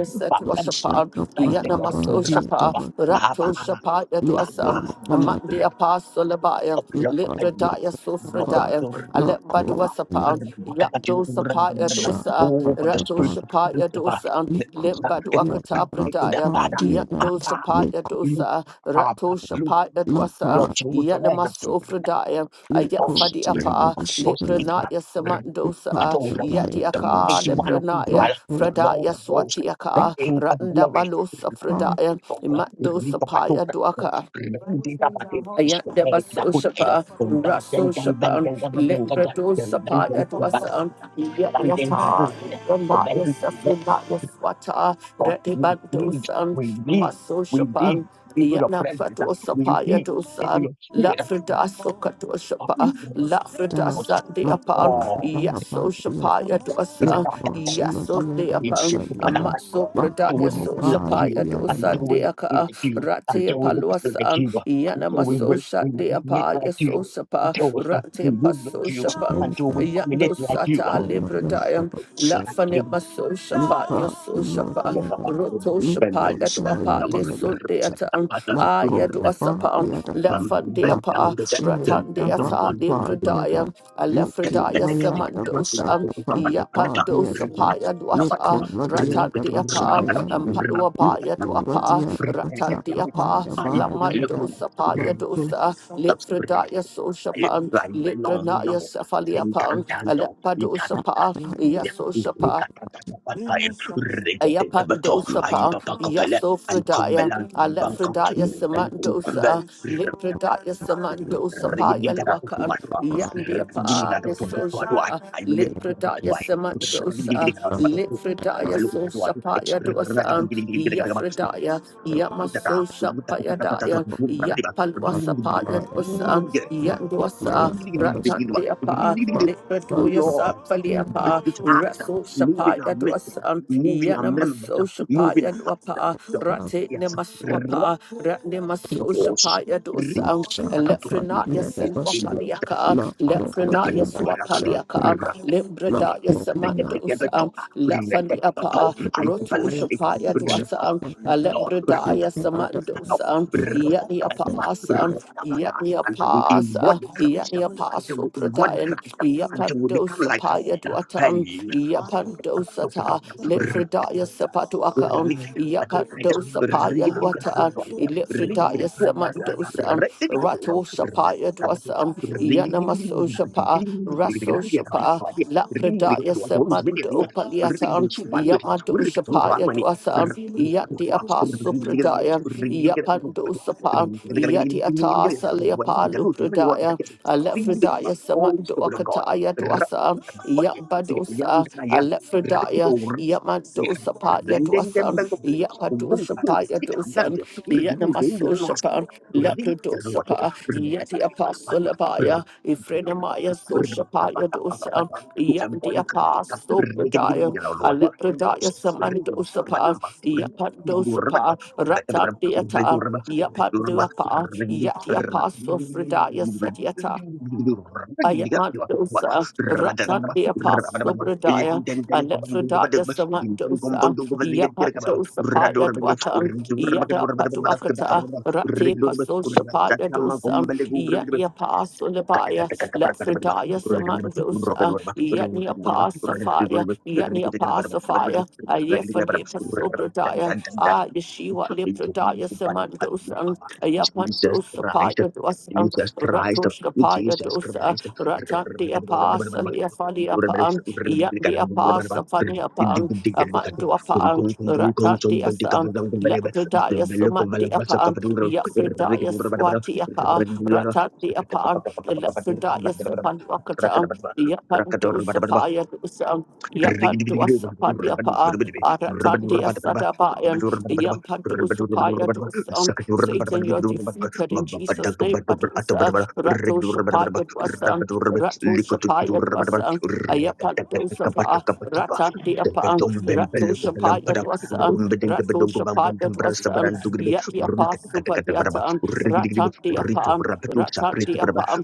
S9: Shut
S2: Setwashapa,
S9: up on the
S2: Yanamaso
S9: body
S2: Shapa,
S9: of a shot.
S2: Rato Shapaya
S9: Lick
S2: Dwasa,
S9: on the body,
S2: Mandi Apaso Labaya.
S9: lick on the
S2: Libradaya
S9: other part.
S2: Sufradaya,
S9: Not cool, lick
S2: Alembadwasapa, Yakdosapaya
S9: shut up
S2: dosa,
S9: on the body,
S2: Ratoshapaya dosa,
S9: lick on the other
S2: Limbadwakata
S9: part, a
S2: Bradaya,
S9: body of lick
S2: Yakdosapaya dosa,
S9: up.
S2: Ratoshapaya
S9: My
S2: dwasa,
S9: part,
S8: of life and death
S2: Yanamasufradaya,
S9: lick on
S8: those
S9: the
S8: bring
S9: other
S2: Ayakfadiapa,
S9: but she
S8: those eight of us,
S2: Libranaya
S8: bring up
S2: Samandosa,
S9: the body
S8: the
S9: of
S2: Yadiaka,
S8: mighty
S9: shot.
S8: one of
S9: Not
S2: Libranaya,
S8: Israel,
S9: cool,
S8: the Lord
S2: Fradaya
S8: of hosts, the
S9: my
S2: Swatiaka,
S8: King of glory.
S2: Randabalosa
S8: Bring
S9: part,
S2: Fradaya,
S8: up those, bring up those,
S2: Matdosapaya dwaka.
S8: bring up these of us. It's the
S2: Ayandaba
S8: day that I could tell.
S2: Soshapa,
S8: Bring back, bring
S2: Raso
S8: back, bring
S2: Shapan,
S8: back, bring back, bring back, bring back,
S2: Lembrato
S8: bring back,
S2: Sapa, that
S8: bring
S2: was
S8: back,
S2: an Yata,
S8: bring back, bring back. Oh, bring
S2: Ramaya
S8: back, bring back.
S2: Safrinaya Swata,
S8: Oh, we
S2: Redibanto
S8: need,
S2: San,
S8: we need,
S2: Maso
S8: we
S2: Shapan,
S8: need into your
S2: Yana
S8: presence.
S2: Fato
S8: We
S2: Sapaya
S8: need
S2: to
S8: into
S2: San.
S8: your
S2: La
S8: spirit.
S2: frida sokato shapa, la frida
S9: die.
S2: sande
S9: My
S2: upon,
S8: Oh,
S9: the
S2: yaso
S9: body of a
S2: shapaya
S9: Look,
S2: dosa,
S8: Until
S9: she might
S2: yaso
S9: be
S2: de
S8: we
S2: upon,
S9: shot.
S8: look
S2: a matso
S9: My
S2: prada
S9: call
S2: yaso
S8: like
S9: by
S8: you,
S2: shapaya
S9: the other
S2: dosa
S8: until we
S2: de
S8: look
S2: aka,
S8: like you,
S2: rate
S8: until we look like
S2: paluasan,
S8: you,
S2: yana
S8: until we
S2: maso
S8: will
S2: shat
S8: we
S2: de
S8: will be
S2: apa,
S8: like
S2: yaso
S8: you,
S2: shapa,
S8: until we
S2: rate
S8: doing move
S2: paso
S8: like you,
S2: shapan,
S8: until
S9: Shanta
S8: doing it
S2: yando
S8: like you.
S2: sata
S9: Omaya
S2: libradayam, la
S9: Shanta
S2: fane maso shapa,
S9: Nipa
S2: yaso
S9: Imo
S2: shapa,
S9: Diada
S2: roto shapa
S9: Niko
S2: apa
S9: Shaya
S2: le
S9: Diada
S2: sunde ata
S9: Shanta
S2: an a
S9: Mako
S2: ya du asapa
S9: Maba
S2: an
S9: Diada
S2: la fan de apa
S9: Mako Shaya
S2: ratan de
S9: Dava
S2: ata de
S9: Pa
S2: pradaya
S9: Diada
S2: a la
S8: I
S9: Niki
S2: fradaya
S9: Maya Dava
S2: samandosa an
S9: Shanta
S2: ya
S9: Panda Pa
S2: pandosa
S9: Diada
S2: pa ya du ata
S9: Niko
S2: ratan
S9: Madia
S2: de
S9: Dava
S2: apa an
S9: Shahayanda
S2: palwa ba
S9: Niki
S2: ya du apa
S9: Madia Dava
S2: ratan de
S9: Shaka
S2: apa
S9: Panda
S2: la
S9: Ba Diada
S2: mandosa pa ya
S9: Mako
S2: dosa le fradaya so shapan le pranaya safalia pan a la padosa pa ya so shapa
S9: Niko
S2: Ayapandosapa,
S8: come
S2: Yasofredaya,
S8: belong to Bangkok
S2: Alepredaya
S8: chicken, then come
S2: Samandosa, Lipredaya Samandosapa, Yalwaka, Yandiapa, Lisosapa, Lipredaya
S9: Niko
S2: Samandosa, Lipredaya Sosapa, Yadosa, Yafredaya, Yamasosha Payadaya,
S9: Thank
S2: Yapalwasapa, Yadosa, Yandosa, Ratandiapa, Lipredoya
S8: Lord,
S2: Sapaliapa,
S8: visit us,
S2: Raso Shapa.
S8: moving
S2: Paya
S8: our mission,
S2: Dwasam,
S8: moving our
S2: Yana
S8: members,
S2: Masosha
S8: moving
S2: Paya
S8: our hearts.
S2: Dwapa,
S8: Lord.
S2: Rate
S8: Yes.
S2: Nemaswapa, Ratne Masosha
S8: Rapatos.
S2: Paya Dwasam,
S8: Rikatakato.
S2: Lefrenaya Selwapaliaka,
S8: Until
S2: Lefrenaya Swapaliaka, Limbredaya Samandosam, Lefaniapa, Roto Shapaya Dwasam, Alembredaya Samandosam, Yatni Apasam, Yatni
S8: we
S2: Apasa,
S8: embody Christ,
S2: Yatni
S8: until
S2: Apaso
S8: we embody
S2: Pradayan,
S8: Christ, until we become like Christ.
S2: Yapandosa Fridaya Duatan,
S8: Hey,
S2: Yapando Sata,
S10: la
S2: Lit Fridaya
S10: pacutanda,
S8: Oh,
S2: Sapatuakan,
S10: pacanda, la
S2: Yapando
S10: pacutanda, la
S2: Sapaya Luatan,
S10: pacutanda, y la payata la pacutanda, y cante la chante, la pacutanda, y cante la
S2: Lit Fridaya Samandosan, Rato Shapaya Duasan, Yanamaso Shapa, Raso Shapa, La Pradaya Samando Paliatan, Yamado Shapaya Duasan, Yandi Apostle Pradaya, Yapando Sapan, Yadi Atasa Leapalu Pradaya, Alefredaya Wakataya Dwasa, Yambadosa, Alephrodaya,
S8: we are
S2: Yamadosa Paya
S8: rendering
S2: Dwasa,
S8: them back of the Mungu
S2: Yapadosa
S8: Mungu
S2: Paya
S8: kita
S2: Dosa,
S8: andante urigi mungu hivi
S2: Yanamaso
S8: na nwa swa
S2: Shapa,
S8: urigi ya
S2: Leprodosa
S8: to
S2: Pa, Yeti Apostle Abaya, Ifrenamaya Sosha Paya Dosa, Yandi
S8: embody kita
S2: Apostle
S8: urigi digi digi
S2: Pradaya,
S8: na nwa to ni
S2: Alepradaya
S8: no
S2: Samandosa Pa, Yapandosa Pa, Rata Deata, Yapanduapa, Yati Apostle Fredaya Ayamandosa, Ratan the Apostle Bradaya, Alephrodaya Samandosa, Yapandosa Paya Dwakan, Yada Patuakata, Rati Pasosha Paya Dosa, Yadi Apostle
S8: Jesus
S2: Lebaya, Lephrodaya Samandosa, Yadi Apostle Fire, Yadi Apostle Fire, Ayefa Lepaso Ah Yeshua Leprodaya Samandosa, Ayapandosa
S8: Christ,
S2: Paya Dwasa,
S8: Jesus Christ,
S2: Ratoshka Paya Pasa, Ratan de Apasa, fali Apaan, Yat de Apasa, Fani Apaan,
S8: Jesus Christ.
S2: Amandu
S8: Rakata
S2: Apaan, Ratan de Asan, Lakredaya Sumat de Apaan, Yafredaya Swati Apa, Ratan de Apaan, Lakredaya Sapan Wakatan, Yapandu Sapaya
S8: Rubber,
S2: Yapando Sapadia Pa, Aratandia Sadabayan, Yampando Sapaya Dosan, Satan, you're defeated in Jesus' name, Badosa, Rato Shapaya Dosan, Rato Shapaya Dosan, Ayapando Sapa, Ratandia Pa, Rato Shapaya Dosan, Rato Shapaya Dosan, Yatia Pa
S10: pacutanda,
S2: Supadiatan,
S10: y
S2: Ratandia
S10: cante la
S2: Pa, Ratandia
S10: pacutanda,
S2: Pa,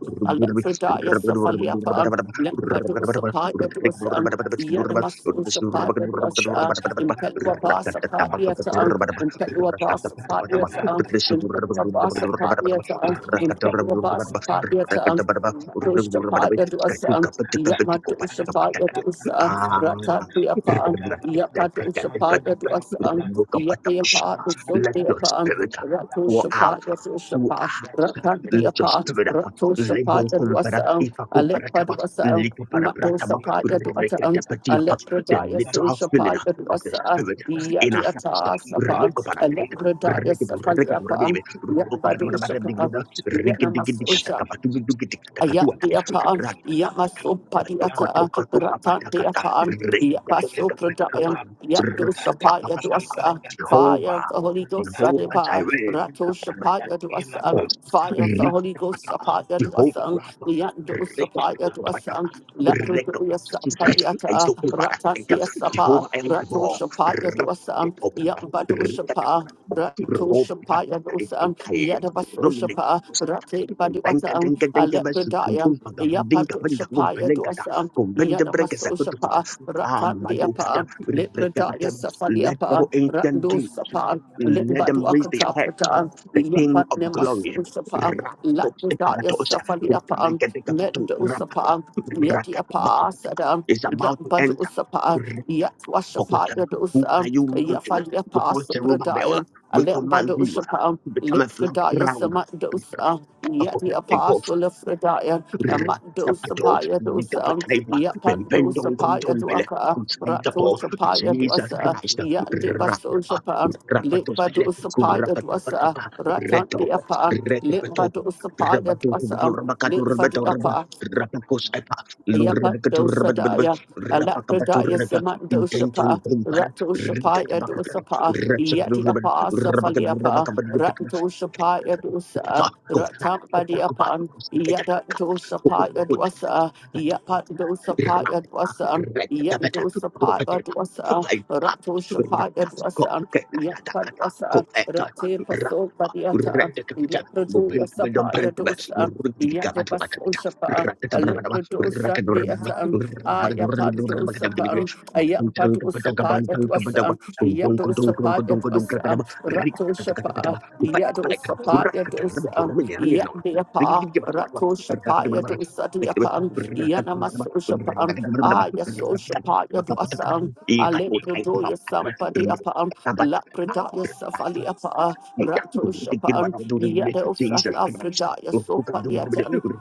S10: Shut up,
S2: Alephrodia Safalia Pa,
S8: let
S2: Lembadu Sapaya to us, a part that was um, Yanamasu Sapaya to us, uh, Impelua Bass a. Patia to um, Impelua Basa Patia to um, Impelua Basa Patia to um, Impelua Basa Patia to um, Matusha Paya to us, um, Yamatusha Paya to us, uh, Rata Piapa, Yapatu Sapaya to us, Yapa, the so de
S8: your
S2: apa,
S8: spirit
S2: Ratu
S8: pour out
S2: Shapa, Yasu
S8: through
S2: Shapa,
S8: us.
S2: Rakan de
S8: Let your
S2: apa,
S8: spirit out.
S2: Ratu Shapa,
S8: Levo confera
S2: Yaduasa, Alepa
S8: ifa
S2: Duasa,
S8: Lika para
S2: Mato
S8: pratama,
S2: Sapa,
S8: rekete
S2: Yaduata,
S8: petiapa, the
S2: Alepra Yasu
S8: literal filling
S2: Shapa,
S8: of the
S2: Yaduasa,
S8: spirit in our
S2: Yadi
S8: hearts.
S2: Atas upon
S8: Ruka para taita,
S2: Alepra
S8: rekibu rekibu
S2: Yasafaliapa,
S8: rebibi, ruka para mata
S2: Yapadu
S8: mata digruda, rikidikidi
S2: Shapa.
S8: katakapatu dukiti
S2: Ayat
S8: katakatua tai,
S2: dia paan, ia
S8: ratatapata.
S2: masuk padi ata, ratan dia
S8: Katokotokotokapata,
S2: paan, ia masuk perdayang,
S8: rekatekatekapatakapatu,
S2: ia dosa pa, ia
S8: ratapakapatapa.
S2: dosa. Fire of
S8: Jehovah,
S2: the Holy Ghost,
S8: Jehovah
S2: Sariba, Rato
S8: Jireh,
S2: Shapaya Duasam,
S8: Ghost.
S2: Fire of the Holy Ghost,
S8: Rikapata.
S2: Sapaya
S8: Jehovah
S2: Duasam,
S8: Rapha.
S2: Yando Sapaya
S8: Rekapatokopata.
S2: Duasam,
S8: Rekapata.
S2: Laprutuya
S8: Sister, I
S2: Sampadiata,
S8: took over.
S2: Rata
S8: I got
S2: Dia Sapa,
S8: Jehovah El
S2: Rato
S8: Gabor.
S2: Shapaya Duasam,
S8: Rapatetopata.
S2: Yambadu Shapa,
S8: Rikatapata.
S2: Rato
S8: Robata.
S2: Shapaya Dosan, Yadabaso
S8: Romanika.
S2: Shapa, Rate
S8: Kumbenka
S2: Baduatan,
S8: denka denka basi.
S2: Alepredayam,
S8: Kumpa gavandinka
S2: Yapato
S8: venda
S2: Shapaya
S8: kumfelenka ta.
S2: Dosan,
S8: Kumbenda breka
S2: Yadamaso
S8: sakutukuba.
S2: Shapa, Ratan
S8: Amadokata.
S2: Diapa, Lepredaya
S8: Rikapatema. Let
S2: Safadiapa,
S8: all ancient
S2: Rando
S8: dreams.
S2: Sapa,
S8: Let them raise their
S2: Limbaduakata
S8: heads
S2: Pratan,
S8: the King
S2: Yapat
S8: of Glory.
S2: Nemaso Shapa,
S8: Rapato
S2: Lapredaya
S8: separatos,
S2: Safadiapa,
S8: regedegapatu,
S2: Mendo
S8: rapato,
S2: Sapa, Yatiapa
S8: rakatamakapa,
S2: Sadam,
S8: Is about to
S2: Lambadu
S8: enter.
S2: Sapa, Yatwashapa
S8: Rakokota, Who are
S2: Yadosan,
S8: you, mountain?
S2: Yafaliapa
S8: Before Zerubbabel,
S2: Supradayam.
S8: we command
S2: Alembado
S8: you uh,
S2: Shapa,
S8: to become a flat
S2: Litfredaya
S8: ground.
S2: Samandosa, yet the apostle of Fredaya, Amandosa
S8: Kapato,
S2: Paya dosa,
S8: Nikapataiba,
S2: Yapandosa
S8: Bembendon
S2: Paya
S8: Gondombele,
S2: duaka, Rato
S8: Kuskantako,
S2: Shapaya
S8: Jesus
S2: dosa,
S8: Christ,
S2: Yandibaso
S8: Rapapa,
S2: Shapan,
S8: Rapatopele,
S2: Litbadosa Paya dosa,
S8: Kurapatapatapa,
S2: Ratan de
S8: Reto,
S2: Apan,
S8: Retapato,
S2: Litbadosa Paya
S8: Rabatu,
S2: dosa,
S8: Rabakatu, Rabato,
S2: Litfadiapa.
S8: Rabacosepa, Lurabakatu, Rabatabas,
S2: Yapadosadaya,
S8: Rabakabatu,
S2: Alapradaya
S8: Reba, Intento,
S2: Simandosapa,
S8: Umpar,
S2: Ratoshapaya
S8: Ritatabaka,
S2: dosapa,
S8: Retsablur,
S2: Yatiapa
S8: Rabakatu,
S2: Safaliapa,
S8: Rabakabatu,
S2: Ratoshapaya dosa,
S8: Go fast, go back, go
S2: Ratambadiapan,
S8: back, go Kuku,
S2: Yadatoshapaya
S8: kuku,
S2: dosa,
S8: Rata
S2: Yapatosapaya dosa. Yando Sapa Dwasa, Rato Shapa Dwasa, Yapa Dwasa, Rate Paso Padiata, Leprodo Yasapa Yadosa, Yatabaso Shapa, Leprodosa Deata,
S10: Thank you.
S2: Ayapando Sapa, Ayapado Sapa Dwasa, Yado Sapa Dwasa, Rato Shapa, Yado dosa paya dosa yet deapa rato shapaya dosa deapa yana masosha pan aya sosha paya dosa alepredo ya sampadi apa la predaya
S8: Jesus
S2: safali apa rato shapan yet dosa la predaya sopaliatan
S8: Christ.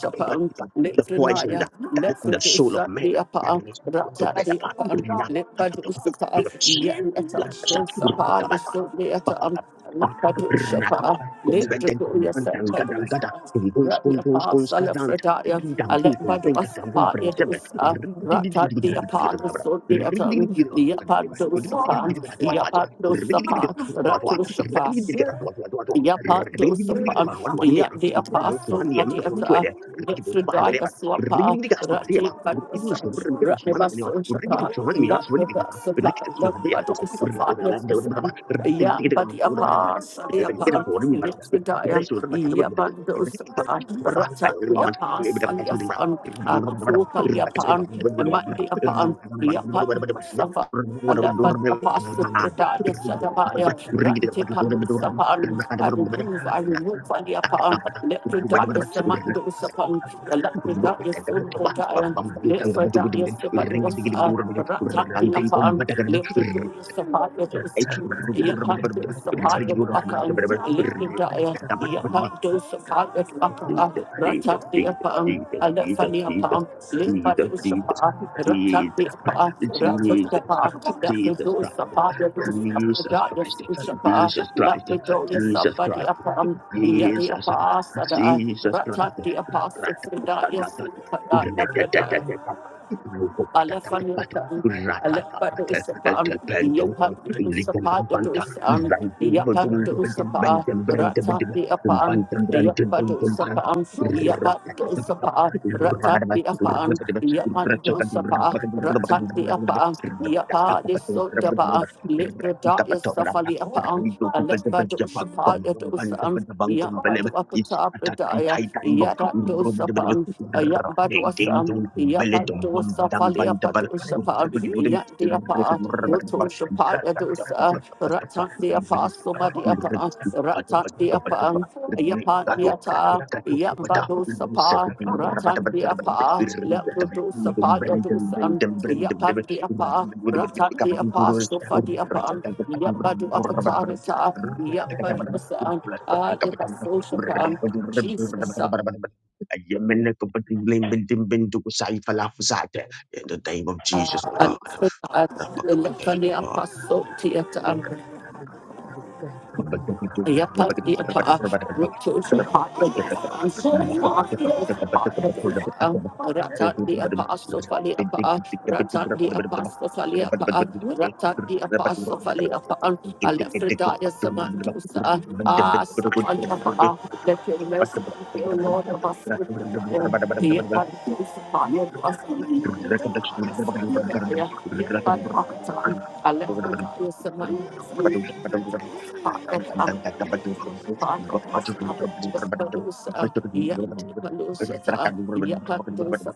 S8: But, but the poison
S2: Litrinaya,
S8: that is in the soul of
S2: Lepidusa,
S8: man
S2: the Apa,
S8: to
S2: Rata,
S8: bear
S2: the Apan, Lipadusapa, Yenata, Shosapa, the Sundayata, Makadushapa, Litrikuya, Sakadusa, Rabbi Apa, Salafredaya, Alembadu Asapa, Yadusa,
S10: Yeah, it's
S2: Rata, the Apa, the Sundayata, Yapadusapa, Yapadusapa, Ratushapa,
S8: part Terima
S2: Yapa dosapan, yat the apostle, padiata, Lifredaya swapa, Rati padosa, Ratnebaso shapa, Lapabasapa, Lapadisafa, Lipasan, Yat badiapa, Sadiapan, Lifredaya, Yabandosapa, Rata the apas, Aliafan, Akuka Liapan, and Mandi apaan, Yapan Safa, Alapan Apostle Pradaya Sadabaya, Ranti Panu Sapan,
S8: Ring
S2: I remove, I remove Ali upon let Pradaya Samando Sapan, and let Pradaya Sun Pradaya, let Pradaya Sabadosa, Ratati upon, let Pradaya Sapaya Dosan, Yapan the Yakan, Lipidaya, Yakan Dosapaya Dwakapa,
S8: Jesus, Jesus,
S2: Ratat the
S8: Jesus,
S2: Apam,
S8: Jesus, Jesus,
S2: Alephani
S8: Jesus,
S2: Apam,
S8: Jesus,
S2: Lipadusapa, Ratat
S8: Jesus,
S2: the Apa,
S8: Jesus.
S2: Ratat
S8: Jesus, Jesus Christ,
S2: Yapidosapa,
S8: Jesus
S2: Yadosapaya
S8: Christ,
S2: Sushapa,
S8: Jesus Christ,
S2: Lapidoya
S8: Jesus
S2: Sabadi
S8: Christ,
S2: Apam, Yadi
S8: Jesus,
S2: Apa Sada,
S8: Jesus Christ.
S2: Ratat the Apa, Sufridaya
S8: Ratatata,
S2: Supada,
S8: Ratatata, Rupopatata,
S2: Alefaniatan,
S8: Ratatata,
S2: Alepadusapan,
S8: Tependon,
S2: Yapadusapan,
S8: Lipompanta,
S2: Yadusan,
S8: Ranting, Bodum,
S2: Yapadusapa,
S8: Benton,
S2: Ratati upon, Yapadusapan, Yapadusapa, Ratati upon, Yapadusapa,
S10: Thank
S2: Ratati upon, Yapadisodaba, Litradaya Safali upon, Alepadusapa, Yadusan, Yapadu Apatapradaya, Yadadusapan, Paduasa, Yapadosa Falia Padushapa, Yandiapa, Ruto Shapaya Dosa, Ratan Diapa, Soma Diapa, Ratan
S8: Thank
S2: Diapa,
S8: in the
S2: Yapan Diata, Yambadosa Pa, Ratan Diapa, Leprodosa Paya Dosa, Yapan Diapa, Ratan Diapa, Sofa Diapa, Yambadu Akatarita, Yambadosa, Ah, Yapaso Shapa, Jesus.
S10: you.
S8: name of Jesus, oh God.
S2: Alexia,
S10: Saya tidak dapat
S2: Elephania Passo
S10: berkata ini
S2: Theatre,
S10: dari bukan kata-kata
S2: Yapa,
S10: itu saya
S2: yapa,
S10: dalam
S2: rotos, partners,
S10: saya tidak dapat
S2: partners,
S10: berkata
S2: partners,
S10: saya tidak
S2: ratat the
S10: dapat
S2: apostle, fali apa, ratat the apostle, fali apa, ratat the apostle, fali apa, Alephridaya Samandosa, ah, Saman apa, let your mercy be the Lord of us, Alephridaya,
S8: Thank
S2: yapa,
S8: Thank
S2: Sapaya, Alephridaya Samandosa, Badusa, Yapalusa, Yapadusa,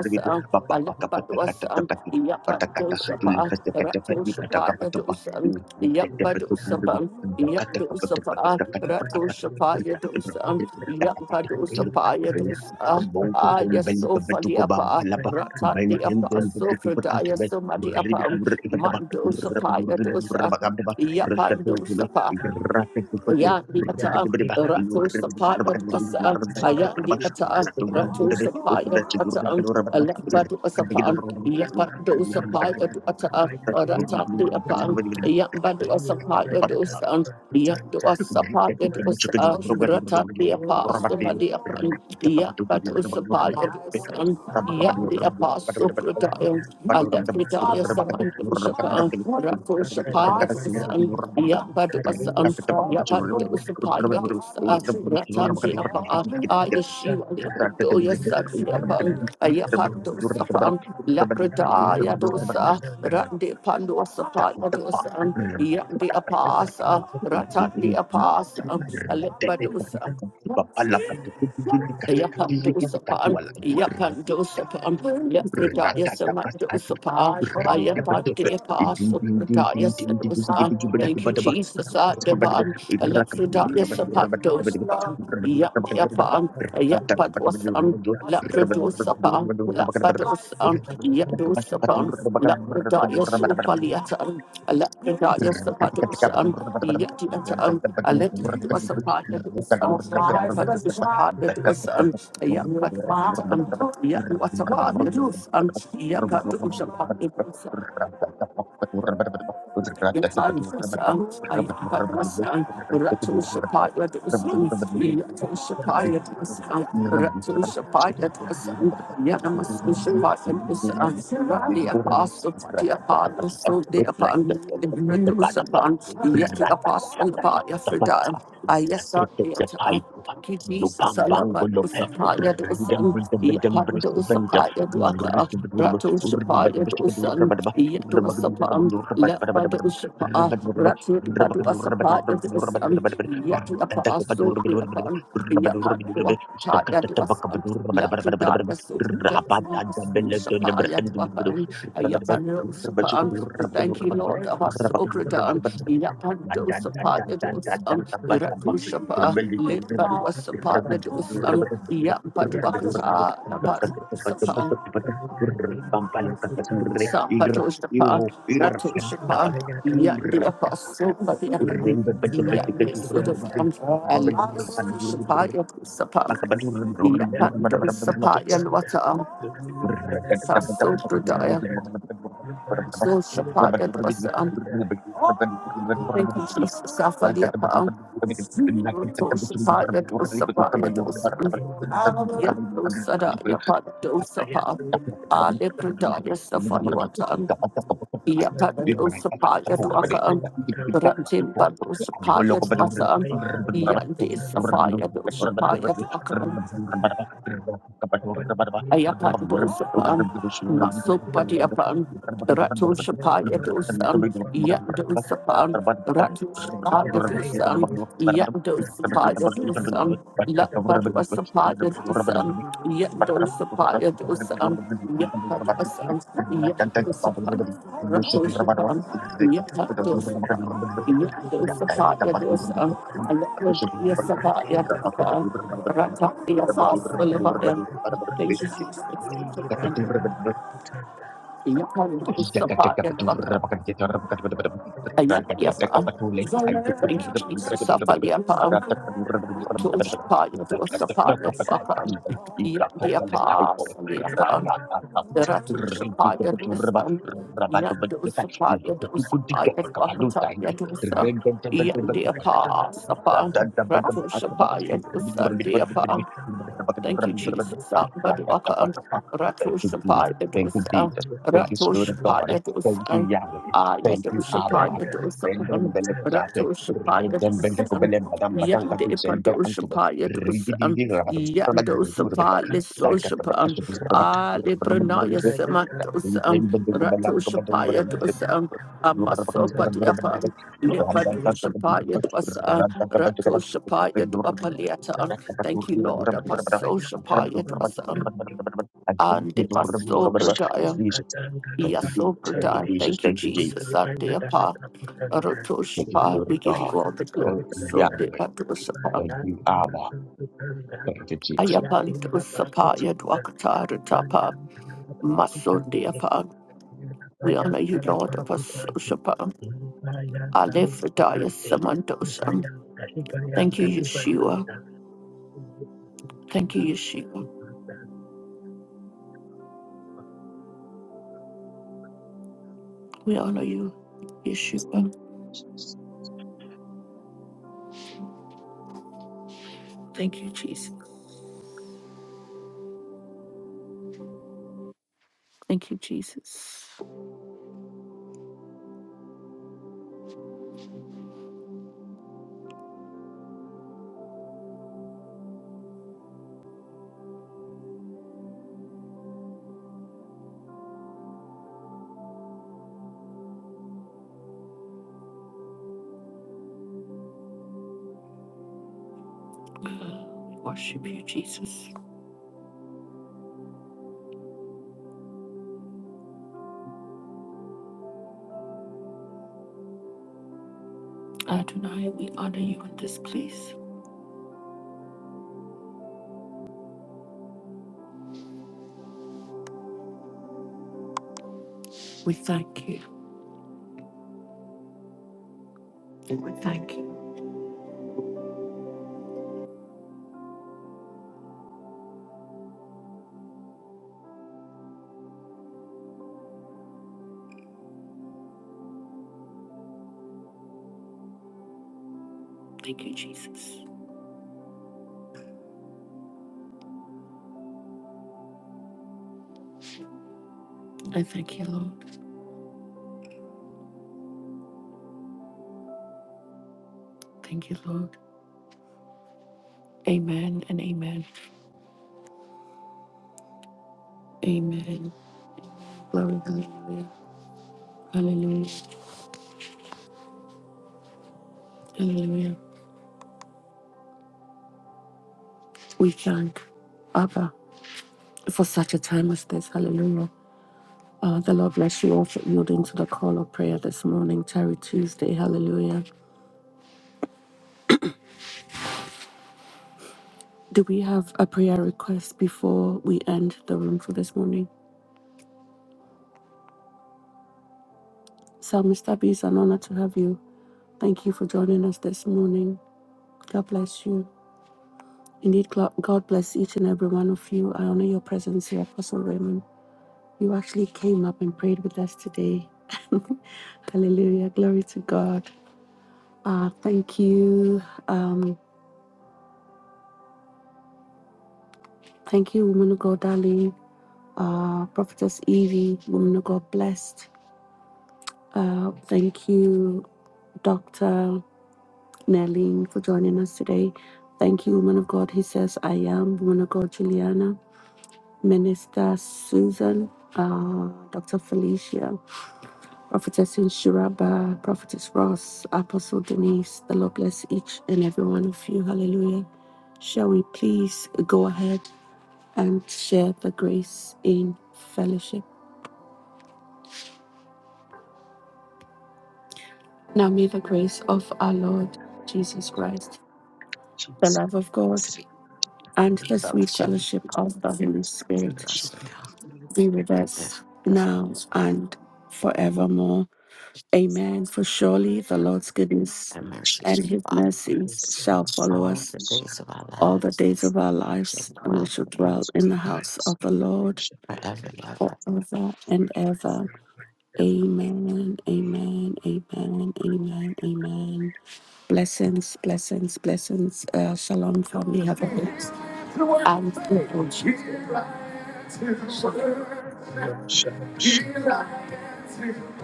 S10: hanya dalam berkata ini saya
S2: Alepadusa,
S10: dapat berkata
S2: Yapadusa,
S10: yang dalam berkata ini saya
S2: Ratusha, Yadusa,
S10: tidak berkata ada
S2: Yapadusa, Yadusa,
S10: saya dapat berkata ini saya
S2: Ratusha,
S10: dapat berkata tinggal
S2: Yadusa,
S10: tidak dapat berkata saya
S2: Yapadusa,
S8: you.
S10: dapat
S2: Yadusa,
S8: Ambon
S2: Ah,
S8: kutum
S2: yes,
S8: bela
S2: so for
S8: kebetu
S2: the
S8: ko bang
S2: upper,
S8: palapa
S2: Ratat
S8: bain
S2: the
S8: ten
S2: upper,
S8: ten
S2: so
S8: betu ko
S2: for
S8: pat ak
S2: Dia,
S8: bet
S2: so Madi upper,
S8: ribi ur ibata ba ur
S2: Mandosa,
S8: ba ur ur
S2: Yadusa,
S8: ba kam ba ur ta tu tu be
S2: Yapandosa,
S10: berkata
S8: ra te ko pat
S2: Yandi
S8: ur du be
S2: Ata,
S8: be ba ur
S2: Rato
S8: ribi ur ba
S2: Sapaya
S8: ur ur
S2: Dwasa,
S8: ba ba ba
S2: Ayandi
S8: ba
S2: Ata,
S8: ur tu ur
S2: Rato
S8: du be ur
S2: Sapaya
S8: ra tu ur ba
S2: Dwata,
S8: ur ba ba ur
S2: Alepa
S8: ka be ur
S2: Dwasapan,
S8: ba ur ba
S2: Yapa
S8: ur ba ka ba
S2: Dosapaya
S8: ur
S2: Dwata,
S8: ta ur ba
S2: Rata
S8: ur
S2: Deapan,
S8: ba ur
S2: Yamba Dwasapaya
S8: ba be
S2: Dosan, Yandwasapaya
S8: Thank
S2: Dwasa, Rata Deapa Sumadiapan, Yapa Dosapaya Dosan, Yandi Apa Supratayam, Ada Pridaya Samanta Ushapa, Rato Shapaya Dosan, Yapadu Asan, Yapadu Usapaya Dosa,
S10: Thank
S2: Ratanji Apa, Ayashiva Lipadoya Satyapan, Ayapadu Sapan, Lapradaya Dosa, Randi Pandu Sapaya Dosan, Yandi Apasa, Ratandi
S8: you. Rabba
S2: Apasa, Alipadusa. Yapandosapan, Yapandosapan, Lefredaya Samandosapan, Ayapandiapa, Supradaya Sedosan. Thank you, Jesus, Adavan, Lefredaya Sapandosapan, Yandiapan, Ayapadwasan.
S10: you.
S2: Labradus upon.
S10: Thank
S2: Lakradosapa, Lapadosa, Yadosapa, Lakradaya Sopaliatan, Lakradaya
S8: Thank
S2: Sapatosa, Yatiatan, Aletwasapa Yadosa, Lapadosapa Yadosa, Yapatwatan, Yadwatapa Yadosa, Yapatosapa Yadosa. Itan Fasan, Ayat Rasan, ratu
S8: you.
S2: the apostle, the apostle, so the upon the Redos upon, yet the apostle about Aphrodite. I yes, sir, Thank you, Jesus.
S8: Lupang
S2: Alabado Sapaya Dosan, Yapando Sapaya Dwaka, Rato Sapaya Dosan, Yato Sapam, Labado Sapa, Ratu Padu Sapaya Dosan, Yatu Apaso, Yapan, Yapando
S10: you.
S2: Taya we
S8: rabat,
S10: Thank
S2: thank you, Lord, of us, Sopradan, Yapandosapayadosan, Irakushapa, Libatwasapayadosan, Yapadwakata, Lapatwasapan, Sampatoshapa, Ratoshapa, Yandiapasopayapan, Yandisudapan, Alisoshapayatosapan. Yapando Sapaya Wata
S8: Thank
S2: Sasopradaya,
S10: you.
S2: Soshapaya Dwasam. Thank you, Jesus. Safaliapa. Roto Shapaya Dwasapaya Dwasam. Yato Sada
S8: you.
S2: Yapato Sapa.
S8: Thank
S2: Ale Pradaya Safaluatan. Yapato Sapaya Dwakam. Ratim Bado Sapaya Dwasam. Yande Sapaya Dwasapaya Dwakam. Ayapan dosapan, Masopadiapan, Ratu Shapaya dosan, Yan dosapan, Ratu Shapaya dosan, Yan
S10: Thank
S2: dosapaya dosan, Lapadua Sapaya dosan, Yan
S8: you.
S2: dosapaya
S8: Thank
S2: dosan, Yan paduasan, Yan dosapan, Ratu Shapan, Yan dosapan, Yan dosapaya dosan, Alapadua Sapaya dosan, Ratatia Fasalabaya. Thank you, Jesus.
S8: you. Thank you,
S2: Thank you, Jesus. Afaliapa,
S10: you.
S2: Toshapa,
S10: Thank you. have the class teacher. You can tell the class teacher. You see that
S2: Yosapa, Yosapa, Yandiapa, Saliapa, Ratushapa, Yosan, Yandosapa, Yosapa,
S10: class teacher.
S2: Yosapa,
S10: You
S2: Yosa, Yandiapa, Sapa, Ratushapa, Yosa, Thank you, Jesus. Ah, Badwaka, um, Ratoshapaya
S8: Jesus.
S2: Shapaya
S8: Thank you,
S2: Dosa,
S8: Jesus. Thank you,
S2: Ratu
S8: Spirit of God. Thank you,
S2: Dosa,
S8: Yahweh.
S2: Aya
S8: Thank you,
S2: Dosa
S8: Abba.
S2: Paya Dosa,
S8: Rendem
S2: um,
S8: bele kujate,
S2: Ratu Shapaya
S8: rendem bele
S2: Dosa, um,
S8: kubele badam badang
S2: Yande
S8: kadu seiber antube,
S2: Dosa,
S8: ridi di
S2: um,
S8: di rabadu rabadu
S2: Yandosa
S8: rabadu rabadu
S2: Pali
S8: zakat
S2: Sosha Pan,
S8: berasuk rabadu
S2: Ali
S8: rabadu
S10: can
S2: Pranaya
S8: rabadu
S10: tell the class
S2: Semadosa,
S8: rabadu. rendem
S2: um,
S8: bele
S10: teacher.
S8: kubalang kubadu
S2: Ratoshapaya Shapaya
S10: Thank
S8: rabadu
S2: Dosa, um,
S8: rabadu
S2: Amaso
S8: rabadu rabadu rabadu
S2: Padiapa.
S8: radata kabadu
S2: Lipadusapaya
S8: rabadu
S2: dwasa,
S8: radata kabadu kadang
S2: ratosapaya
S8: rabadu rabadu
S2: dwapaliata. Thank you,
S8: rabadu rabadu
S2: Lord.
S8: rabadu rabadu rabadu
S2: Apasoshapaya
S8: rabadu rabadu rabadu
S2: dwasa,
S8: rabadu
S2: and
S8: rabadu rabadu. Rabadu rabadu
S2: dipasogradaya,
S8: rabadu. Thank you, Jesus. Thank you,
S2: yasogradaya.
S8: Jesus.
S2: Thank you,
S8: Thank you, Jesus.
S2: Jesus. Andeapa,
S8: Thank you,
S2: rotoshapa.
S8: Spirit of
S2: We give you
S8: God.
S2: all the
S8: Thank
S2: glory.
S8: you,
S2: So
S8: Yahweh.
S2: dipadusapa,
S8: Thank you, Abba. Thank you, Jesus.
S2: ayapandusapaya dwakata ratapa,
S10: you.
S2: masondeapa. We
S10: Nipaya
S2: honor you,
S10: kala
S2: Lord.
S10: paraputante,
S2: Apasoshapa,
S10: nipaya kala
S2: alefradaya
S10: paraputante,
S2: samandosam.
S10: nipaya nipaya nipaya
S2: Thank you,
S10: nipaya
S2: Yeshua. Thank you,
S10: nipaya
S2: Yeshua.
S10: nipaya
S2: We honor you, Yeshua. Thank you, Jesus. Thank you, Jesus. Uh, we worship you, Jesus. Adonai, we honor you in this place. We thank you. We thank you. Thank you, Jesus. I thank you, Lord. Thank you, Lord. Amen and amen. Amen. Glory, hallelujah. Hallelujah. Hallelujah. We thank Abba for such a time as this. Hallelujah. Uh, the Lord bless you all for yielding to the call of prayer this morning, Terry Tuesday. Hallelujah. Do we have a prayer request before we end the room for this morning? Psalmist Abby, it's an honor to have you. Thank you for joining us this morning. God bless you. Indeed, Glo- God bless each and every one of you. I honor your presence here, Apostle Raymond. You actually came up and prayed with us today. Hallelujah. Glory to God. Uh, thank you. Um, thank you, woman of God, darling. Uh, Prophetess Evie, woman of God, blessed. Uh, thank you, Dr. Nelling, for joining us today. Thank you, woman of God. He says, I am woman of God, Juliana, Minister Susan, uh, Dr. Felicia, Prophetess Inshuraba, Prophetess Ross, Apostle Denise. The Lord bless each and every one of you. Hallelujah. Shall we please go ahead and share the grace in fellowship? Now may the grace of our Lord Jesus Christ, the
S10: Jesus,
S2: love of God
S10: please, in
S2: and
S10: the
S2: the
S10: love of
S2: sweet
S7: basa,
S10: God,
S2: fellowship of the Holy Spirit
S10: fellowship of the
S7: basa,
S10: Holy
S2: be with
S10: Spirit,
S7: if,
S2: us
S7: if,
S2: now and forevermore. Amen. For surely the Lord's goodness
S7: and mercy
S2: and
S7: shall
S10: share
S2: his
S7: follow
S10: with
S2: mercies
S10: us and
S2: shall
S10: receive
S2: follow
S7: all
S2: us
S7: the
S10: us
S7: days of our
S2: all the
S7: lives,
S2: days of our
S7: we shall
S2: lives, and we
S7: dwell
S2: shall
S10: the
S2: dwell
S10: grace
S2: in the
S10: of our
S2: house of
S10: lives,
S2: the Lord
S10: share the love
S7: forever
S10: of
S7: and ever.
S10: God
S2: forever and ever.
S10: forever and ever.
S2: Amen. Amen. Amen. Amen. Amen. Blessings, blessings, blessings. Uh, shalom, family. Have a good and
S10: Shalom, shalom, shalom.
S2: fruitful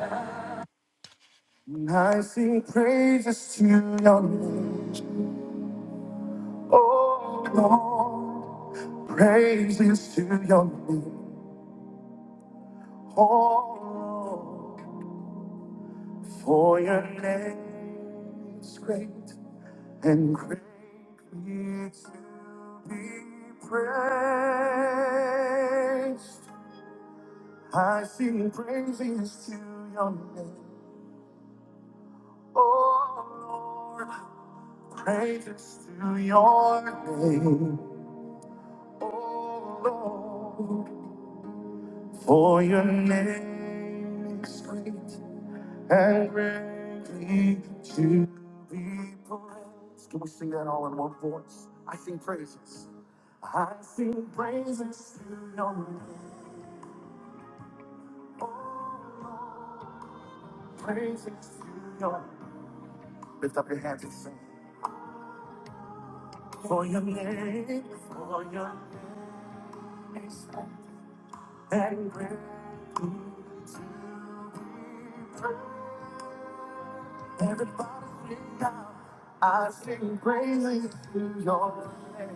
S2: I sing praises to your name, oh Lord, praises to your name, oh Lord, for your name is great and greatly to be praised. I sing praises to your name, oh Lord, praises to your name. Oh Lord, for your name is great and greatly to be praised. Can we sing that all in one voice? I sing praises. I sing praises to your name. Oh Lord, praises to your name. Lift up your hands and sing. For your name, for your name is great and greatly to be praised. Everybody sing out. I sing praises to your name.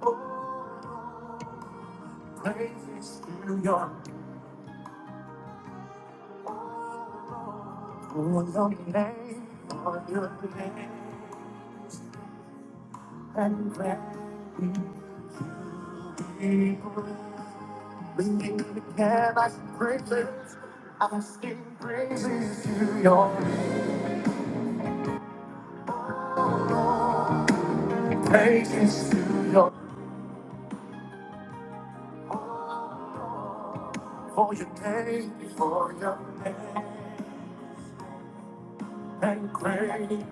S2: Oh, Lord, praises to your name. Oh, Lord, for your name, for your name. And let me people believe again. I sing praises. I sing praises to your name. Praises to your name. Oh, For your name, for your name. and great.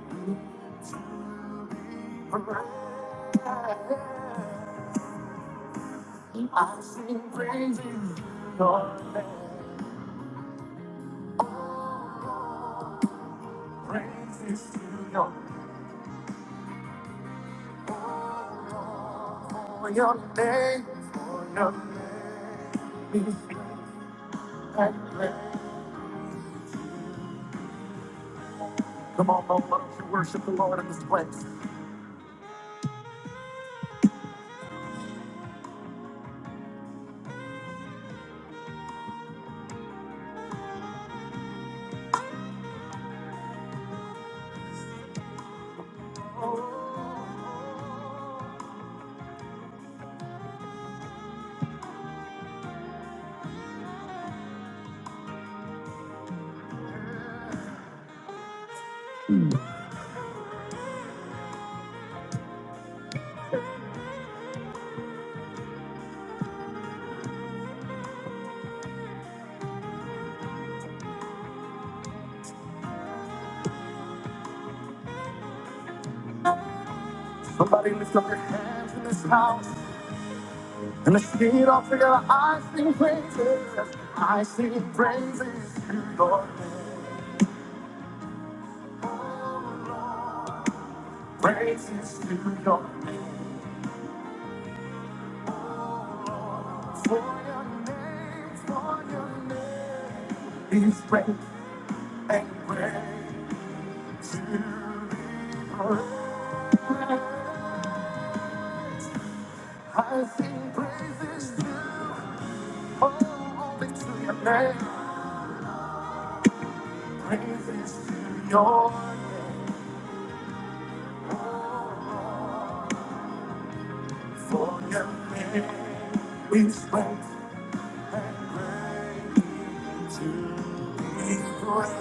S2: I sing praises to your name, praises to your for your name, for your name and great. Come on, Mom, why don't you worship the Lord in this place? Somebody lift up your hands in this house and let's sing it all together. I sing praises, I sing praises to your name, praises to your name. For your name, for your name is great and great to be praised. I sing praises to oh, only to your name, praises to your name. For your name is great to be praised.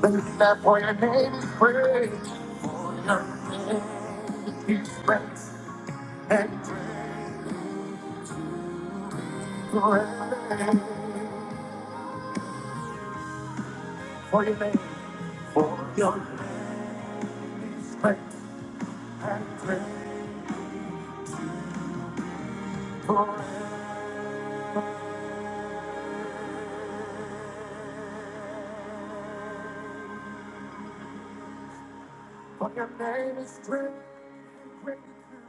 S2: Believe that for your name is great, for your name is great. and Forever, For your name, for your name is great and great. Forever, For your name is great, great.